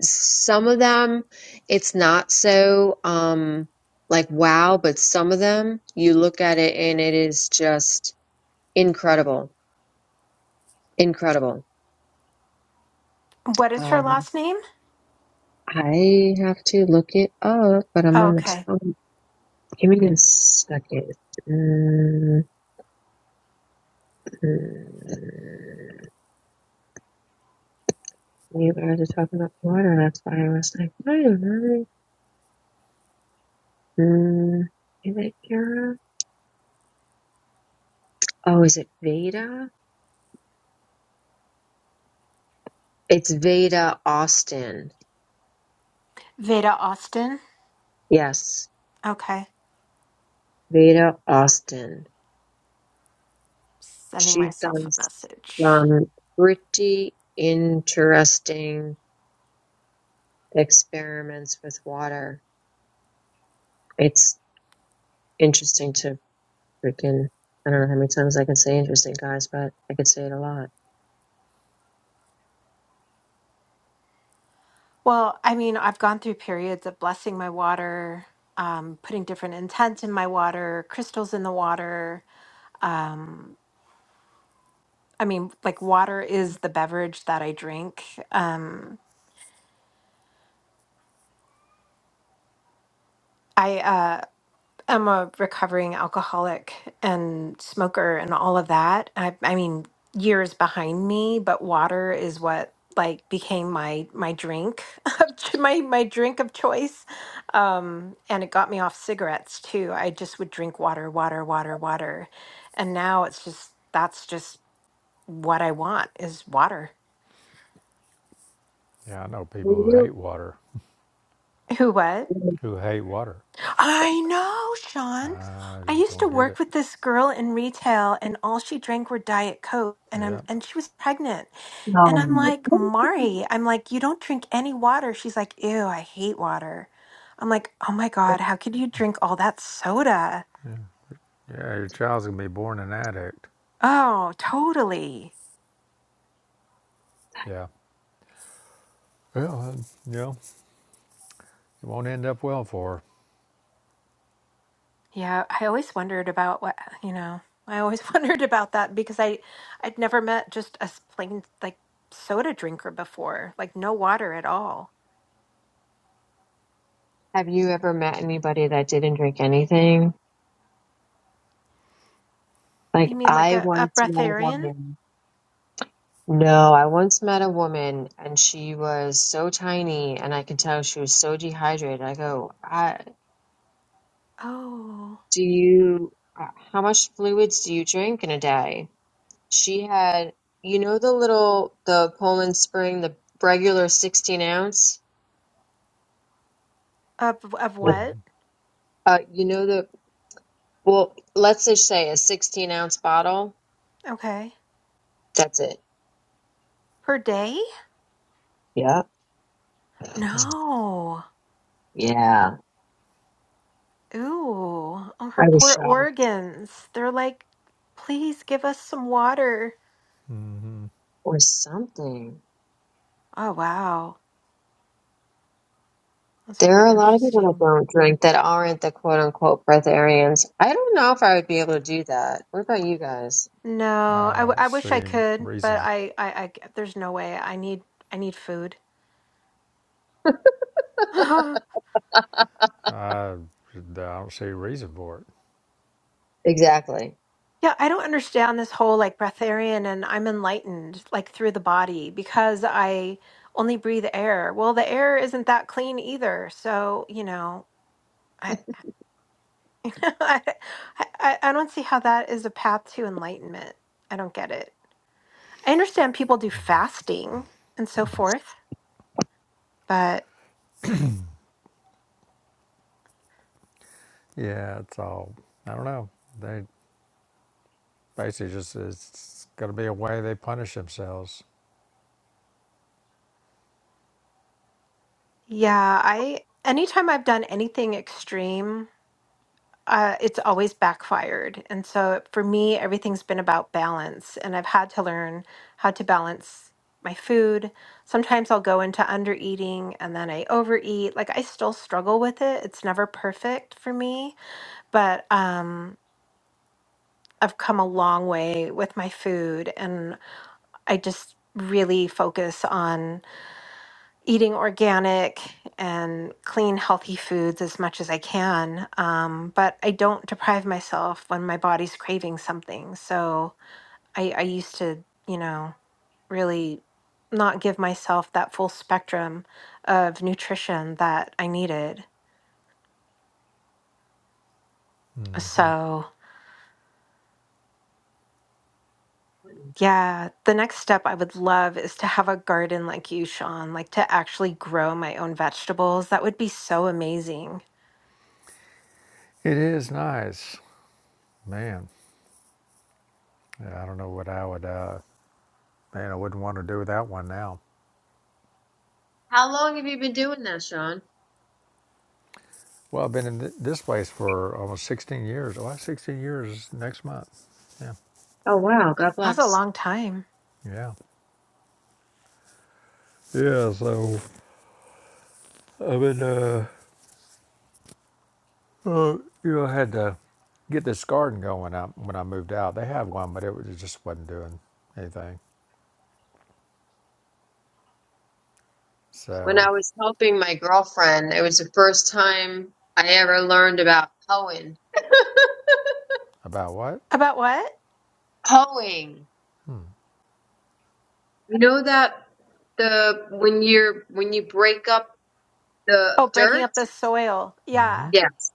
Speaker 3: some of them, it's not so, um, like wow, but some of them you look at it and it is just incredible. Incredible.
Speaker 2: What is her
Speaker 3: Um,
Speaker 2: last name?
Speaker 3: I have to look it up, but I'm
Speaker 2: Oh,
Speaker 3: on the
Speaker 2: okay.
Speaker 3: phone. Give me a second. Mm, mm. You guys are talking about Florida. That's why I was like, I don't know. Mm, Is it Kara? Oh, is it Veda? It's Veda Austin.
Speaker 2: Veda Austin.
Speaker 3: Yes,
Speaker 2: Okay.
Speaker 3: Veda Austin.
Speaker 2: Sending
Speaker 3: She's
Speaker 2: myself
Speaker 3: done
Speaker 2: a message.
Speaker 3: some pretty interesting experiments with water. It's interesting to freaking. I don't know how many times I can say interesting, guys, but I could say it a lot.
Speaker 2: Well, I mean, I've gone through periods of blessing my water, um, putting different intent in my water, crystals in the water. Um, I mean, like water is the beverage that I drink. Um, I uh, I'm a recovering alcoholic and smoker and all of that. I, I mean, years behind me, but water is what like became my my drink of ch- my my drink of choice um and it got me off cigarettes too i just would drink water water water water and now it's just that's just what i want is water
Speaker 1: Yeah, I know. People who
Speaker 3: Will
Speaker 1: hate water.
Speaker 2: who what
Speaker 3: you?
Speaker 1: who hate water.
Speaker 2: I know, Sean.
Speaker 1: I
Speaker 2: I
Speaker 1: just
Speaker 2: used to
Speaker 1: don't get it.
Speaker 2: work with this girl in retail and all she drank were diet coke and I'm
Speaker 1: Yeah.
Speaker 2: and she was pregnant. And I'm
Speaker 3: No.
Speaker 2: like, "Mari, I'm like, you don't drink any water." She's like, "Ew, I hate water." I'm like, "Oh my god, how could you drink all that soda?"
Speaker 1: Yeah, yeah your child's going to be born an addict.
Speaker 2: Oh, totally.
Speaker 1: Yeah. Well, and, you know, it won't end up well for
Speaker 2: Yeah, I always wondered about what, you know. I always wondered about that because I I'd never met just a s- plain like soda drinker before, like no water at all.
Speaker 3: Have you ever met anybody that didn't drink anything? Like
Speaker 2: You mean like
Speaker 3: I
Speaker 2: a, a
Speaker 3: once met a
Speaker 2: breatharian?
Speaker 3: woman. No, I once met a woman and she was so tiny and I could tell she was so dehydrated. I go, I,
Speaker 2: Oh,
Speaker 3: do you, uh, how much fluids do you drink in a day? She had, you know, the little, the Poland Spring, the regular 16 ounce?
Speaker 2: of of
Speaker 1: her.
Speaker 2: what?
Speaker 1: Mm-hmm.
Speaker 3: Uh, you know the, well, let's just say a 16 ounce bottle.
Speaker 2: Okay,
Speaker 3: That's it.
Speaker 2: per day? No.
Speaker 3: Yeah,
Speaker 2: Ooh, oh, her
Speaker 3: I was
Speaker 2: poor
Speaker 3: shocked
Speaker 2: organs. They're like, please give us some water.
Speaker 1: Mm-hmm.
Speaker 3: or something.
Speaker 2: Oh wow, that's
Speaker 3: There
Speaker 2: very
Speaker 3: are a lot of people that
Speaker 2: interesting.
Speaker 3: don't drink that aren't the quote unquote breatharians. I don't know if I would be able to do that. What about you guys?
Speaker 2: No,
Speaker 1: I
Speaker 2: I, w-
Speaker 1: don't
Speaker 2: I wish
Speaker 1: see
Speaker 2: I could, but
Speaker 1: reason.
Speaker 2: I, I I there's no way. I need I need food.
Speaker 1: I, I don't see reason for it.
Speaker 3: Exactly.
Speaker 2: Yeah, I don't understand this whole like breatharian and I'm enlightened like through the body because I only breathe air. Well, the air isn't that clean either. So, you know, I I, I I don't see how that is a path to enlightenment. I don't get it. I understand people do fasting and so forth, but
Speaker 1: Yeah, it's all, I don't know. They basically just, it's going to be a way they punish themselves.
Speaker 2: yeah, I anytime I've done anything extreme uh, it's always backfired. And so for me, everything's been about balance. And I've had to learn how to balance my food. Sometimes I'll go into under eating and then I overeat. Like I still struggle with it. It's never perfect for me, but um, I've come a long way with my food. And I just really focus on eating organic and clean, healthy foods as much as I can. Um, but I don't deprive myself when my body's craving something. So I, I used to, you know, really not give myself that full spectrum of nutrition that I needed.
Speaker 1: Mm hmm.
Speaker 2: So, yeah, the next step I would love is to have a garden like you, Sean, like to actually grow my own vegetables. That would be so amazing.
Speaker 1: It is nice. Man, yeah, I don't know what I would, uh, man, I wouldn't want to do without one now.
Speaker 3: How long have you been doing that, Sean?
Speaker 1: Well, I've been in th- this place for almost 16 years. Oh, that's 16 years next month. Yeah,
Speaker 3: Oh, wow. God
Speaker 2: That was a
Speaker 3: bless.
Speaker 2: long time.
Speaker 1: yeah, yeah. So I've been, uh, uh, you know, I had to get this garden going up when I moved out. They had one, but it, was, it just wasn't doing anything.
Speaker 3: When
Speaker 1: So
Speaker 3: I was helping my girlfriend, it was the first time I ever learned about hoeing.
Speaker 1: about what?
Speaker 2: About what?
Speaker 3: Hoeing. You know that the when you're when you break up the
Speaker 2: Oh, breaking
Speaker 3: dirt?
Speaker 2: up the soil.
Speaker 1: Mm-hmm.
Speaker 2: Yeah.
Speaker 3: Yes.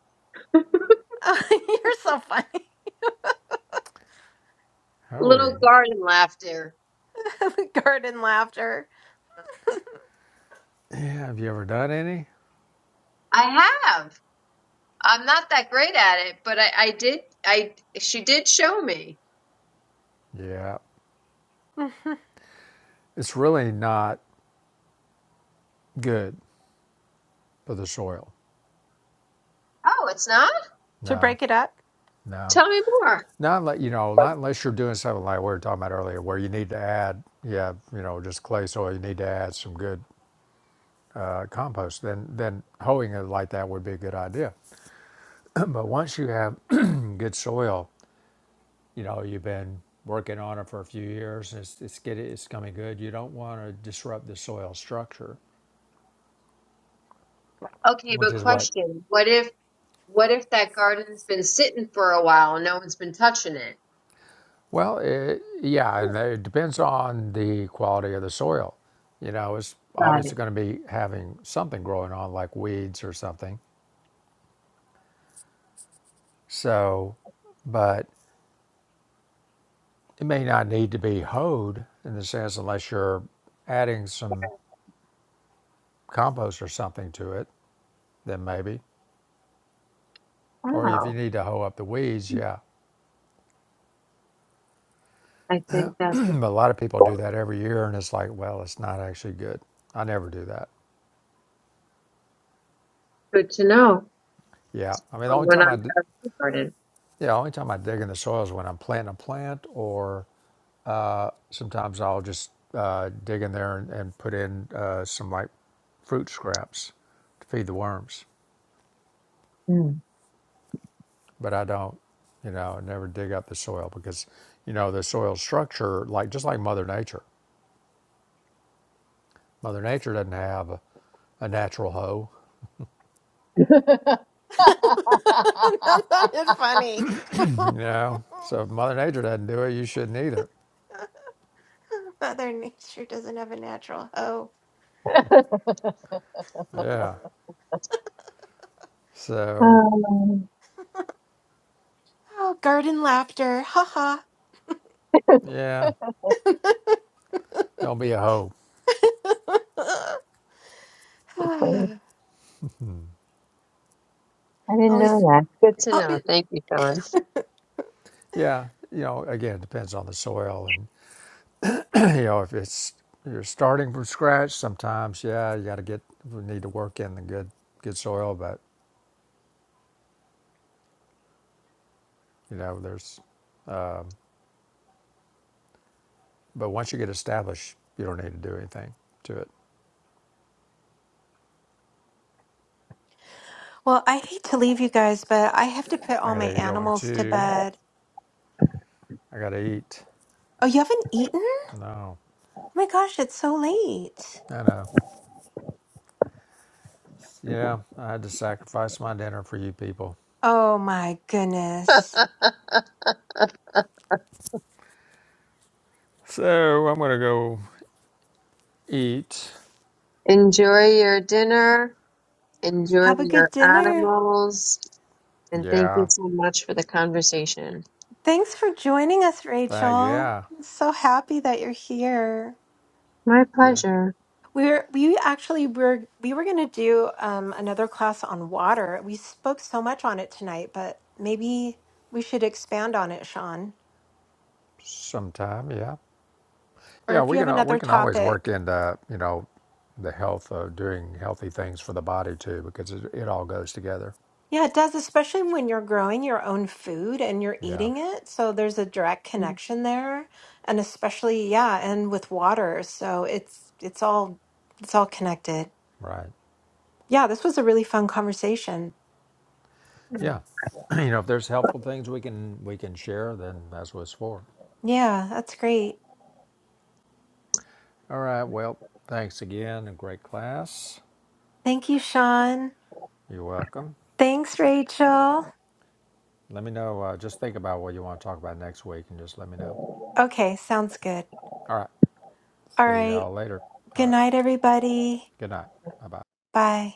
Speaker 2: You're so funny.
Speaker 3: Little
Speaker 1: Hoeing.
Speaker 3: garden laughter.
Speaker 2: Garden laughter.
Speaker 1: Yeah. Have you ever done any?
Speaker 3: I have. I'm not that great at it, but I, I did I she did show me.
Speaker 1: Yeah.
Speaker 2: Mhm.
Speaker 1: It's really not good for the soil.
Speaker 3: Oh, it's not?
Speaker 2: to
Speaker 1: No,
Speaker 2: break it up?
Speaker 1: no.
Speaker 3: Tell me more.
Speaker 1: Not like you know, not unless you're doing something like we were talking about earlier, where you need to add, yeah, you know, just clay soil. You need to add some good uh, compost. Then, then hoeing it like that would be a good idea. but once you have good soil, you know, you've been working on it for a few years. It's it's get it's coming good. You don't want to disrupt the soil structure,
Speaker 3: Okay,
Speaker 1: which
Speaker 3: but
Speaker 1: is what.
Speaker 3: question. What if What if that garden's been sitting for a while and no one's been touching it?
Speaker 1: Well, it, yeah, and it depends on the quality of the soil. You know, it's
Speaker 3: Got
Speaker 1: obviously
Speaker 3: it.
Speaker 1: going to be having something growing on, like weeds or something So, but it may not need to be hoed in the sense unless you're adding some compost or something to it, then maybe. Or if you
Speaker 3: Oh,
Speaker 1: need to hoe up the weeds, yeah.
Speaker 3: I think that's
Speaker 1: but a lot of people do that every year and it's like, well, it's not actually good. I never do that.
Speaker 3: good to know
Speaker 1: Yeah. I mean, the
Speaker 3: for
Speaker 1: only
Speaker 3: when
Speaker 1: time
Speaker 3: I'm
Speaker 1: I, d-
Speaker 3: out of the garden.
Speaker 1: yeah, the only time I dig in the soil is when I'm planting a plant or sometimes I'll just uh, dig in there and, and put in uh, some like fruit scraps to feed the worms.
Speaker 3: Mm.
Speaker 1: but I don't, you know, never dig up the soil because, you know, the soil structure, like just like Mother Nature, Mother Nature doesn't have a, a natural hoe,
Speaker 2: that sounded funny.
Speaker 1: you know. So if Mother Nature doesn't do it, you shouldn't either.
Speaker 2: Mother Nature doesn't have a natural hoe.
Speaker 1: Yeah. So
Speaker 3: Um,
Speaker 2: Oh, garden laughter. Ha
Speaker 1: yeah,
Speaker 2: ha.
Speaker 1: don't be a hoe.
Speaker 3: Funny. I didn't know
Speaker 2: Always.
Speaker 3: that. Good to
Speaker 2: Oh,
Speaker 3: know. Thank you, Sean.
Speaker 1: Yeah, you know, again, it depends on the soil, and you know, if it's you're starting from scratch, sometimes yeah, you got to get we need to work in the good good soil, but you know, there's but once you get established, you don't need to do anything to it.
Speaker 2: well, I hate to leave you guys, but I have to put
Speaker 1: I
Speaker 2: all my
Speaker 1: gotta go
Speaker 2: animals to
Speaker 1: into.
Speaker 2: bed.
Speaker 1: I gotta eat.
Speaker 2: Oh, you haven't eaten? Oh
Speaker 1: No,
Speaker 2: my gosh, it's so late.
Speaker 1: I know. Yeah, I had to sacrifice my dinner for you people.
Speaker 2: Oh my goodness.
Speaker 1: So I'm gonna go eat.
Speaker 3: Enjoy your dinner. Enjoy
Speaker 2: Have a good
Speaker 3: your
Speaker 2: dinner.
Speaker 3: animals. And thank you
Speaker 1: Yeah,
Speaker 3: so much for the conversation.
Speaker 2: Thanks for joining us, Rachel.
Speaker 1: that.
Speaker 2: I'm
Speaker 1: Yeah,
Speaker 2: so happy that you're here.
Speaker 3: My
Speaker 1: yeah.
Speaker 3: pleasure.
Speaker 2: We were we actually were we were gonna do um, another class on water. We spoke so much on it tonight, but maybe we should expand on it, Sean.
Speaker 1: Sometime. Yeah,
Speaker 2: Or
Speaker 1: yeah.
Speaker 2: if
Speaker 1: We
Speaker 2: you
Speaker 1: can
Speaker 2: have
Speaker 1: al- we
Speaker 2: another
Speaker 1: can always
Speaker 2: topic.
Speaker 1: work in the you know the health of doing healthy things for the body too because it, it all goes together.
Speaker 2: Yeah, it does, especially when you're growing your own food and you're
Speaker 1: Yeah.
Speaker 2: eating it. So there's a direct connection there, and especially, yeah, and with water. So it's it's all it's all connected.
Speaker 1: Right.
Speaker 2: Yeah, this was a really fun conversation.
Speaker 1: Yeah. you know, if there's helpful things we can we can share, then that's what it's for.
Speaker 2: Yeah, that's great.
Speaker 1: All right. Well, thanks again. A great class.
Speaker 2: Thank you, Sean.
Speaker 1: You're welcome.
Speaker 2: Thanks, Rachel.
Speaker 1: Let me know. Uh, just think about what you want to talk about next week and just let me know.
Speaker 2: Okay, sounds good.
Speaker 1: All right.
Speaker 2: All
Speaker 1: See
Speaker 2: right.
Speaker 1: y'all later. All
Speaker 2: Good
Speaker 1: right.
Speaker 2: night, everybody.
Speaker 1: Good night. Bye bye.
Speaker 2: Bye.